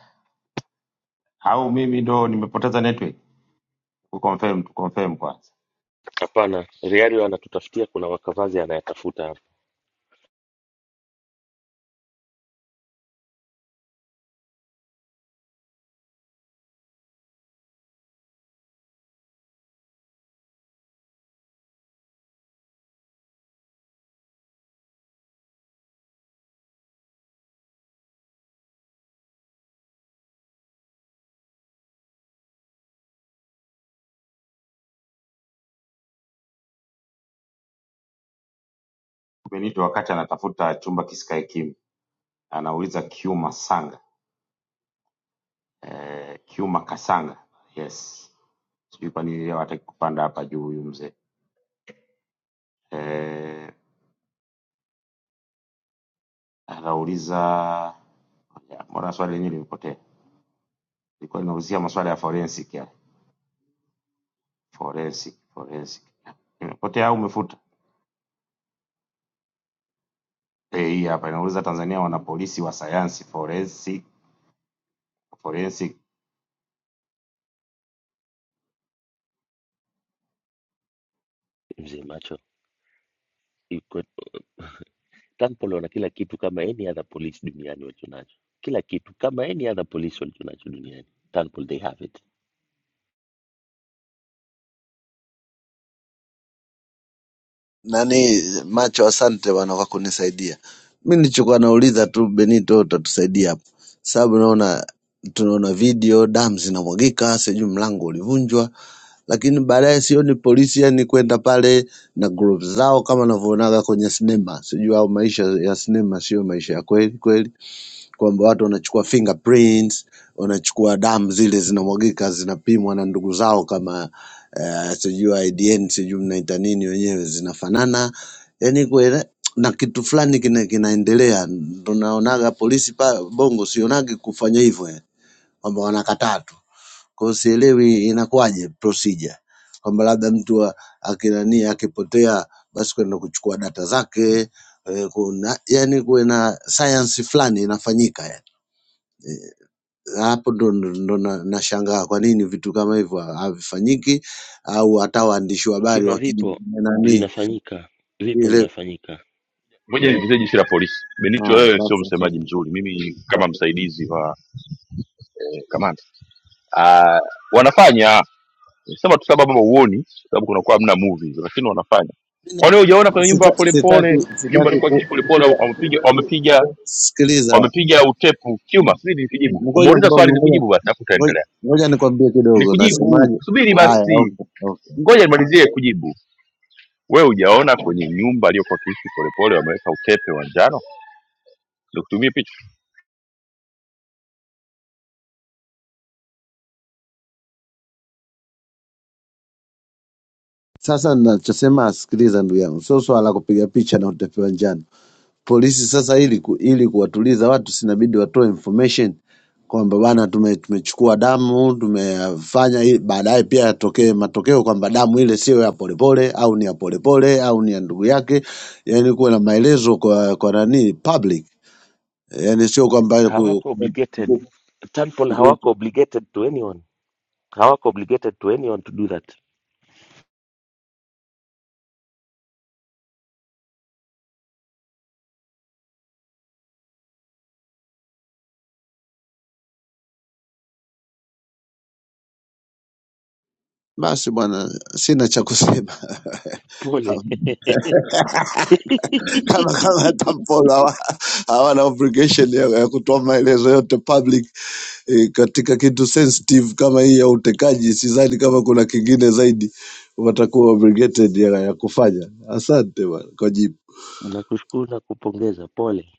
C: au mimi ndo nimepoteza network kuconfirm tuconfirm kwanza
J: Hapana, Yario anatutafutia, kuna wakavazi anayatafuta hapa.
C: benito wakati anatafuta chumba kisikae kim anauliza kiuma sanga eh, Kiuma Kasanga, yes, sijui kwa nini leo hataki kupanda hapa juu huyu mzee eh, anauliza ya, mbona swali lenyewe limepotea. Ilikuwa linaulizia maswala ya forensic ya forensic forensic, imepotea au umefuta? Eh, hii hapa inauliza Tanzania wana polisi wa sayansi forensic forensic.
J: Mzee macho iko Tanpolo wana kila kitu kama any other police duniani walichonacho, kila kitu kama any other police walichonacho duniani. Tanpolo, they have it.
K: nani macho asante bana kwa kunisaidia mi nilichokuwa nauliza tu benito utatusaidia hapo sababu naona tunaona video damu zinamwagika sijui mlango ulivunjwa lakini baadaye sioni polisi yani kwenda pale na group zao kama navyoonaga kwenye sinema sijui au maisha ya sinema sio maisha ya kweli kweli kwamba watu wanachukua fingerprints, wanachukua damu zile zinamwagika zinapimwa na ndugu zao kama eh, sijui IDN sijui mnaita nini wenyewe zinafanana, yani kuele, na kitu fulani kina, kinaendelea. Ndo naonaga polisi pa Bongo sionagi kufanya hivyo eh, kwamba wanakataa tu. Kwa hiyo sielewi inakuwaje procedure kwamba labda mtu wa- akinani akipotea basi kwenda kuchukua data zake eh, kuna yani kuwe na science fulani inafanyika yani hapo ndo ndo, ndo na- nashangaa kwa nini vitu kama hivyo ha- havifanyiki au hata waandishi wa habari
J: Ukimya
K: wakija
J: vipo
K: nani
J: vinafanyika, vipo
K: ile
J: vinafanyika,
A: Ngoja nivize
J: vipo.
A: jeshi la polisi. Benito,
K: ah,
A: wewe sio
K: basi
A: msemaji
K: asante.
A: mzuri. Mimi kama msaidizi wa eh, kamanda uh, wanafanya sema tu sababu ama uoni kwa sababu kunakuwa hamna movies lakini wanafanya kwani hujaona kwenye nyumba ya
K: Sita- sitaki
A: polepole nyumba
K: sitaki
A: alikuwa akiishi polepole wamepiga wamepiga
K: kusikiliza
A: wamepiga utepu kiuma sii nikujibu
K: ngoja
A: umeuliza swali
K: mbongo ngoja
A: nikujibu basi alafu
K: ngoja
A: utaendelea
K: ngoja nikwambie kidogo
A: nikujibu
K: nasemaje
A: subiri
K: haya
A: basi
K: okay, okay.
A: ngoja nimalizie kujibu wewe hujaona kwenye nyumba aliyokuwa akiishi polepole wameweka utepe wa njano nikutumie picha
K: sasa nachosema sikiliza ndugu yangu sio swala la kupiga picha na utepewa njani polisi sasa ili ku, ili kuwatuliza watu sinabidi watoe information kwamba bana tume, tumechukua damu tumefanya hii, baadaye pia yatokee matokeo kwamba damu ile sio ya polepole au ni ya polepole au ni ya ndugu yake, yani kuwe na maelezo kwa kwa nani public, yani sio kwamba ku-
J: Hawako
K: ku-
J: obligated,
K: ku-
J: Tanpol
K: ndio hicho.
J: hawako obligated to anyone, hawako obligated to anyone to do that.
K: basi bwana, sina cha kusema
J: Pole,
K: kama kama kama hata Mpolo hawa- hawana obligation ya, ya kutoa maelezo yote public e, katika kitu sensitive kama hii ya utekaji, sidhani kama kuna kingine zaidi watakuwa obligated ya, ya kufanya. Asante bwana kwa jibu.
J: nakushukuru na kupongeza, pole.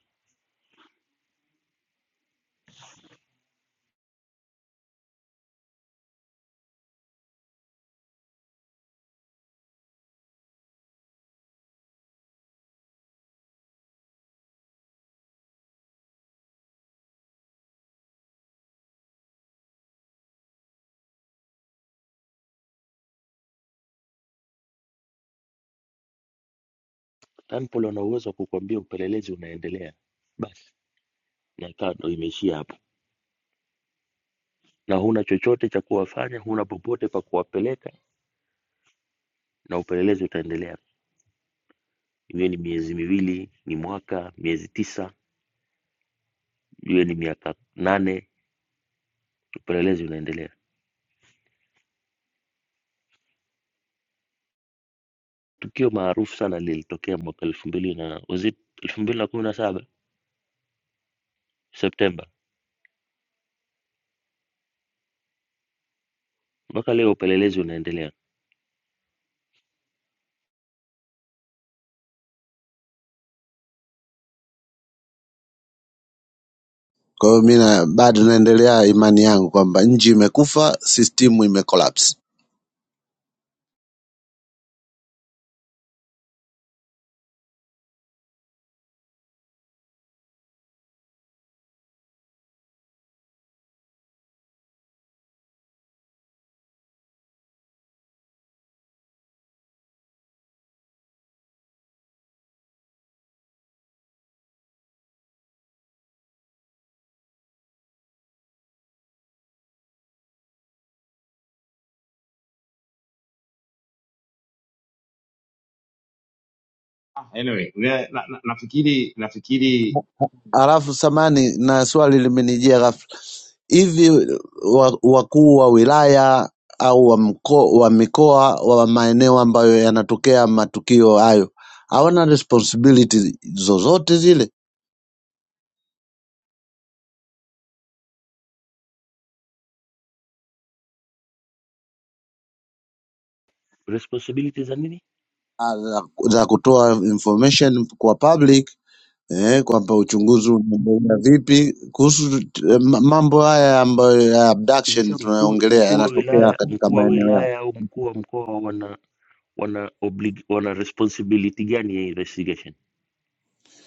J: Tanpol wana uwezo wa kukuambia upelelezi unaendelea, basi na ikawa ndo imeishia hapo, na huna chochote cha kuwafanya, huna popote pa kuwapeleka, na upelelezi utaendelea, iwe ni miezi miwili, ni mwaka, miezi tisa, iwe ni miaka nane, upelelezi unaendelea. Tukio maarufu sana lilitokea mwaka elfu mbili na was it elfu mbili na kumi na saba Septemba. Mpaka leo upelelezi unaendelea.
K: Kwa hiyo mi na- bado naendelea imani yangu kwamba nchi imekufa, sistimu imekolapsi.
C: Ah, Anyway, we- na, na, nafikiri nafikiri
K: Alafu samani, na swali limenijia ghafla, hivi wa- wakuu wa wilaya au wa, mko, wa mikoa wa maeneo ambayo yanatokea matukio hayo hawana responsibility zozote zile?
J: Responsibility za nini
K: Ah, za za kutoa information kwa public eh, kwamba uchunguzi unaendelea vipi kuhusu eh, ma- mambo haya ambayo ya abduction
J: sasa? Mkuu
K: tunayoongelea
J: mkuu wa
K: yanatokea
J: wilaya
K: katika
J: mkuu wa
K: maeneo yao.
J: wilaya au mkuu wa mkoa wana wana oblig, wana responsibility gani ya investigation?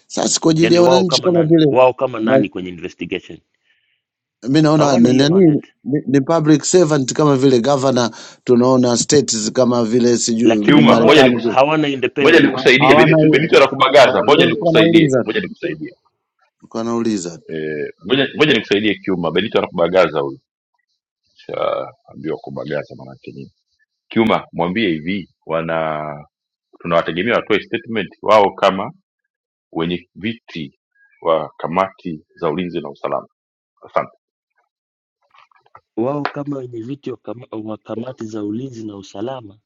K: Sasa kwa ajili
J: Yani
K: ya
J: wao
K: wananchi
J: kama
K: kama
J: nani,
K: vile
J: wao kama
K: na-
J: nani kwenye investigation?
K: mi naona
J: Hawana
K: ni,
J: hiyo
K: nani
J: mandate,
K: ni, ni public servant kama vile governor, tunaona states kama vile sijui
J: lakini
A: kiuma ngoja
J: hawana
K: Marekani ku-
A: nikus-
J: hawana
A: ngoja
J: independent
K: ha-
A: nikusaidie
K: hawana
A: benito
K: hiyo,
A: benito anakubagaza
K: ndio
A: ngoja
K: nilikuwa
A: nikusaidie
K: nauliza
A: ngoja
K: tu,
A: nikusaidie
K: nilikuwa nauliza tu,
A: Eh, ngoja ngoja nikusaidie Kiuma, Benito anakubagaza huyu, shaambiwa kubagaza maanake nini. Kiuma, mwambie hivi, wana tunawategemea watoe statement wao kama wenye viti wa kamati za ulinzi na usalama. Asante.
J: wao kama wenye viti wa kama- wa kamati za ulinzi na usalama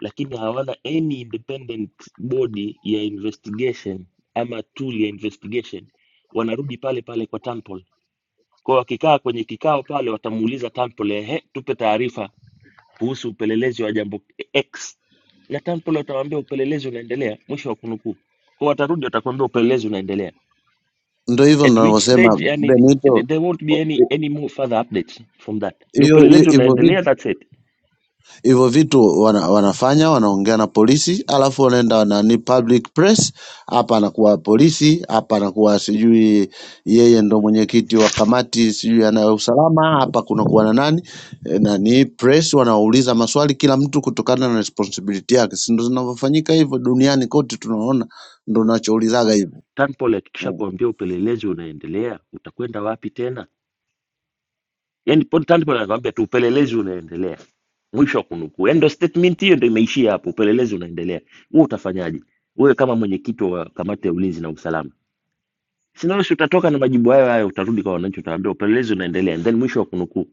J: lakini hawana any independent body ya investigation ama tool ya investigation wanarudi pale pale kwa Tanpol. Kwa hiyo wakikaa kwenye kikao pale watamuuliza Tanpol, ehe, tupe taarifa kuhusu upelelezi wa jambo X, na Tanpol watawaambia upelelezi unaendelea, mwisho wa kunukuu. Kwa hiyo watarudi watakwambia upelelezi unaendelea,
K: ndio hivyo
J: at which
K: ninavyosema
J: stage yani
K: Benito
J: there won't be any any more further updates from that. Ni
K: hiyo hiyo-
J: upelelezi
K: hivyo
J: unaendelea, that's it.
K: hivyo vitu wana, wanafanya wanaongea na polisi alafu wanaenda nani public press hapa anakuwa polisi hapa anakuwa sijui yeye ndo mwenyekiti wa kamati sijui ana usalama hapa kunakuwa na nani eh, nani press wanauliza maswali kila mtu kutokana na responsibility yake si ndo zinavyofanyika hivyo duniani kote tunaona ndo nachoulizaga hivyo
J: Tanpol akikisha
K: eh.
J: kuambia upelelezi unaendelea, utakwenda wapi tena? yani Tanpolo anakwambia tu upelelezi unaendelea, mwisho wa kunukuu. Yani ndo statement hiyo ndo imeishia hapo, upelelezi unaendelea. Wewe utafanyaje wewe kama mwenyekiti wa kamati ya ulinzi na usalama? Sinalosi utatoka na majibu hayo hayo, utarudi kwa wananchi, utawaambia upelelezi unaendelea, and then mwisho wa kunukuu.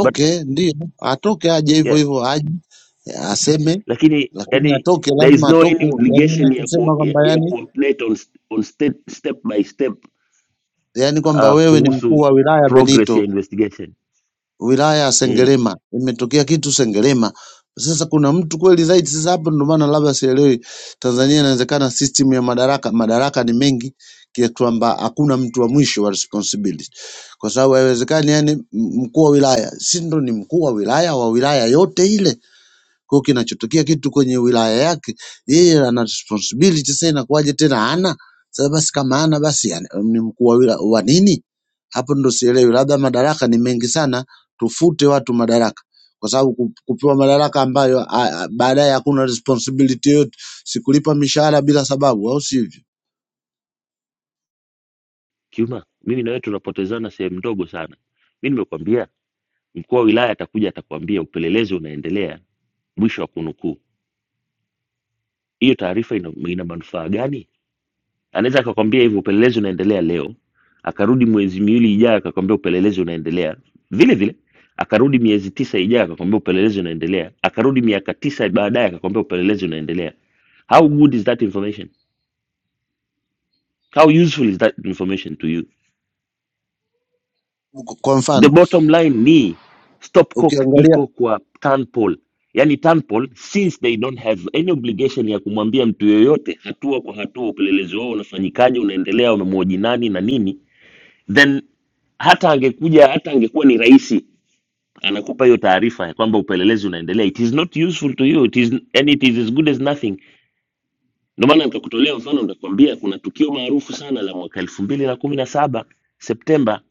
J: But
K: ndio atoke aje hivyo
J: yeah,
K: hivyo aje aseme
J: lakini
K: lakini
J: yani
K: atoke
J: there is
K: lazima
J: no
K: atoke
J: any
K: yani
J: obligation ya ku,
K: nachosema
J: ya,
K: kwamba
J: ya
K: yani
J: ku update on, st- on step, step by step
K: yaani kwamba
J: uh,
K: wewe ni mkuu
J: kuhusu
K: wa wilaya
J: progress
K: Benito,
J: ya investigation
K: wilaya ya
J: mm.
K: Sengerema, imetokea kitu Sengerema. Sasa kuna mtu kweli zaidi. Sasa hapo ndio maana labda sielewi Tanzania, inawezekana system ya madaraka, madaraka ni mengi kiasi kwamba hakuna mtu wa mwisho wa responsibility, kwa sababu haiwezekani yani mkuu wa wilaya, si ndo ni mkuu wa wilaya wa wilaya yote ile kwa hiyo kinachotokea kitu kwenye wilaya yake yeye ana responsibility sasa inakuwaje tena hana? Sasa basi kama hana basi ana- ni mkuu wa wila- wa nini? Hapo ndo sielewi, labda madaraka ni mengi sana, tufute watu madaraka kwa sababu ku- kupewa madaraka ambayo a- a- baadaye hakuna responsibility yoyote, sikulipa mishahara bila sababu, au sivyo?
J: Kiuma, mimi na wewe tunapotezana sehemu ndogo sana. Mimi nimekwambia Mkuu wa wilaya atakuja atakwambia upelelezi unaendelea, mwisho wa kunukuu. Hiyo taarifa ina, ina manufaa gani? Anaweza akakwambia hivyo upelelezi unaendelea leo, akarudi mwezi miwili ijayo akakwambia upelelezi unaendelea vile vile, akarudi miezi tisa ijayo akakwambia upelelezi unaendelea, akarudi miaka tisa baadaye akakwambia upelelezi unaendelea. How good is that information? How useful is that information to you?
K: Kwa
J: the
K: mfano
J: bottom line ni stopcock
K: ukiangalia
J: iko kwa tanpol yani tanpol since they don't have any obligation ya kumwambia mtu yoyote hatua kwa hatua upelelezi wao unafanyikaje unaendelea wamemhoji nani na nini then hata angekuja hata angekuwa ni rahisi anakupa hiyo taarifa ya kwamba upelelezi unaendelea it is not useful to you it is, and it is as good as nothing ndio maana nikakutolea mfano nikakwambia kuna tukio maarufu sana la mwaka elfu mbili na kumi na saba septemba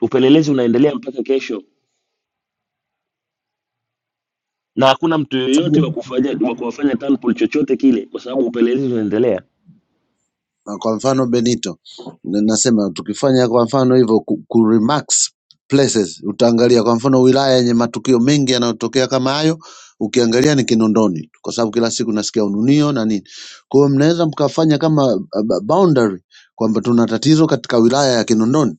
J: upelelezi unaendelea mpaka kesho na hakuna mtu yoyote wa kufanya wa kuwafanya Tanpol chochote kile, kwa sababu upelelezi unaendelea.
K: Kwa mfano Benito na- nasema tukifanya kwa mfano hivyo ku, ku remarks places utaangalia kwa mfano wilaya yenye matukio mengi yanayotokea kama hayo ukiangalia ni Kinondoni kwa sababu kila siku nasikia ununio na nini. Kwa hiyo mnaweza mkafanya kama uh, ba- boundary kwamba tuna tatizo katika wilaya ya Kinondoni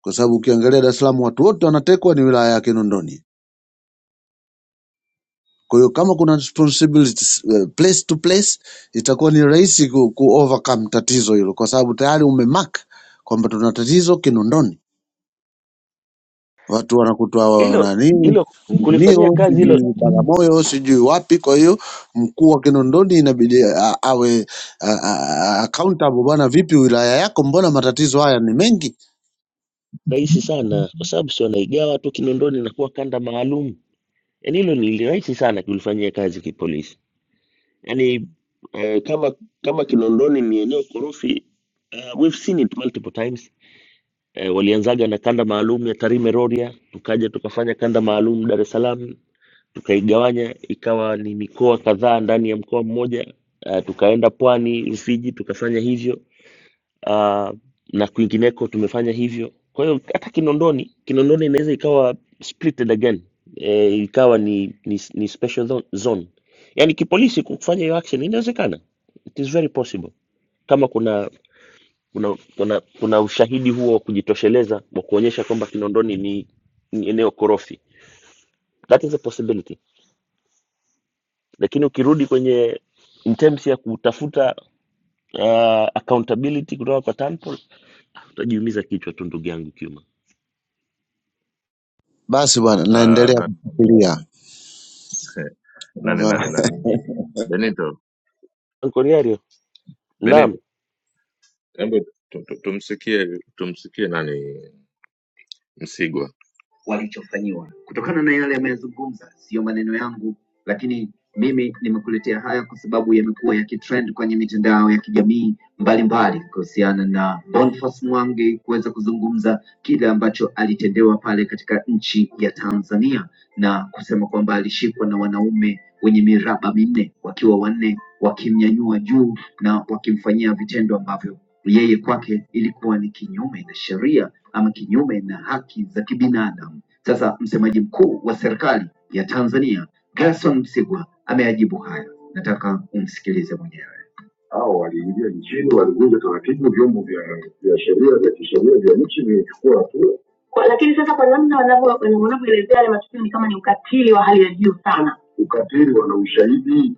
K: kwa sababu ukiangalia Dar es Salaam watu wote wanatekwa ni wilaya ya Kinondoni. Kwa hiyo kama kuna responsibilities eh, place to place, itakuwa ni rahisi ku, ku overcome tatizo hilo, kwa sababu tayari umemark kwamba tuna tatizo Kinondoni, watu wanakutoa
J: Hilo
K: nani
J: hilo kulifanyia
K: Unio,
J: kazi hilo
K: sijui Bagamoyo, sijui wapi. Kwa hiyo mkuu wa Kinondoni inabidi a- awe a- a- a- accountable. Bwana, vipi wilaya yako, mbona matatizo haya ni mengi?
J: rahisi sana, kwa sababu si wanaigawa tu Kinondoni inakuwa kanda maalum. Yani hilo ni rahisi sana kulifanyia kazi kipolisi. Yani eh, kama kama Kinondoni ni eneo korofi uh, we've seen it multiple times. Eh, walianzaga na kanda maalum ya Tarime Rorya, tukaja tukafanya kanda maalum Dar es Salaam tukaigawanya ikawa ni mikoa kadhaa ndani ya mkoa mmoja uh, tukaenda pwani Rufiji tukafanya hivyo uh, na kwingineko tumefanya hivyo. Kwa hiyo hata Kinondoni, Kinondoni inaweza ikawa splitted again e, ikawa ni, ni, ni special zo- zone. Yani kipolisi kufanya hiyo action inawezekana, it is very possible kama kuna kuna kuna, kuna ushahidi huo wa kujitosheleza wa kuonyesha kwamba Kinondoni ni, ni eneo korofi, that is a possibility lakini ukirudi kwenye in terms ya kutafuta uh, accountability kutoka kwa Tanpol utajiumiza kichwa tu ndugu yangu Kiuma.
K: Basi bwana, naendelea kufikiria
J: Nkoniario, naam.
L: walichofanyiwa. Kutokana na yale ameyazungumza, siyo maneno yangu, lakini mimi nimekuletea haya kwa sababu yamekuwa yakitrend kwenye mitandao ya kijamii mbalimbali kuhusiana na Boniface Mwangi kuweza kuzungumza kile ambacho alitendewa pale katika nchi ya Tanzania na kusema kwamba alishikwa na wanaume wenye miraba minne wakiwa wanne wakimnyanyua juu na wakimfanyia vitendo ambavyo yeye kwake ilikuwa ni kinyume na sheria ama kinyume na haki za kibinadamu. Sasa msemaji mkuu wa serikali ya Tanzania Gerson Msigwa ameyajibu haya, nataka umsikilize mwenyewe. Hao waliingia nchini, walivunja taratibu, vyombo vya vya sheria vya kisheria vya nchi vilichukua hatua Kwa- lakini sasa kwa namna wanavyo- wanavyoelezea yale matukio ni kama ni ukatili wa hali ya juu sana ukatili wana ushahidi.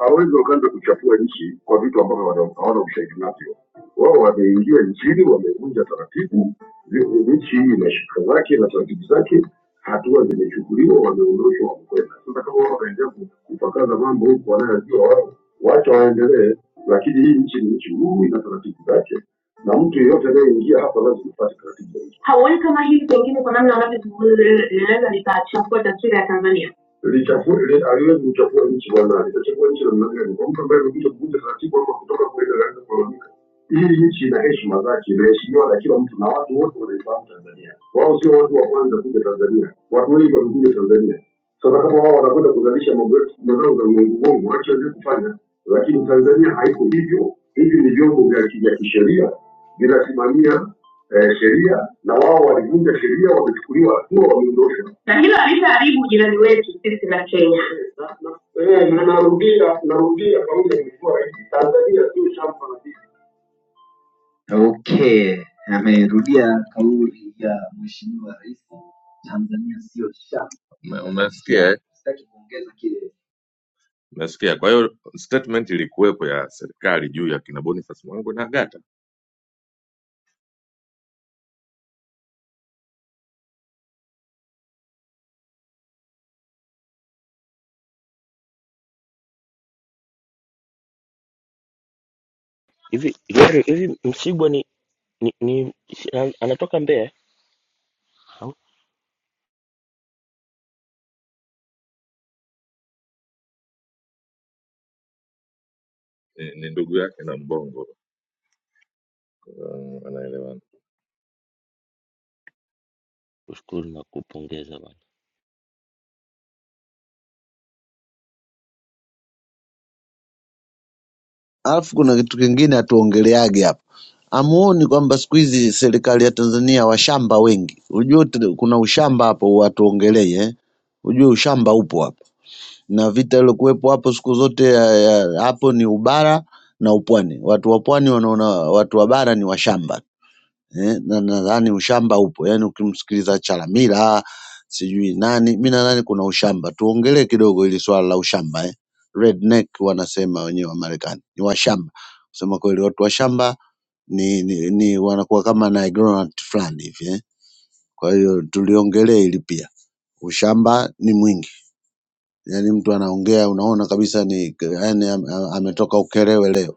L: Hawezi wakaanza kuchafua nchi kwa vitu ambavyo wana- hawana ushahidi navyo. Wao wameingia nchini, wamevunja taratibu, zi- nchi hii ina sheria zake na taratibu zake, hatua zimechukuliwa, wameondoshwa, wamekwenda. Sasa kama wao wanaendelea ku- kupakaza mambo huku wanayojua wao, wacha waendelee, lakini hii nchi ni nchi huru, ina taratibu zake, na mtu yeyote anayeingia hapa lazima apate taratibu za nchi. Hauoni kama hili pengine kwa namna wanavyozungumza linaweza likachafua taswira ya Tanzania? lichafue li- aliwezi kuchafua nchi bwana, litachafua nchi namna gani? Kwa mtu ambaye amekuja kuvunja taratibu ama kutoka kule anaanza kulalamika. Hii nchi ina heshima zake, inaheshimiwa na kila mtu na watu wote wanaifahamu Tanzania. Wao sio watu wa kwanza kuja Tanzania, watu wengi wamekuja Tanzania. Sasa kama wao wanakwenda kuzalisha mambo yetu mazao za uongo uongo, wacha waweze kufanya, lakini Tanzania haiko hivyo. Hivi ni vyombo vya ki- vya kisheria vinasimamia eh, sheria, na wao walivunja sheria, wamechukuliwa hatua, wameondoshwa na hilo alishaharibu jirani wetu sisi na Kenya. narudia narudia kauli ya mheshimiwa rais tanzania sio shamba la bibi Okay, amerudia kauli ya mheshimiwa rais, Tanzania sio shamba. Sitaki kuongeza kile
J: Hivi Nyario, hivi Msigwa ni, ni, ni si- an- anatoka Mbeya eh? au? Kushukuru na kupongeza bwana.
K: Alafu kuna kitu kingine hatuongeleagi hapa, hamuoni kwamba siku hizi serikali ya Tanzania washamba wengi. Ujue ut- kuna ushamba hapo, watuongelei eh? Ujue ushamba upo hapa, na vita ilokuwepo hapo siku zote ya, ya, hapo ni ubara na upwani. Watu wa pwani wanaona watu wa bara ni washamba eh, na nadhani ushamba upo yaani ukimsikiliza Chalamila sijui nani mi nadhani kuna ushamba tuongelee kidogo hili swala la ushamba eh. Redneck wanasema wenyewe wa Marekani ni washamba kusema kweli watu washamba ni, ni, ni wanakuwa kama na ignorant fulani hivi eh. kwa hiyo tuliongelee hili pia ushamba ni mwingi yaani mtu anaongea unaona kabisa ni yaani am- am- ametoka Ukerewe leo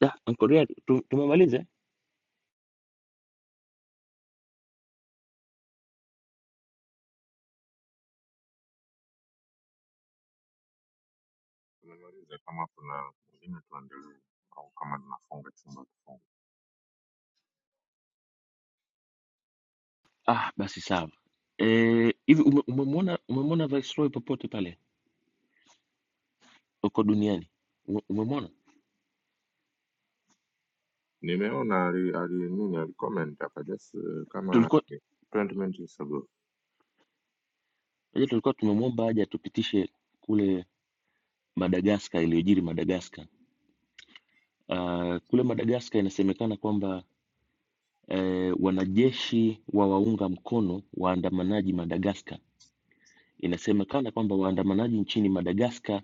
J: Da, Nkoniario, tu- tumemaliza? eh? Ah, basi sawa. Eh, hivi ume- umemwona umemwona Viceroy popote pale uko duniani? Ume- Umemwona? Tulikuwa je, tulikuwa tumemwomba aje tupitishe kule Madagascar iliyojiri Madagascar Uh, kule Madagascar inasemekana kwamba eh, wanajeshi wa waunga mkono waandamanaji Madagascar. Inasemekana kwamba waandamanaji nchini Madagascar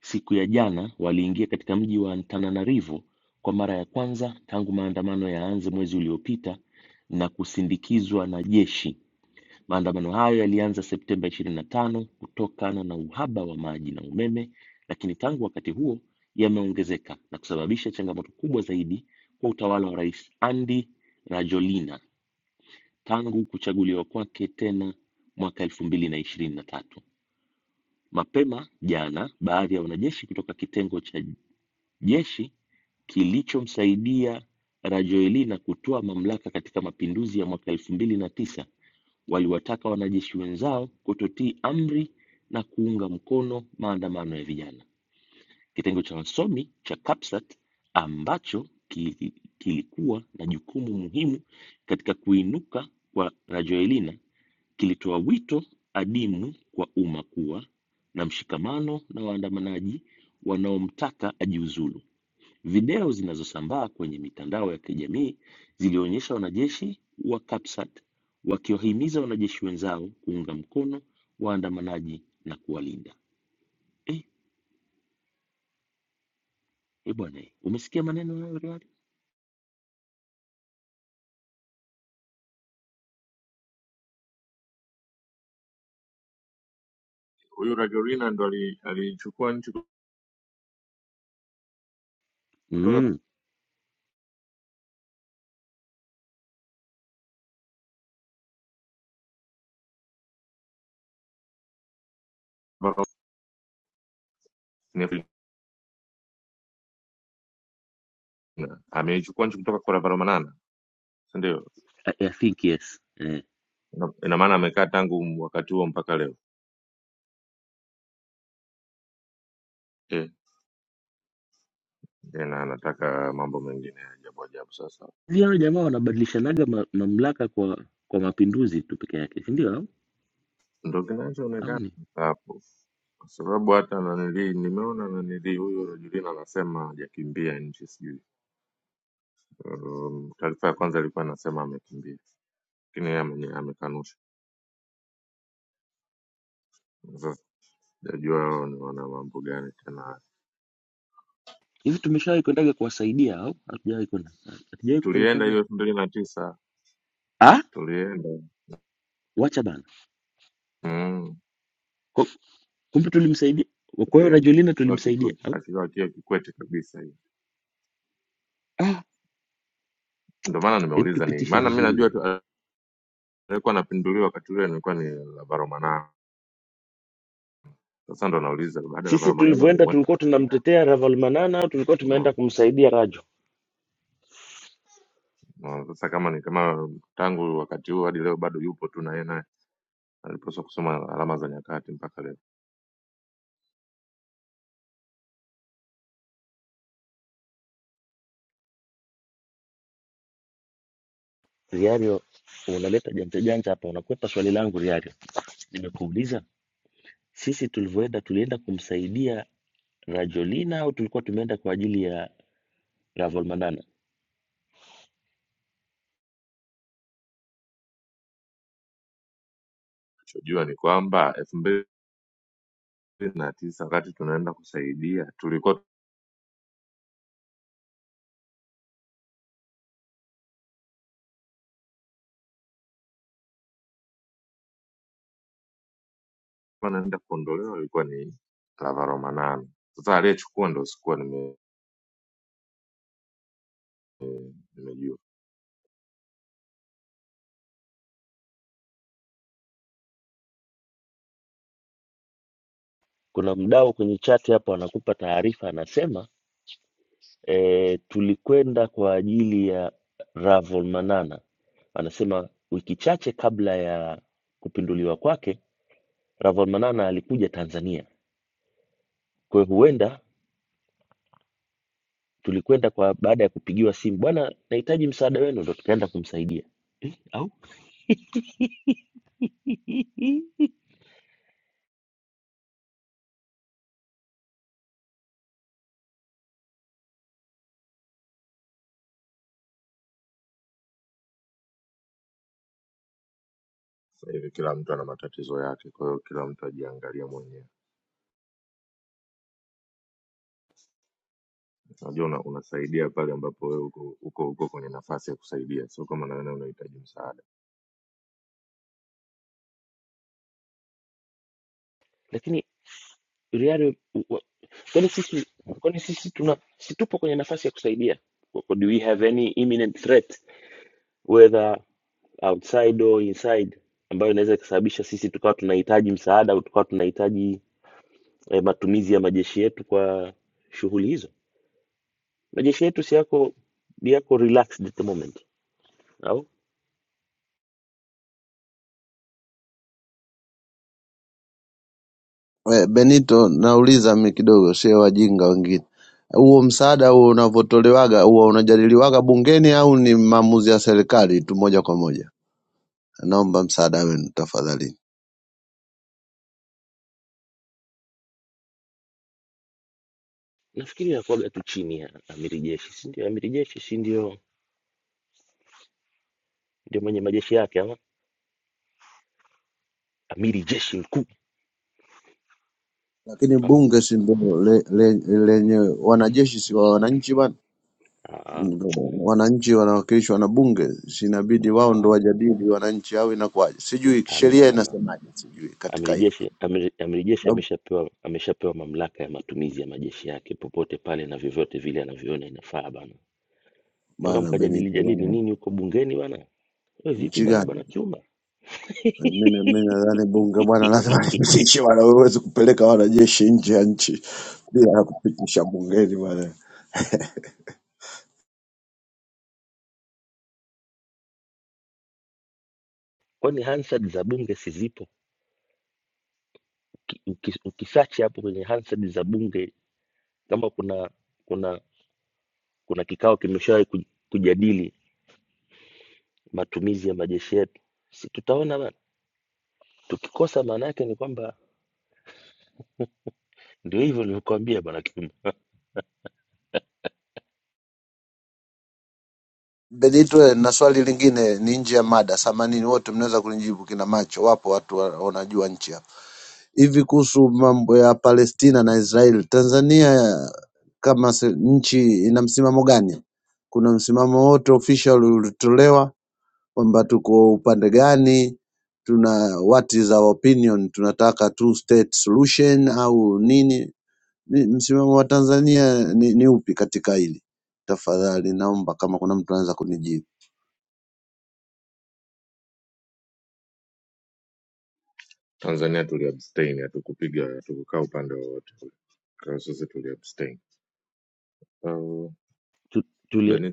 J: siku ya jana waliingia katika mji wa Antananarivo kwa mara ya kwanza tangu maandamano yaanze mwezi uliopita na kusindikizwa na jeshi. Maandamano hayo yalianza Septemba 25 kutokana na uhaba wa maji na umeme, lakini tangu wakati huo yameongezeka na kusababisha changamoto kubwa zaidi kwa utawala wa Rais Andry Rajoelina tangu kuchaguliwa kwake tena mwaka 2023. Mapema jana, baadhi ya wanajeshi kutoka kitengo cha jeshi kilichomsaidia Rajoelina kutoa mamlaka katika mapinduzi ya mwaka 2009 waliwataka wanajeshi wenzao kutotii amri na kuunga mkono maandamano ya vijana. Kitengo cha wasomi cha CAPSAT ambacho ki- kilikuwa na jukumu muhimu katika kuinuka kwa Rajoelina kilitoa wito adimu kwa umma kuwa na mshikamano na waandamanaji wanaomtaka ajiuzulu. Video zinazosambaa kwenye mitandao ya kijamii zilionyesha wanajeshi wa CAPSAT wakiwahimiza wanajeshi wenzao kuunga mkono waandamanaji na kuwalinda. Eh, eh bwana, eh, umesikia maneno hayo Riyad? Mm, I, I think yes. Eh. Hivi hao jamaa wanabadilishanaga ma, mamlaka kwa kwa mapinduzi tu peke yake, si ndio? Au au ni hivi? Tumeshawahi kwendaga kuwasaidia au hatujawahi kwenda? Hatujawahi kupelekaga? Ah, wacha bana. Kwa- Kumbe tulimsaidia. Kwa hiyo Rajolina tulimsaidia. Ah, hebu tupitishe vizuri bwana. Sisi tulivyoenda tulikuwa tunamtetea Ravalomanana au tulikuwa tumeenda kumsaidia Rajo? Riario, unaleta janja janja hapa, unakwepa swali langu Riario. Nimekuuliza, sisi tulivyoenda tulienda kumsaidia Rajolina au tulikuwa tumeenda kwa ajili ya Ravalomanana? Kuna mdau kwenye chat hapa anakupa taarifa, anasema e, tulikwenda kwa ajili ya Ravalomanana. Anasema wiki chache kabla ya kupinduliwa kwake Ravon Manana alikuja Tanzania. Kwa hiyo huenda tulikwenda kwa baada ya kupigiwa simu, bwana, nahitaji msaada wenu, ndo tukaenda kumsaidia eh, au lakini Riario, wa- kwani sisi kwani sisi tuna si tupo kwenye nafasi ya kusaidia? Do we have any imminent threat whether outside or inside ambayo inaweza ikasababisha sisi tukawa tunahitaji msaada au tukawa tunahitaji eh, matumizi ya majeshi yetu kwa shughuli hizo? Majeshi yetu si yako yako relaxed at the moment au
K: Eh, Benito nauliza mimi kidogo sio wajinga wengine. Huo msaada huo unavotolewaga huwa unajadiliwaga bungeni au ni maamuzi ya serikali tu moja kwa moja? Naomba msaada wenu tafadhali.
J: Nafikiri anakuwaga tu chini ya amiri jeshi, si ndio? Amiri jeshi si ndio ndio mwenye majeshi yake ama amiri jeshi mkuu
K: Lakini
J: au?
K: bunge si ndo le- le- lenye wanajeshi si wa wananchi bwana?
J: Ah,
K: Wananchi wanawakilishwa na bunge, si inabidi wao ndo
J: ah,
K: wajadili wananchi au inakuwaje? Sijui
J: hamna
K: sheria
J: bana.
K: inasemaje, sijui katika
J: Amiri
K: hilo.
J: jeshi amiri, amiri
K: Kwa
J: jeshi
K: sababu
J: ameshapewa ameshapewa mamlaka ya matumizi ya majeshi yake popote pale na vyovyote vile anavyoona inafaa bana, mpaka
K: bana
J: mkajadili
K: Benito
J: jadili
K: bana,
J: nini huko bungeni bana. We vipi
K: nchi
J: bana,
K: gani?
J: bana Kiuma,
K: Mimi na- mimi nadhani bunge bwana, lazima lipitishe bwana, huwezi kupeleka wanajeshi nje ya nchi bila kupitisha bungeni bwana.
J: kwani Hansard za bunge si zipo? Uki- uki- Ukisachi hapo kwenye Hansard za bunge kama kuna kuna kuna kikao kimeshawahi ku- kujadili matumizi ya majeshi yetu, si tutaona bana. Tukikosa maana yake ni kwamba ndio hivyo nilivyokuambia bwana Kiuma,
K: Benito, na swali lingine ni nje ya mada, samanini wote mnaweza kunijibu, kina macho wapo, watu wa- wanajua nchi hapa. Hivi kuhusu mambo ya Palestina na Israel, Tanzania kama se- nchi ina msimamo gani? Kuna msimamo wote official ulitolewa kwamba tuko upande gani, tuna what is our opinion, tunataka two state solution au nini? Ni- Msimamo wa Tanzania ni, ni upi katika hili? Tafadhali naomba kama kuna mtu anaweza kunijibu.
J: Tu- tuli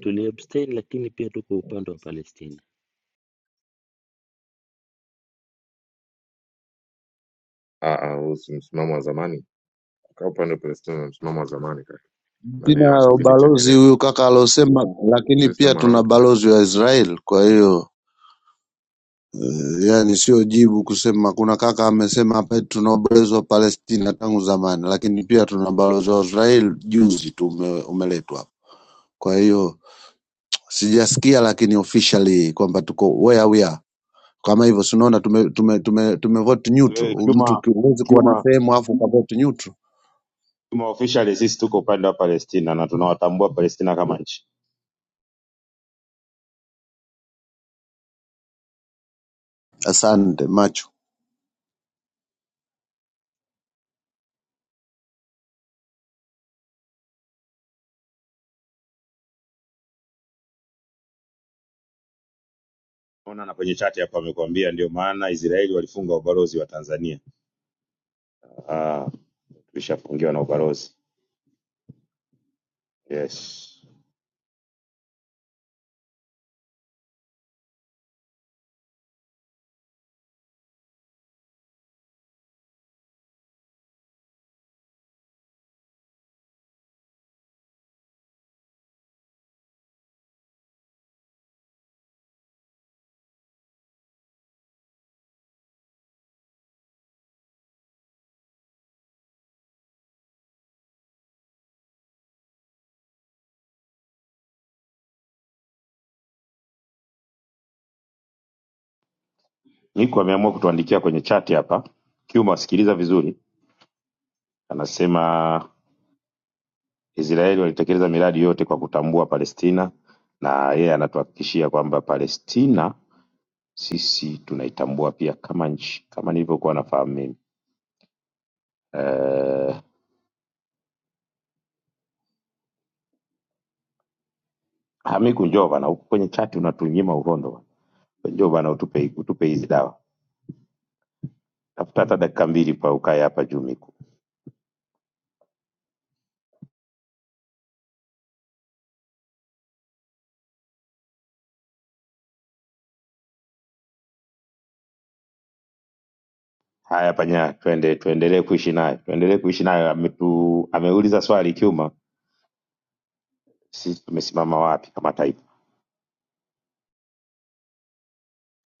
J: tuli abstain, lakini pia tuko upande wa Palestina.
K: Tuna balozi huyu kaka alosema, lakini pia tuna balozi wa Israel, kwa hiyo eh, yani sio jibu kusema. Kuna kaka amesema hapa eti tuna ubalozi wa Palestina tangu zamani, lakini pia tuna balozi wa Israel juzi tu ume, umeletwa hapa, kwa hiyo sijasikia lakini officially kwamba tuko where we are kama hivyo si unaona tume, tume, tume, tumevote neutral
C: eh,
K: mtu
C: Kiuma
K: ki- huwezi kuwa na
C: Kiuma
K: sehemu afu ukavote neutral
C: Kiuma officially sisi tuko upande wa Palestina na tunawatambua Palestina kama nchi.
K: asante macho
C: Ona na kwenye chat hapa amekuambia ndio maana Israeli walifunga ubalozi wa Tanzania. Ah, tulishafungiwa na ubalozi. Yes. Niko ameamua kutuandikia kwenye chat hapa. Kiuma, sikiliza vizuri. Anasema Israeli walitekeleza miradi yote kwa kutambua Palestina na yeye anatuhakikishia kwamba Palestina sisi tunaitambua pia kama nchi kama nilivyokuwa nafahamu mimi. Eh, Hamiku njoo bana, huku kwenye chat unatunyima uhondo. bana. Njoo bana utupe utupe hizi dawa. tafuta hata dakika mbili pa ukae hapa juu miku haya panya twende tuendelee kuishi naye tuendelee kuishi naye ametu ameuliza swali kiuma sisi tumesimama wapi kama taifa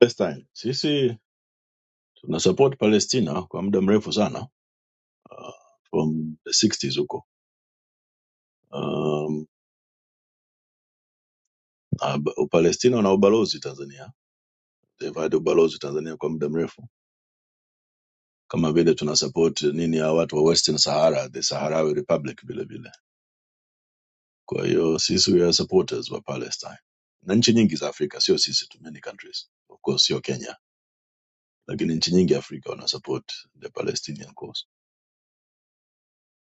M: Palestine. Sisi tuna support Palestina kwa muda mrefu sana uh, from the 60s huko. Um, na ba- Palestina wana ubalozi Tanzania. They've had ubalozi Tanzania kwa muda mrefu. Kama vile tuna support nini ya watu wa Western Sahara, the Sahrawi Republic vile vile. Kwa hiyo sisi we are supporters wa Palestine. Na nchi nyingi za Afrika sio sisi tu, many countries. Of course sio Kenya, lakini nchi nyingi Afrika wana support the Palestinian cause.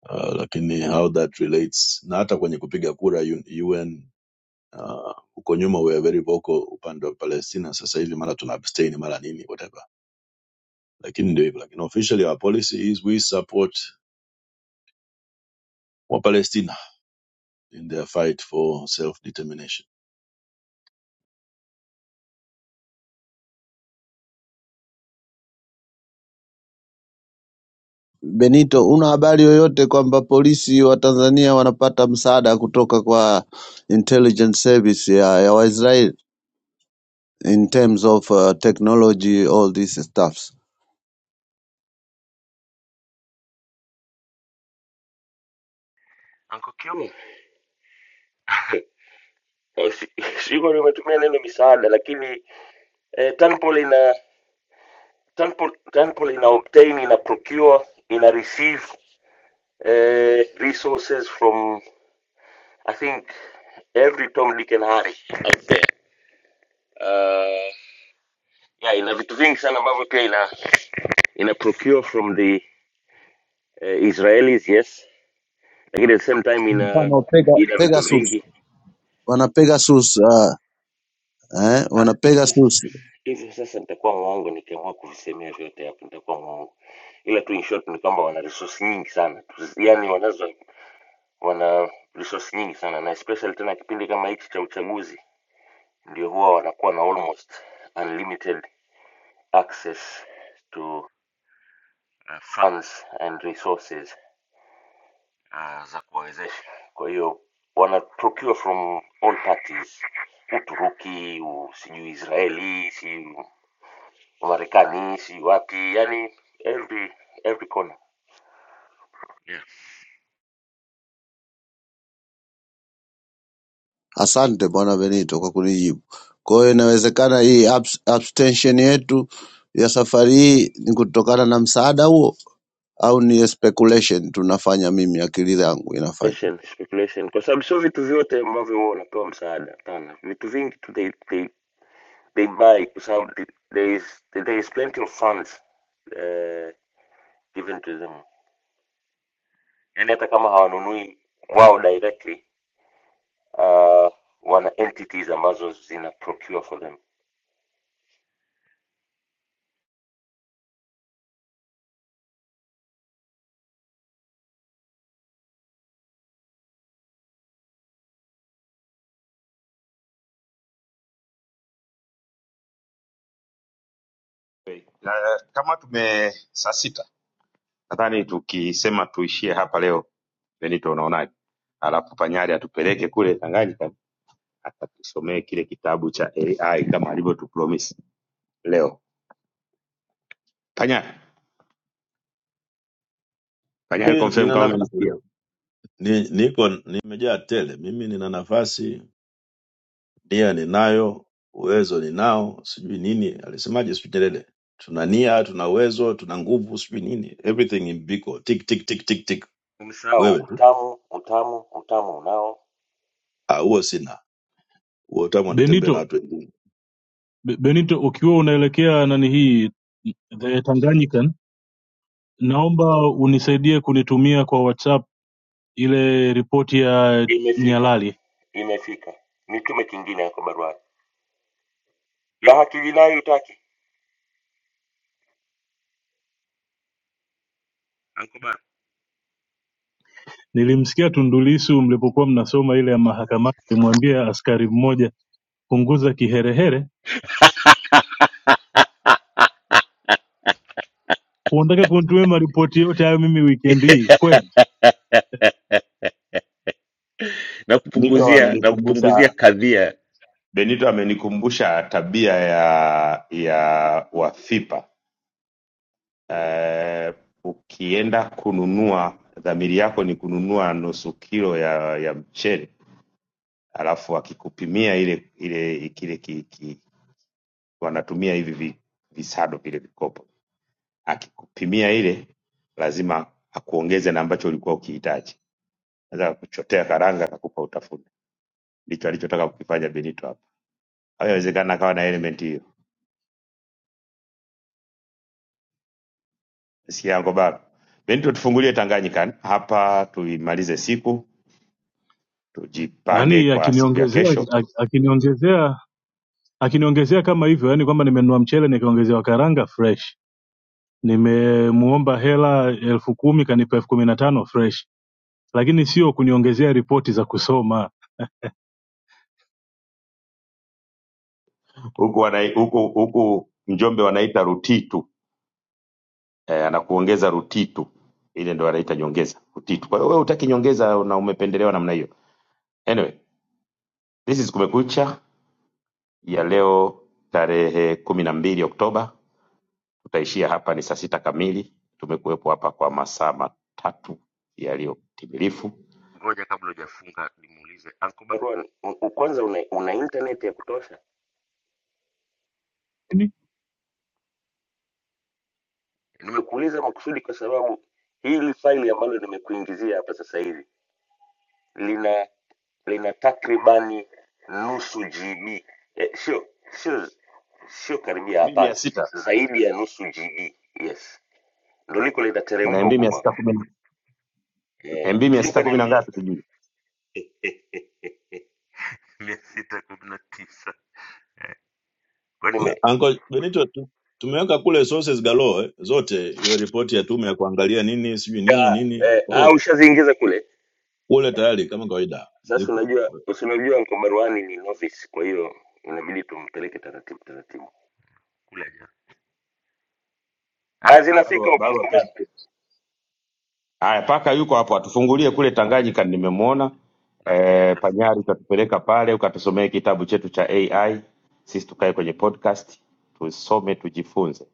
M: Uh, lakini how that relates na hata kwenye kupiga kura UN Uh, huko nyuma we are very vocal upande wa Palestina, sasa hivi mara tuna abstain mara nini whatever, lakini ndio hivyo, lakini officially our policy is we support wa Palestina in their fight for self determination.
K: benito una habari yoyote kwamba polisi wa tanzania wanapata msaada kutoka kwa intelligence service ya, ya waisrael in terms of uh, technology all these stuffs
J: Anko Kiuma, Eh, si- siko nimetumia neno misaada, lakini eh, Tanpol ina Tanpol, Tanpol ina obtain, ina procure, ina receive eh, resources from I think every Tom, Dick and Harry out there. yeah, ina vitu vingi sana ambavyo pia ina ina procure from the uh, Israelis yes, lakini at the same time ina
K: mfano Pega-
J: ina vitu
K: pegasus
J: vingi
K: wana pegasus uh, eh,
J: Ah,
K: wana
J: hivi sasa
K: pegasus
J: hivi sasa nitakuwa mwongo nikiamua kuvisemea vyote hapo, nitakuwa mwongo, ila tu in short ni kwamba wana resource nyingi sana, Tu- yani wanazo wana resource nyingi sana, na especially tena kipindi kama hiki cha uchaguzi, ndio huwa wanakuwa na almost unlimited access to uh, funds and resources ah, za kuwawezesha. Kwa hiyo wanaturukiwa from all parties, Uturuki, u- sijui Israeli, sijui Marekani, sijui wapi, yani every every corner yeah.
K: Asante Bwana Benito kwa kunijibu. Kwa hiyo inawezekana hii abs- abstention yetu ya safari hii ni kutokana na msaada huo, au ni speculation tunafanya, mimi akili yangu inafanya
J: Speculation, speculation. Kwa sababu sio vitu vyote ambavyo huwa wanapewa msaada hapana, vitu vingi tu they, they, they buy kwa sababu the- there is, there is plenty of funds uh, given to them, yani hata kama hawanunui wao directly uh, wana entities ambazo zina procure for them.
C: Eh, na kama tume saa sita nadhani tukisema tuishie hapa leo benito unaonaje alafu panyari atupeleke kule tanganyika akatusomee kile kitabu cha ai kama alivyotupromise leo panyari panyari confirm
M: Nina
C: kama
M: nafasi
C: umenisikia
M: leo. Ni, niko nimejaa tele, mimi nina nafasi, nia ninayo, uwezo ninao, sijui nini alisemaje, sijui Nyerere, tuna nia, tuna uwezo, tuna nguvu, sijui nini, everything in biko, tick tick tick tick tick,
J: Msao
M: wewe tu
J: utamu utamu utamu unao,
M: ah, huo sina huo tamu anatembea
G: benito
M: na watu wengine
G: Be- Benito, ukiwa unaelekea nani hii the Tanganyikan, naomba unisaidie kunitumia kwa WhatsApp ile ripoti ya
J: imefika
G: Nyalali.
J: imefika, nitume kingine yako barua ya haki jinai utaki Anko
G: Nilimsikia Tundu Lissu mlipokuwa mnasoma ile ya mahakamani, alimwambia askari mmoja punguza kiherehere.
J: Bara,
G: Unataka kunitumia maripoti yote hayo mimi weekend hii kweli?
J: na
C: niko
J: kupunguzia na
C: amenikumbusha
J: kupunguzia kadhia
C: Benito amenikumbusha tabia ya ya Wafipa. Eh, ukienda kununua, dhamiri yako ni kununua nusu kilo ya ya mchele, alafu akikupimia ile ile kile ki, ki, wanatumia hivi vi- visado vile vikopo, akikupimia ile lazima akuongeze na ambacho ulikuwa ukihitaji. Naweza kuchotea karanga akakupa utafuna. Ndicho alichotaka kukifanya Benito hapa. Haiwezekana akawa na element hiyo. Siangobaba. Benito, tufungulie Tanganyika yani hapa, tuimalize siku, tujipange
G: Yaani
C: kwa siku ya
G: akiniongezea
C: kesho.
G: ak- akiniongezea akiniongezea kama hivyo, yaani kwamba nimenunua mchele nikaongezewa karanga fresh, nimemuomba hela elfu kumi kanipa elfu kumi na tano fresh lakini sio kuniongezea ripoti za kusoma
C: Huku wanai- huku huku Njombe wanaita rutitu eh, anakuongeza rutitu, ile ndo wanaita nyongeza rutitu. Kwa hiyo wewe utaki nyongeza na umependelewa namna hiyo. Anyway, this is Kumekucha ya leo tarehe kumi na mbili Oktoba. Tutaishia hapa, ni saa sita kamili. Tumekuwepo hapa kwa masaa matatu yaliyotimilifu.
J: ngoja kabla hujafunga nimuulize Anko Barua, u- u- kwanza una, una internet ya kutosha? Nimekuuliza makusudi kwa sababu hili faili ambalo nimekuingizia hapa sasa hivi lina lina takribani nusu GB eh, sio sio sio karibia,
C: Mimi
J: hapana,
C: ya sita
J: zaidi ya nusu GB. Yes, ndo liko
C: na
J: linateremka huko
C: mimi ya
J: kwako
C: sita kumi na
J: eh,
C: MB mia
J: sio
C: sita kumi na
J: kaniambia
C: ngapi sijui.
J: mia sita kumi na tisa kwani
M: Na-
J: me
M: Uncle Benito, tu- tumeweka kule sources galore zote, hiyo ripoti ya tume ya kuangalia nini sijui nini
J: ah,
M: nini,
J: eh,
M: kwa
J: ah,
M: hiyo
J: ushaziingiza kule.
M: kule tayari kama kawaida
J: Sasa
M: zipo.
J: unajua usinajua Uncle Marwani ni novice, kwa hiyo inabidi tumpeleke taratibu taratibu kule. Aja ah,
C: barua,
J: zinafika huko
C: barua
J: Uncle Marwani,
C: pepe Haya, paka yuko hapo, atufungulie kule Tanganyika, nimemwona
J: nafikiri
C: e, Panyari,
J: ashafungua
C: utatupeleka pale ukatusomee kitabu chetu cha AI, sisi tukae kwenye podcast tusome, tujifunze.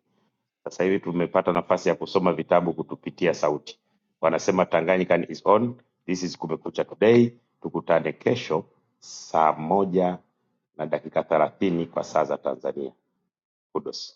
C: Sasa hivi tumepata nafasi ya kusoma vitabu kutupitia sauti. Wanasema Tanganyika is on. This is Kumekucha Today. Tukutane kesho saa moja na dakika thelathini kwa saa za Tanzania. Kudos.